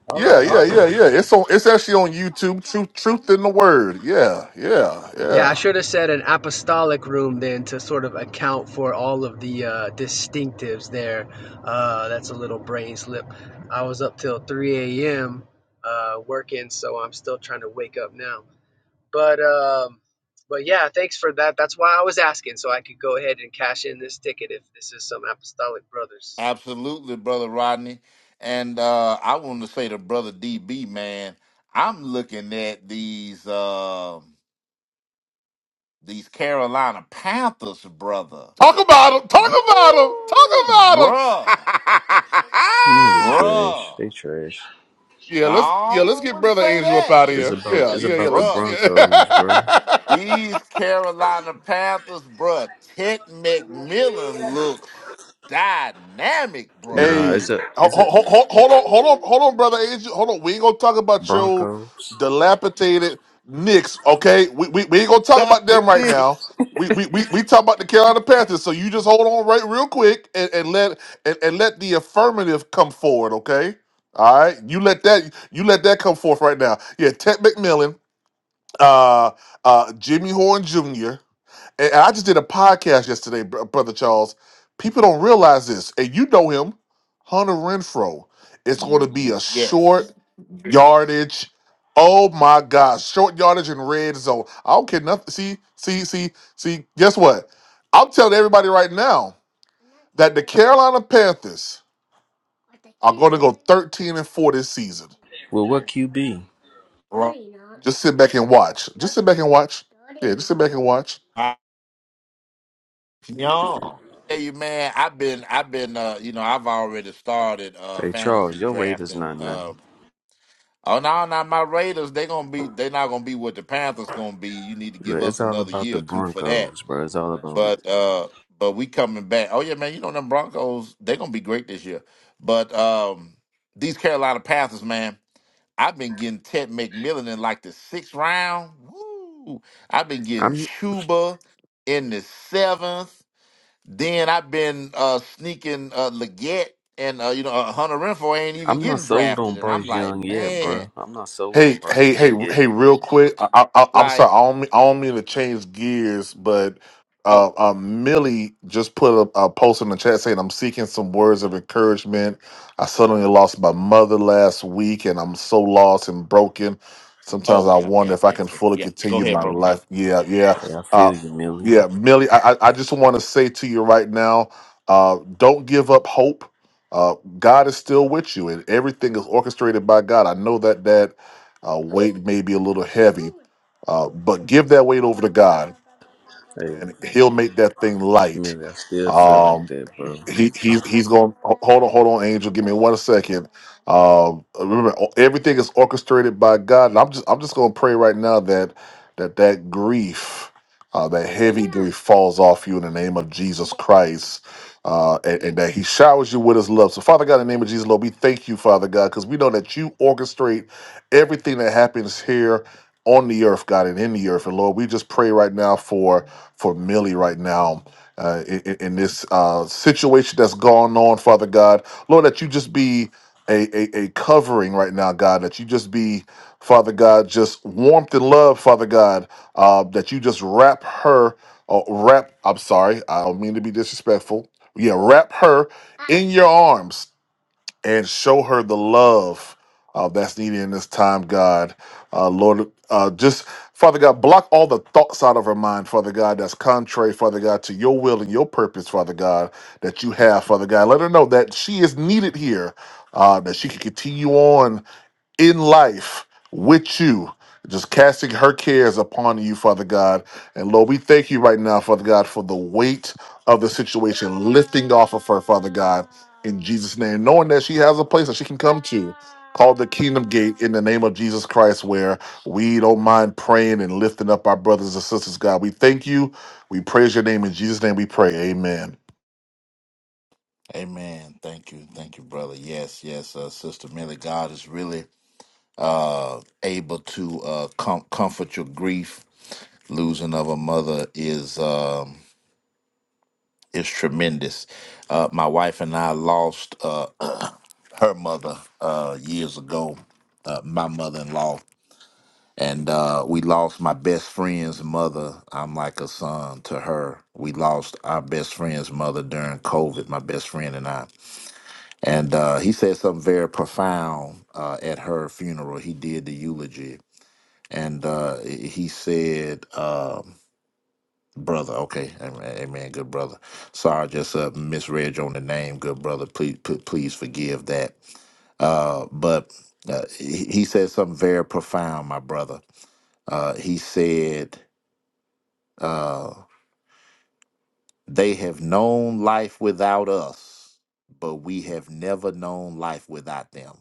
K: All
J: Yeah,
K: right,
J: yeah, yeah,
K: awesome.
J: yeah. It's on. It's actually on YouTube. Truth, truth in the word. Yeah, yeah,
K: Yeah, I
J: yeah.
K: should have said an apostolic room then to sort of account for all of the uh, distinctives there. Uh, that's a little brain slip. I was up till 3 a.m. Uh, working, so I'm still trying to wake up now. But um, but yeah, thanks for that. That's why I was asking, so I could go ahead and cash in this ticket if this is some apostolic brothers.
I: Absolutely, brother Rodney. And uh, I want to say to brother DB, man, I'm looking at these uh, these Carolina Panthers, brother.
J: Talk about him. Talk about him. Talk
I: Woo, bruh,
J: about
E: Them
J: him.
E: Niggas trash.
I: bruh.
E: They trash.
J: Yeah,
I: No,
J: let's yeah, let's
I: I
J: get
I: wouldn't
J: brother
I: say
J: Angel up
I: that,
J: out of
E: It's
J: here.
E: about
J: Yeah,
E: It's
J: yeah, yeah.
E: about the
J: Let's
I: bruh.
J: yeah.
E: Broncos, bro.
I: These Carolina Panthers, bruh. Ted McMillan looks dynamic, bro.
E: Nah, it's
J: hey,
E: a
J: ho-
E: It's a
J: ho- ho- ho- hold on, hold on, hold on,
I: Woo.
J: brother Angel. Hold on. We ain't gonna talk about your
E: Broncos.
J: dilapidated Knicks, okay? We we, we ain't gonna talk about
I: Dr.
J: them right now.
I: Nix,
J: We we, we we talk about the Carolina Panthers. So you just hold on right real quick and, and let and, and let the affirmative come forward, okay? All right, you let that you let that come forth right now. Yeah, Ted McMillan, uh, uh, Jimmy Horn Jr. And and I just did a podcast yesterday, br- brother Charles. People don't realize this, and you know him, Hunter Renfro. It's going to be a
I: yes,
J: short yardage. Oh my gosh, short yardage in red zone. I don't care nothing. See, see, see, see. Guess what? I'm telling everybody right now that the Carolina Panthers are going to go 13 and four this season.
E: Well, what QB?
I: bro.
J: Just sit back and watch. Just sit back and watch. Yeah, just sit back and watch.
I: Young. Tell you, man, I've been, I've been, uh, you know, I've already started uh
E: Hey,
I: fantasy
E: Charles, your rate is
I: drafting
E: not nothing.
I: uh, Oh no, not my Raiders. They gonna be. They not gonna be what the Panthers gonna be. You need to
E: Look,
I: give us
E: It's all
I: another
E: about the
I: year or two for that.
E: Broncos, bro. It's all about.
I: But uh, but we coming back. Oh yeah, man. You know them Broncos. They gonna be great this year. But um, these Carolina Panthers, man. I've been getting Ted McMillan in like the sixth round. Woo! I've been getting
E: I'm
I: Chuba in the seventh. Then I've been uh sneaking uh Leggett and uh, you know uh, Hunter Renfro ain't even
E: I'm not
I: getting
E: sold on
I: drafted, and I'm
E: Bryce
I: like,
E: Young yet,
I: man.
E: bro. I'm not sold
J: Hey,
E: on Bryce
J: hey, hey,
E: Young yet.
J: hey! Real quick, I, I, I- I'm
I: like,
J: sorry. I don't, mean, I don't mean to change gears, but uh,
I: Oh,
J: uh, Millie just put a, a post in the chat saying I'm seeking some words of encouragement. I suddenly lost my mother last week, and I'm so lost and broken. Sometimes
I: oh,
J: I
I: yeah, okay,
J: wonder if I
I: okay,
J: can fully
I: yeah. Go
J: continue
I: ahead,
J: my
I: bro.
J: life. Yeah, yeah,
E: Hey, I
J: uh,
E: feel you,
J: yeah,
E: Millie.
J: Millie. I, I I just want to say to you right now, uh, don't give up hope. Uh, God is still with you, and everything is orchestrated by God. I know that, Dad uh, weight may be a little heavy, uh, but give that weight over to God,
E: Hey,
J: and He'll make that thing light.
E: Millie, I still feel like
J: Um,
E: that, bro.
J: he he's he's going. Hold on, hold on, Angel. Give me one second. Um, remember, o- everything is orchestrated by God, and I'm just I'm just going to pray right now that that that grief, uh, that heavy grief, falls off you in the name of Jesus Christ, uh, and, and that He showers you with His love. So, Father God, in the name of Jesus, Lord, we thank you, Father God, because we know that you orchestrate everything that happens here. On the earth, God, and in the earth, and Lord, we just pray right now for for Millie right now uh, in, in in this uh, situation that's going on, Father God. Lord, that you just be a, a, a covering right now, God, that you just be, Father God, just warmth and love, Father God, uh, that you just wrap her, or wrap, I'm sorry, I don't mean to be disrespectful. Yeah, wrap her in your arms and show her the love uh, that's needed in this time, God. Uh, Lord, uh, just Father God, block all the thoughts out of her mind, Father God, that's contrary, Father God, to your will and your purpose, Father God, that you have, Father God. Let her know that she is needed here, uh, that she can continue on in life with you, just casting her cares upon you, Father God. And Lord, we thank you right now, Father God, for the weight of the situation lifting off of her, Father God, in Jesus' name, knowing that she has a place that she can come to. called the kingdom gate in the name of Jesus Christ, where we don't mind praying and lifting up our brothers and sisters, God. We thank you. We praise your name. In Jesus' name we pray. Amen.
I: Amen. Thank you. Thank you, brother. Yes, yes, uh, Sister Millie. God is really uh, able to uh, com- comfort your grief. Losing of a mother is um, is tremendous. Uh, my wife and I lost uh, her mother uh, years ago. Uh, my mother-in-law and uh, we lost my best friend's mother. I'm like a son to her. We lost our best friend's mother during COVID, my best friend and I. And uh, he said something very profound uh, at her funeral. He did the eulogy. And uh, he said, um, brother, okay, amen, amen, good brother. Sorry, I just uh, misread you on the name, good brother. Please, p- please forgive that. Uh, but uh, he he said something very profound, my brother. Uh, he said, Uh, they have known life without us, but we have never known life without them.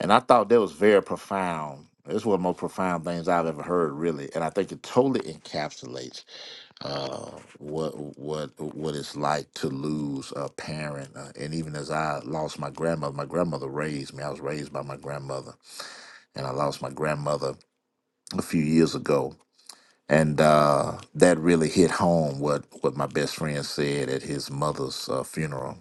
I: And I thought that was very profound. It's one of the most profound things I've ever heard, really. And I think it totally encapsulates uh, what what what it's like to lose a parent. Uh, and even as I lost my grandmother, my grandmother raised me. I was raised by my grandmother, and I lost my grandmother a few years ago and uh, that really hit home what what my best friend said at his mother's uh, funeral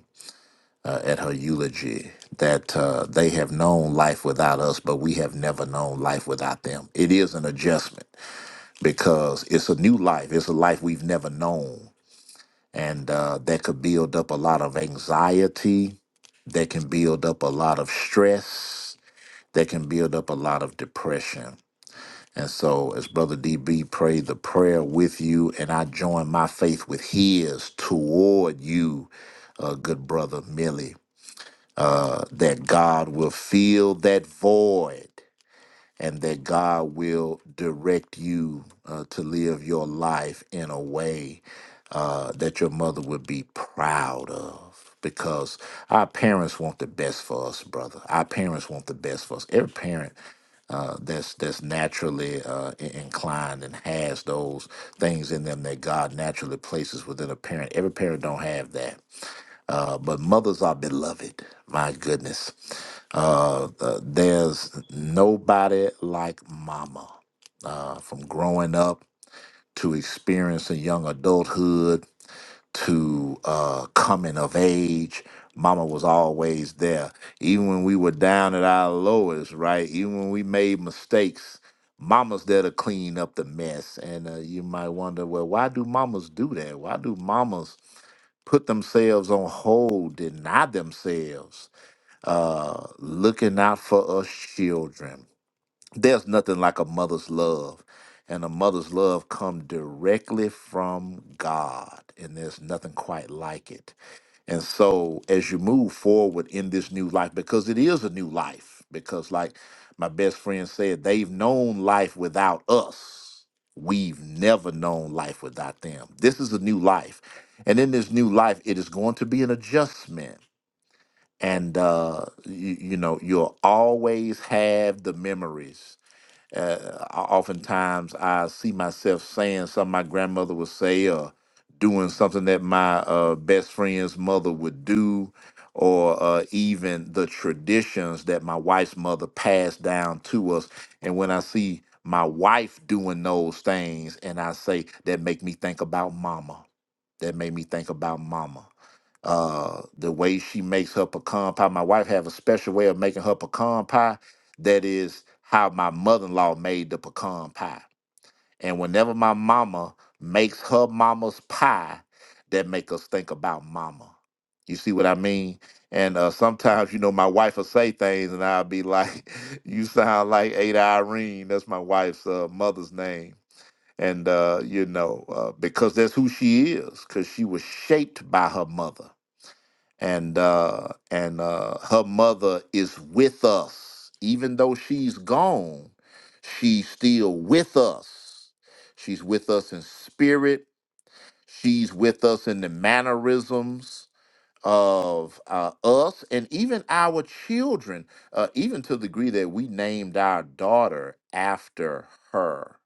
I: uh, at her eulogy that uh, they have known life without us but we have never known life without them it is an adjustment because it's a new life it's a life we've never known and uh, that could build up a lot of anxiety that can build up a lot of stress that can build up a lot of depression and so, as Brother DB prayed the prayer with you, and I join my faith with his toward you, uh, good brother Millie, uh, that God will fill that void and that God will direct you uh, to live your life in a way uh, that your mother would be proud of. Because our parents want the best for us, brother. Our parents want the best for us. Every parent uh, that's that's naturally uh, in- inclined and has those things in them that God naturally places within a parent. Every parent don't have that. Uh, but mothers are beloved. My goodness. Uh, uh, there's nobody like mama. Uh, from growing up to experiencing young adulthood to uh, coming of age. Mama was always there. Even when we were down at our lowest, right? Even when we made mistakes, mama's there to clean up the mess. And uh, you might wonder, well, why do mamas do that? Why do mamas put themselves on hold, deny themselves, uh, looking out for us children? there's nothing like a mother's love and a mother's love come directly from god and there's nothing quite like it and so as you move forward in this new life because it is a new life because like my best friend said they've known life without us we've never known life without them this is a new life and in this new life it is going to be an adjustment and uh you, you know you'll always have the memories uh, I- oftentimes, I see myself saying something my grandmother would say, or doing something that my uh, best friend's mother would do, or uh, even the traditions that my wife's mother passed down to us. And when I see my wife doing those things, and I say that make me think about Mama that made me think about mama. Uh, the way she makes her pecan pie. My wife have a special way of making her pecan pie. That is how my mother-in-law made the pecan pie. And whenever my mama makes her mama's pie, that make us think about mama. You see what I mean? And uh, sometimes, you know, my wife will say things, and I'll be like, "You sound like Ada Irene." That's my wife's uh, mother's name and uh, you know uh, because that's who she is because she was shaped by her mother and uh, and uh, her mother is with us even though she's gone she's still with us she's with us in spirit she's with us in the mannerisms of uh, us and even our children uh, even to the degree that we named our daughter after her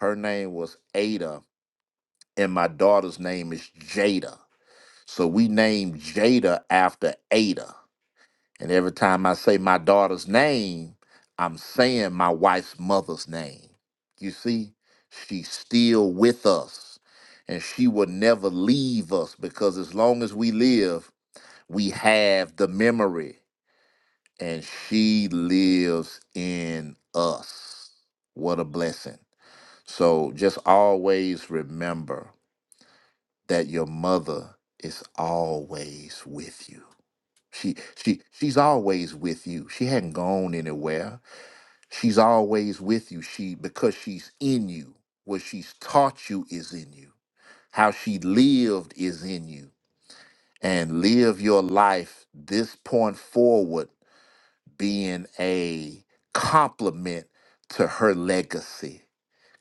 I: her name was ada and my daughter's name is Jada. So we named Jada after Ada. And every time I say my daughter's name, I'm saying my wife's mother's name. You see, she's still with us and she will never leave us because as long as we live, we have the memory and she lives in us. What a blessing. So just always remember. that your mother is always with you. She she she's always with you. She hadn't gone anywhere. She's always with you. She because she's in you. What she's taught you is in you. How she lived is in you. And live your life this point forward being a compliment to her legacy.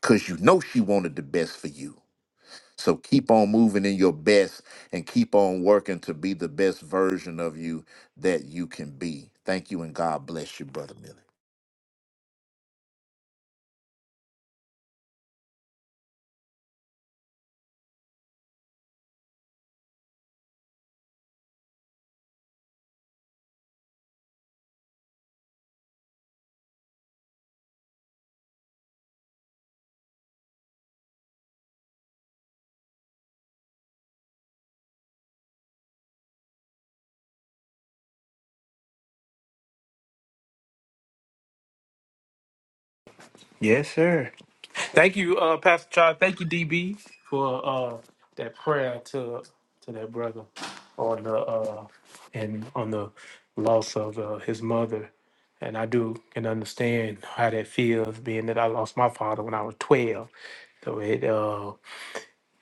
I: Cause you know she wanted the best for you. So keep on moving in your best and keep on working to be the best version of you that you can be. Thank you and God bless you, Brother Millie.
A: Yes, sir. Thank you, uh, Pastor Charles. Thank you, DB, for uh, that prayer to to that brother on the uh, and on the loss of uh, his mother. And I do can understand how that feels, being that I lost my father when I was twelve. So it. uh,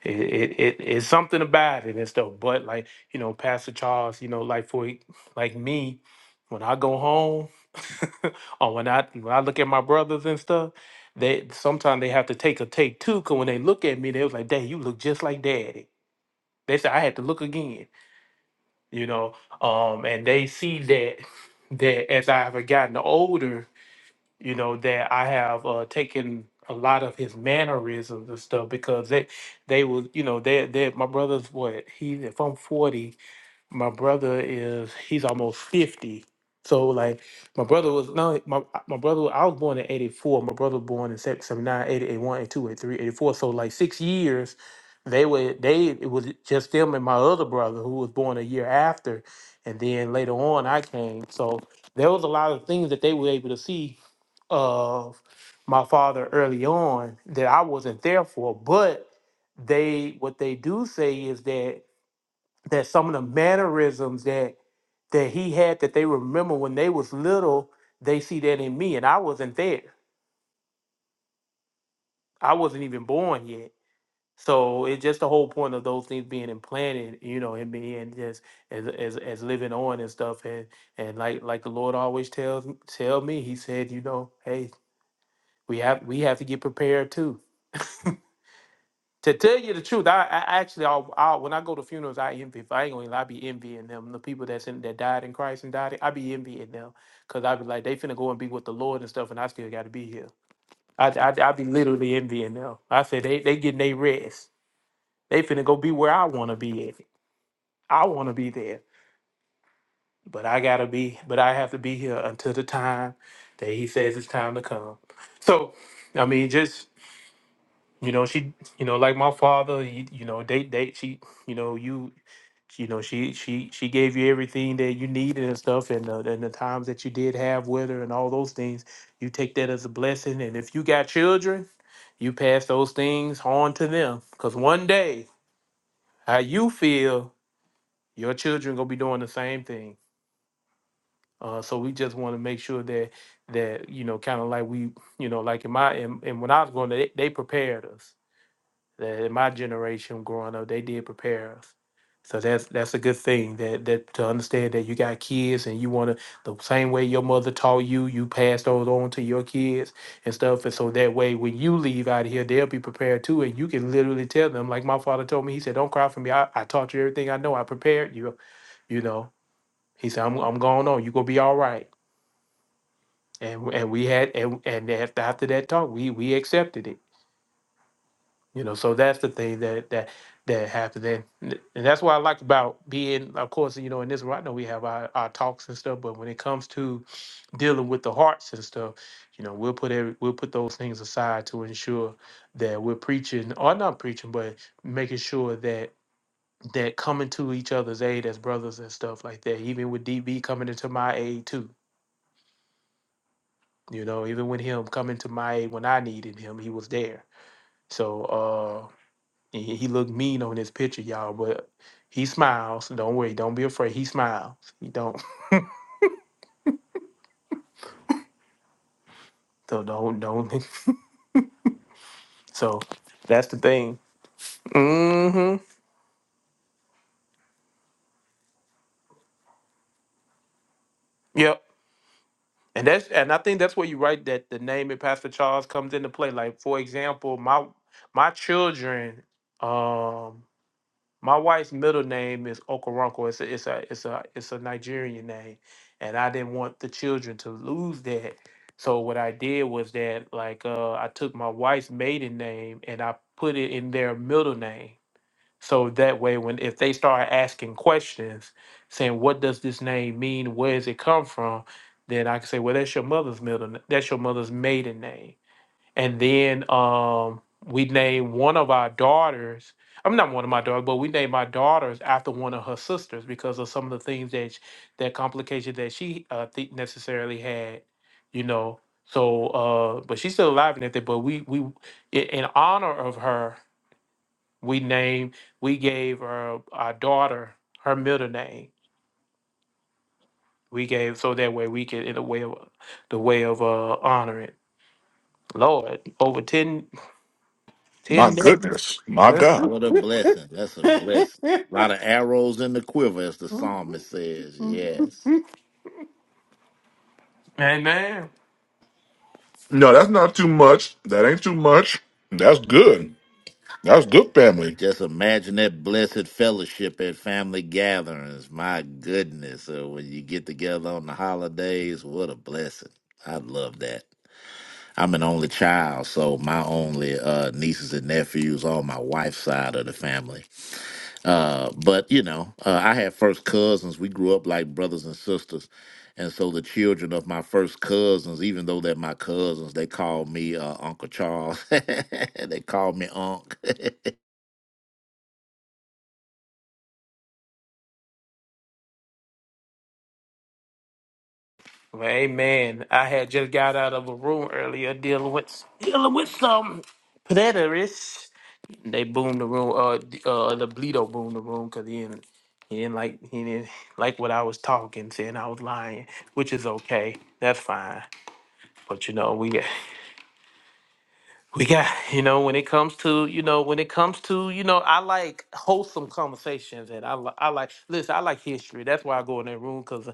A: it, it, it it's something about it and stuff. But like you know, Pastor Charles, you know, like for like me, when I go home or when I when I look at my brothers and stuff, they sometimes they have to take a take two. Cause when they look at me, they was like, "Dad, you look just like Daddy." They said I had to look again, you know. Um, and they see that that as I have gotten older, you know that I have uh, taken a lot of his mannerisms and stuff because they they was you know they they my brother's what he's if I'm forty my brother is he's almost 50 so like my brother was no my my brother i was born in 84 my brother was born in seven- 79 eighty, 81 82 83 84 so like six years they were they it was just them and my other brother who was born a year after and then later on i came so there was a lot of things that they were able to see of my father early on that i wasn't there for but they what they do say is that that some of the mannerisms that that he had that they remember when they was little, they see that in me, and I wasn't there. I wasn't even born yet. So it's just the whole point of those things being implanted, you know, in me and just as as as living on and stuff, and and like like the Lord always tells tell me, He said, you know, hey, we have we have to get prepared too To tell you the truth, I, I actually, I, I, when I go to funerals, I envy. If I ain't gonna, lie, I be envying them. The people that's in that died in Christ and died, I be envying them because I be like, they finna go and be with the Lord and stuff, and I still got to be here. I, I, I be literally envying them. I said they they getting their rest. They finna go be where I wanna be at. I wanna be there, but I gotta be, but I have to be here until the time that He says it's time to come. So, I mean, just you know, she, you know, like my father, you, you know, they they she, you know, you you know she she she gave you everything that you needed and stuff and uh, and the times that you did have with her and all those things you take that as a blessing and if you got children you pass those things on to them because one day how you feel your children gonna be doing the same thing uh, so we just want to make sure that that you know kind of like we you know like in my and, and when i was going they, they prepared us that in my generation growing up, they did prepare us. So that's that's a good thing that that to understand that you got kids and you want to the same way your mother taught you, you pass those on to your kids and stuff. And so that way, when you leave out of here, they'll be prepared too, and you can literally tell them. Like my father told me, he said, "Don't cry for me. I, I taught you everything I know. I prepared you. You know." He said, "I'm I'm going on. You gonna be all right." And and we had and and after after that talk, we we accepted it You know, so that's the thing that that that happened, and and that's what I like about being, of course, you know, in this. I know we have our, our talks and stuff, but when it comes to dealing with the hearts and stuff, you know, we'll put every we'll put those things aside to ensure that we're preaching or not preaching, but making sure that that coming to each other's aid as brothers and stuff like that. Even with DB coming into my aid too, you know, even with him coming to my aid when I needed him, he was there. So. uh, And he, he looked mean on this picture, y'all, but he smiles. Don't worry, don't be afraid. He smiles. He don't. So don't don't. So that's the thing. hmm Yep. And that's and I think that's where you write that the name of Pastor Charles comes into play. Like for example, my my children. Um, My wife's middle name is Okoronkwo. It's a it's a it's a it's a Nigerian name, and I didn't want the children to lose that. So what I did was that like uh, I took my wife's maiden name and I put it in their middle name. So that way, when if they start asking questions, saying what does this name mean, where does it come from, then I can say, well, that's your mother's middle, n- that's your mother's maiden name and then um we named one of our daughters i'm not one of my daughters but we named my daughters after one of her sisters because of some of the things that sh- that complication that she uh th- necessarily had you know so uh but she's still alive and everything but we we i- in honor of her we named we gave her our daughter her middle name we gave so that way we could in a way of the way of uh honoring lord over ten
J: My
A: ten 10
J: goodness. My
A: decades
J: God.
I: What a blessing. That's a
A: Amen.
I: blessing. A lot of arrows in the quiver, as the psalmist says. Yes.
J: No, that's not too much. That ain't too much. That's good. That's good family.
I: Just imagine that blessed fellowship at family gatherings. My goodness. Uh, when you get together on the holidays, what a blessing. I love that. I'm an only child, so my only uh, nieces and nephews on my wife's side of the family. Uh, but you know, uh, I had first cousins. We grew up like brothers and sisters, and so the children of my first cousins, even though they're my cousins, they called me uh, Uncle Charles. they called me Unc.
A: Well, Amen. I had just got out of a room earlier dealing with dealing with some preterists. They boomed the room. Uh, d- uh, the Bleedo boomed the room because he didn't, he didn't like he didn't like what I was talking, saying I was lying, which is okay. That's fine. But you know we We got, you know, when it comes to, you know, when it comes to, you know, I like wholesome conversations and I, li- I like, listen, I like history. That's why I go in that room because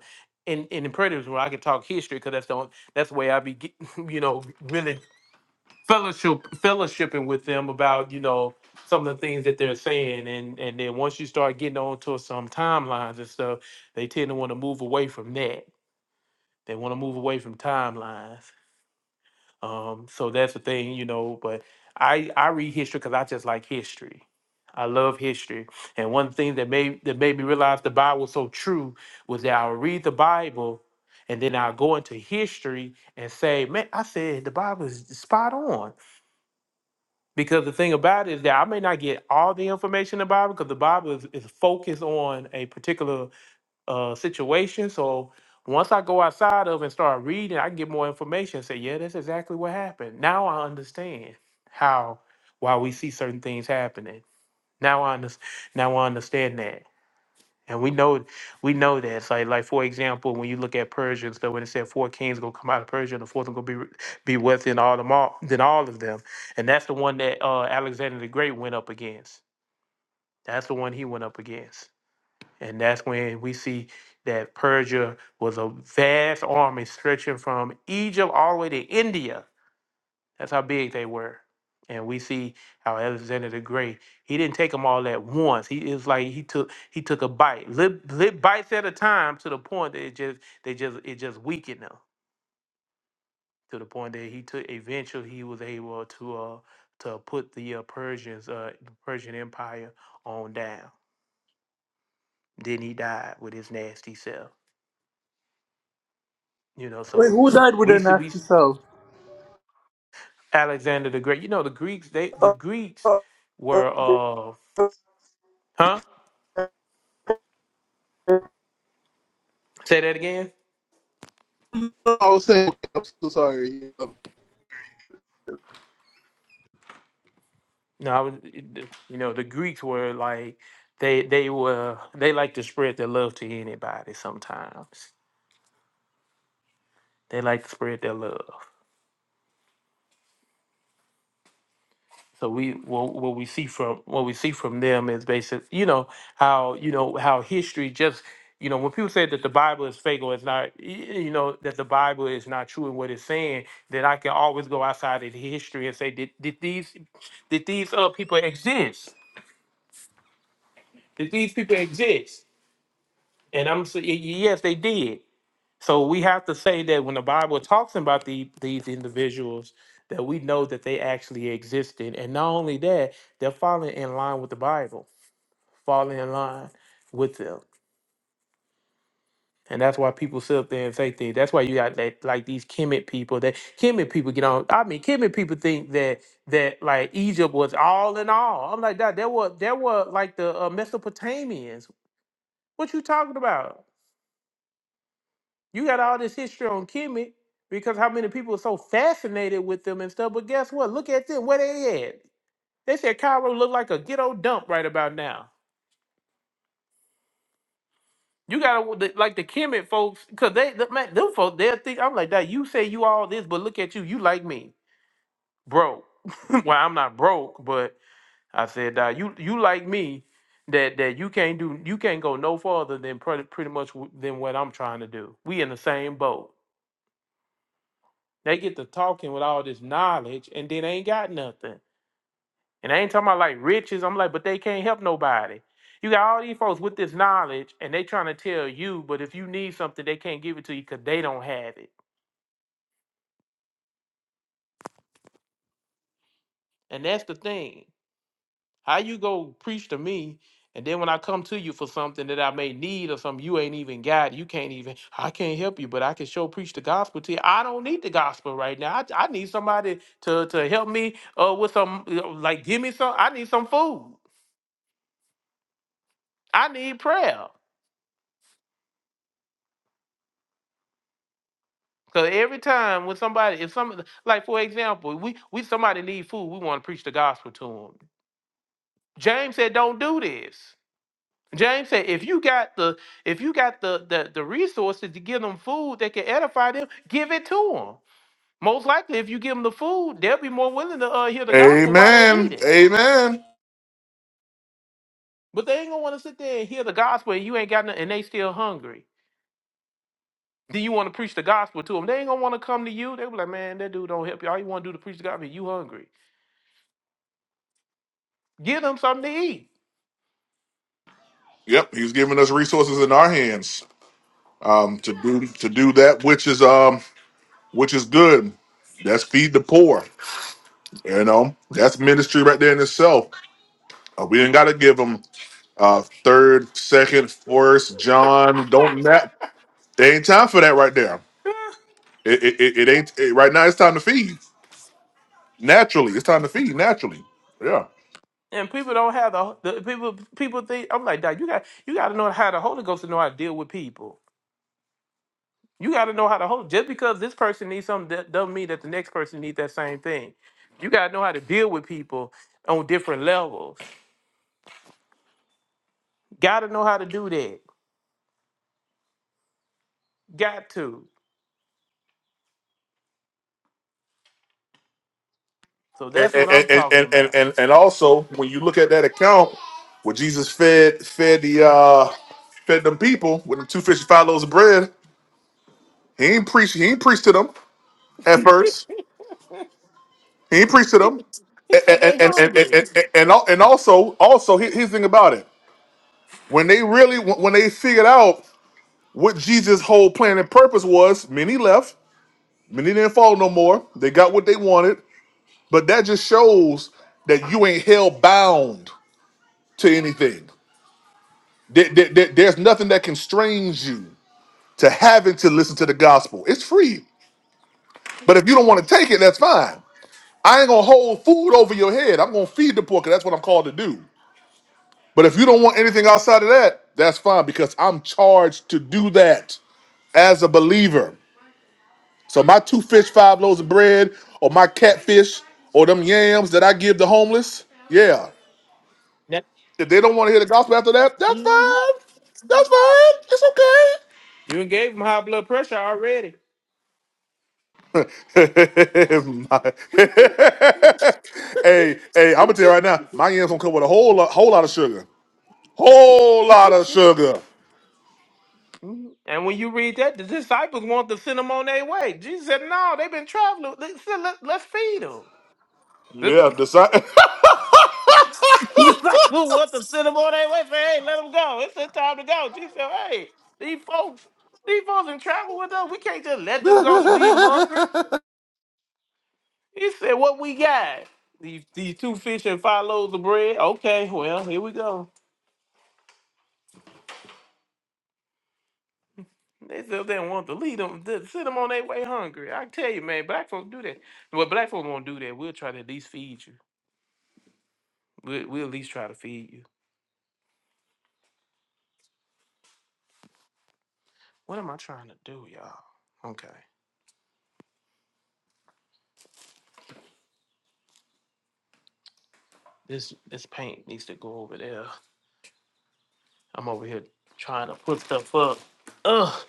A: in, in the predators room, I can talk history because that's the only, that's the way I be, get- you know, really fellowship, fellowshipping with them about, you know, some of the things that they're saying. And, and then once you start getting on to some timelines and stuff, they tend to want to move away from that. They want to move away from timelines. Um, so that's the thing, you know. But I I read history because I just like history. I love history, and one thing that made that made me realize the Bible was so true was that I'll read the Bible, and then I'll go into history and say, "Man, I said the Bible is spot on." Because the thing about it is that I may not get all the information in the Bible because the Bible is, is focused on a particular uh situation. So once I go outside of and start reading, I can get more information. Say, yeah, that's exactly what happened. Now I understand how why we see certain things happening. Now I understand. Now I understand that, and we know we know that. It's like like for example, when you look at Persia and stuff, when it said four kings gonna come out of Persia, and the fourth one gonna be re- be within all them all than all of them, and that's the one that uh, Alexander the Great went up against. That's the one he went up against. And that's when we see that Persia was a vast army stretching from Egypt all the way to India. That's how big they were. And we see how Alexander the Great, he didn't take them all at once. He is like he took he took a bite, lit, lit bites at a time to the point that it just they just it just weakened them to the point that he took eventually he was able to uh to put the uh, Persians uh the Persian Empire on down. Then he died with his nasty self. You know,
F: Wait,
A: so
F: who died with
A: we
F: their
A: see we
F: nasty self?
A: Alexander the Great. You know, the Greeks they the Greeks
F: I
A: were uh huh? Say that again.
F: was saying I'm so sorry.
A: No, I was you know the Greeks were like they they were they like to spread their love to anybody. Sometimes they like to spread their love. So we what, what we see from what we see from them is basic, you know how you know how history just you know when people say that the Bible is fake or it's not y- you know that the Bible is not true in what it's saying, then I can always go outside of history and say did, did these did these uh, people exist? Did these people exist? And I'm saying yes, they did. So we have to say that when the Bible talks about the, these individuals, that we know that they actually existed, and not only that, they're falling in line with the Bible. fall in line with them. And that's why people sit up there and say things. That's why you got that like these Kemet people that Kemet people get on. I mean, Kemet people think that that like Egypt was all in all. I'm like that. There were there were like the uh, Mesopotamians. What you talking about? You got all this history on Kemet because how many people are so fascinated with them and stuff. But guess what? Look at them. Where they at? They said Cairo look like a ghetto dump right about now. You gotta like the Kemet folks, cause they the, man, them folks they'll think I'm like that. You say you all this, but look at you, you like me, broke. well, I'm not broke, but I said that you you like me, that that you can't do, you can't go no farther than pretty pretty much w- than what I'm trying to do. We in the same boat. They get to talking with all this knowledge, and then ain't got nothing. And I ain't talking about like riches. I'm like, but they can't help nobody. You got all these folks with this knowledge and they trying to tell you, but if you need something, they can't give it to you because they don't have it. And that's the thing. How you go preach to me, and then when I come to you for something that I may need or something you ain't even got, you can't even, I can't help you, but I can show preach the gospel to you. I don't need the gospel right now. I, I need somebody to, to help me uh, with some, uh, like, give me some, I need some food. I need prayer. Cause every time when somebody, if some, like for example, we we somebody need food, we want to preach the gospel to them. James said, "Don't do this." James said, "If you got the if you got the the, the resources to give them food that can edify them, give it to them. Most likely, if you give them the food, they'll be more willing to uh, hear the gospel while they eat
J: Amen.
A: it.
J: Amen.
A: But they ain't gonna want to sit there and hear the gospel, and you ain't got nothing, and they still hungry. Then you want to preach the gospel to them. They ain't gonna want to come to you. They be like, man, that dude don't help you. All you want to do to preach the gospel, you hungry." Give them something to eat.
J: Yep, he's giving us resources in our hands um, to do to do that which is um which is good. That's feed the poor. You know, that's ministry right there in itself. Uh, we ain't got to give them uh, third, second, first John. Don't that they ain't time for that right there. It it, it, it ain't it, right now. It's time to feed naturally. It's time to feed naturally. Yeah.
A: And people don't have the, the people. People think I'm like, Dad, you got you got to know how the Holy Ghost to know how to deal with people. You got to know how to hold. Just because this person needs something that doesn't mean that the next person needs that same thing. You got to know how to deal with people on different levels. Got to know how to do that. Got to. So that's
J: and
A: what
J: and,
A: I'm talking
J: and, and,
A: about.
J: and and also when you look at that account where Jesus fed fed the uh fed them people with the two fish and five loaves of bread, he ain't preach he ain't preached to them at first. He ain't preached to them.
A: He said
J: And and
A: they
J: and and and,
A: hungry.
J: and, and, al- and also also here- here's the thing about it. When they really when they figured out what Jesus' whole plan and purpose was, many left, many didn't follow no more. They got what they wanted, but that just shows that you ain't held bound to anything. There- there- there- there's nothing that constrains you to having to listen to the gospel. It's free. But if you don't want to take it, that's fine. I ain't gonna hold food over your head. I'm gonna feed the poor 'cause that's what I'm called to do. But if you don't want anything outside of that, that's fine because I'm charged to do that as a believer. So my two fish, five loaves of bread, or my catfish, or them yams that I give the homeless, yeah.
A: That-
J: If they don't want to hear the gospel after that, that's
A: Mhm.
J: fine. That's fine. It's okay.
A: You done gave them high blood pressure already.
J: My- hey, hey, I'm gonna tell you right now, my yams gonna come with a whole lot, whole lot of sugar, whole lot of sugar.
A: Mhm. And when you read that, the disciples want to send them on their way. Jesus said, No, they've been traveling. Let's, let, us feed them. The
J: Yeah, decide. hey,
A: disciples want to send them on their way. Say, Hey, let them go. It's their time to go. Jesus said, Hey, these folks, these folks in travel with us. We can't just let them go, leave hungry. He said, What we got? These, these two fish and five loaves of bread. Okay, well, here we go. They still didn't want to lead them, to send them on their way hungry. I tell you, man, black folks do that. Well, black folks won't do that. We'll try to at least feed you. We we at least try to feed you. What am I trying to do, y'all? Okay. This this paint needs to go over there. I'm over here trying to put stuff up. Ugh.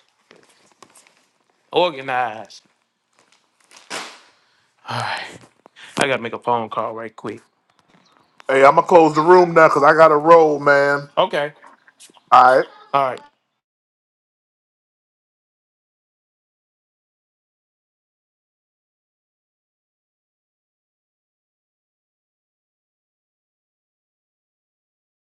A: Organized. Alright. I gotta make a phone call right quick.
J: I'm gonna close the room now because I gotta roll, man.
A: Okay.
J: All right.
A: All right.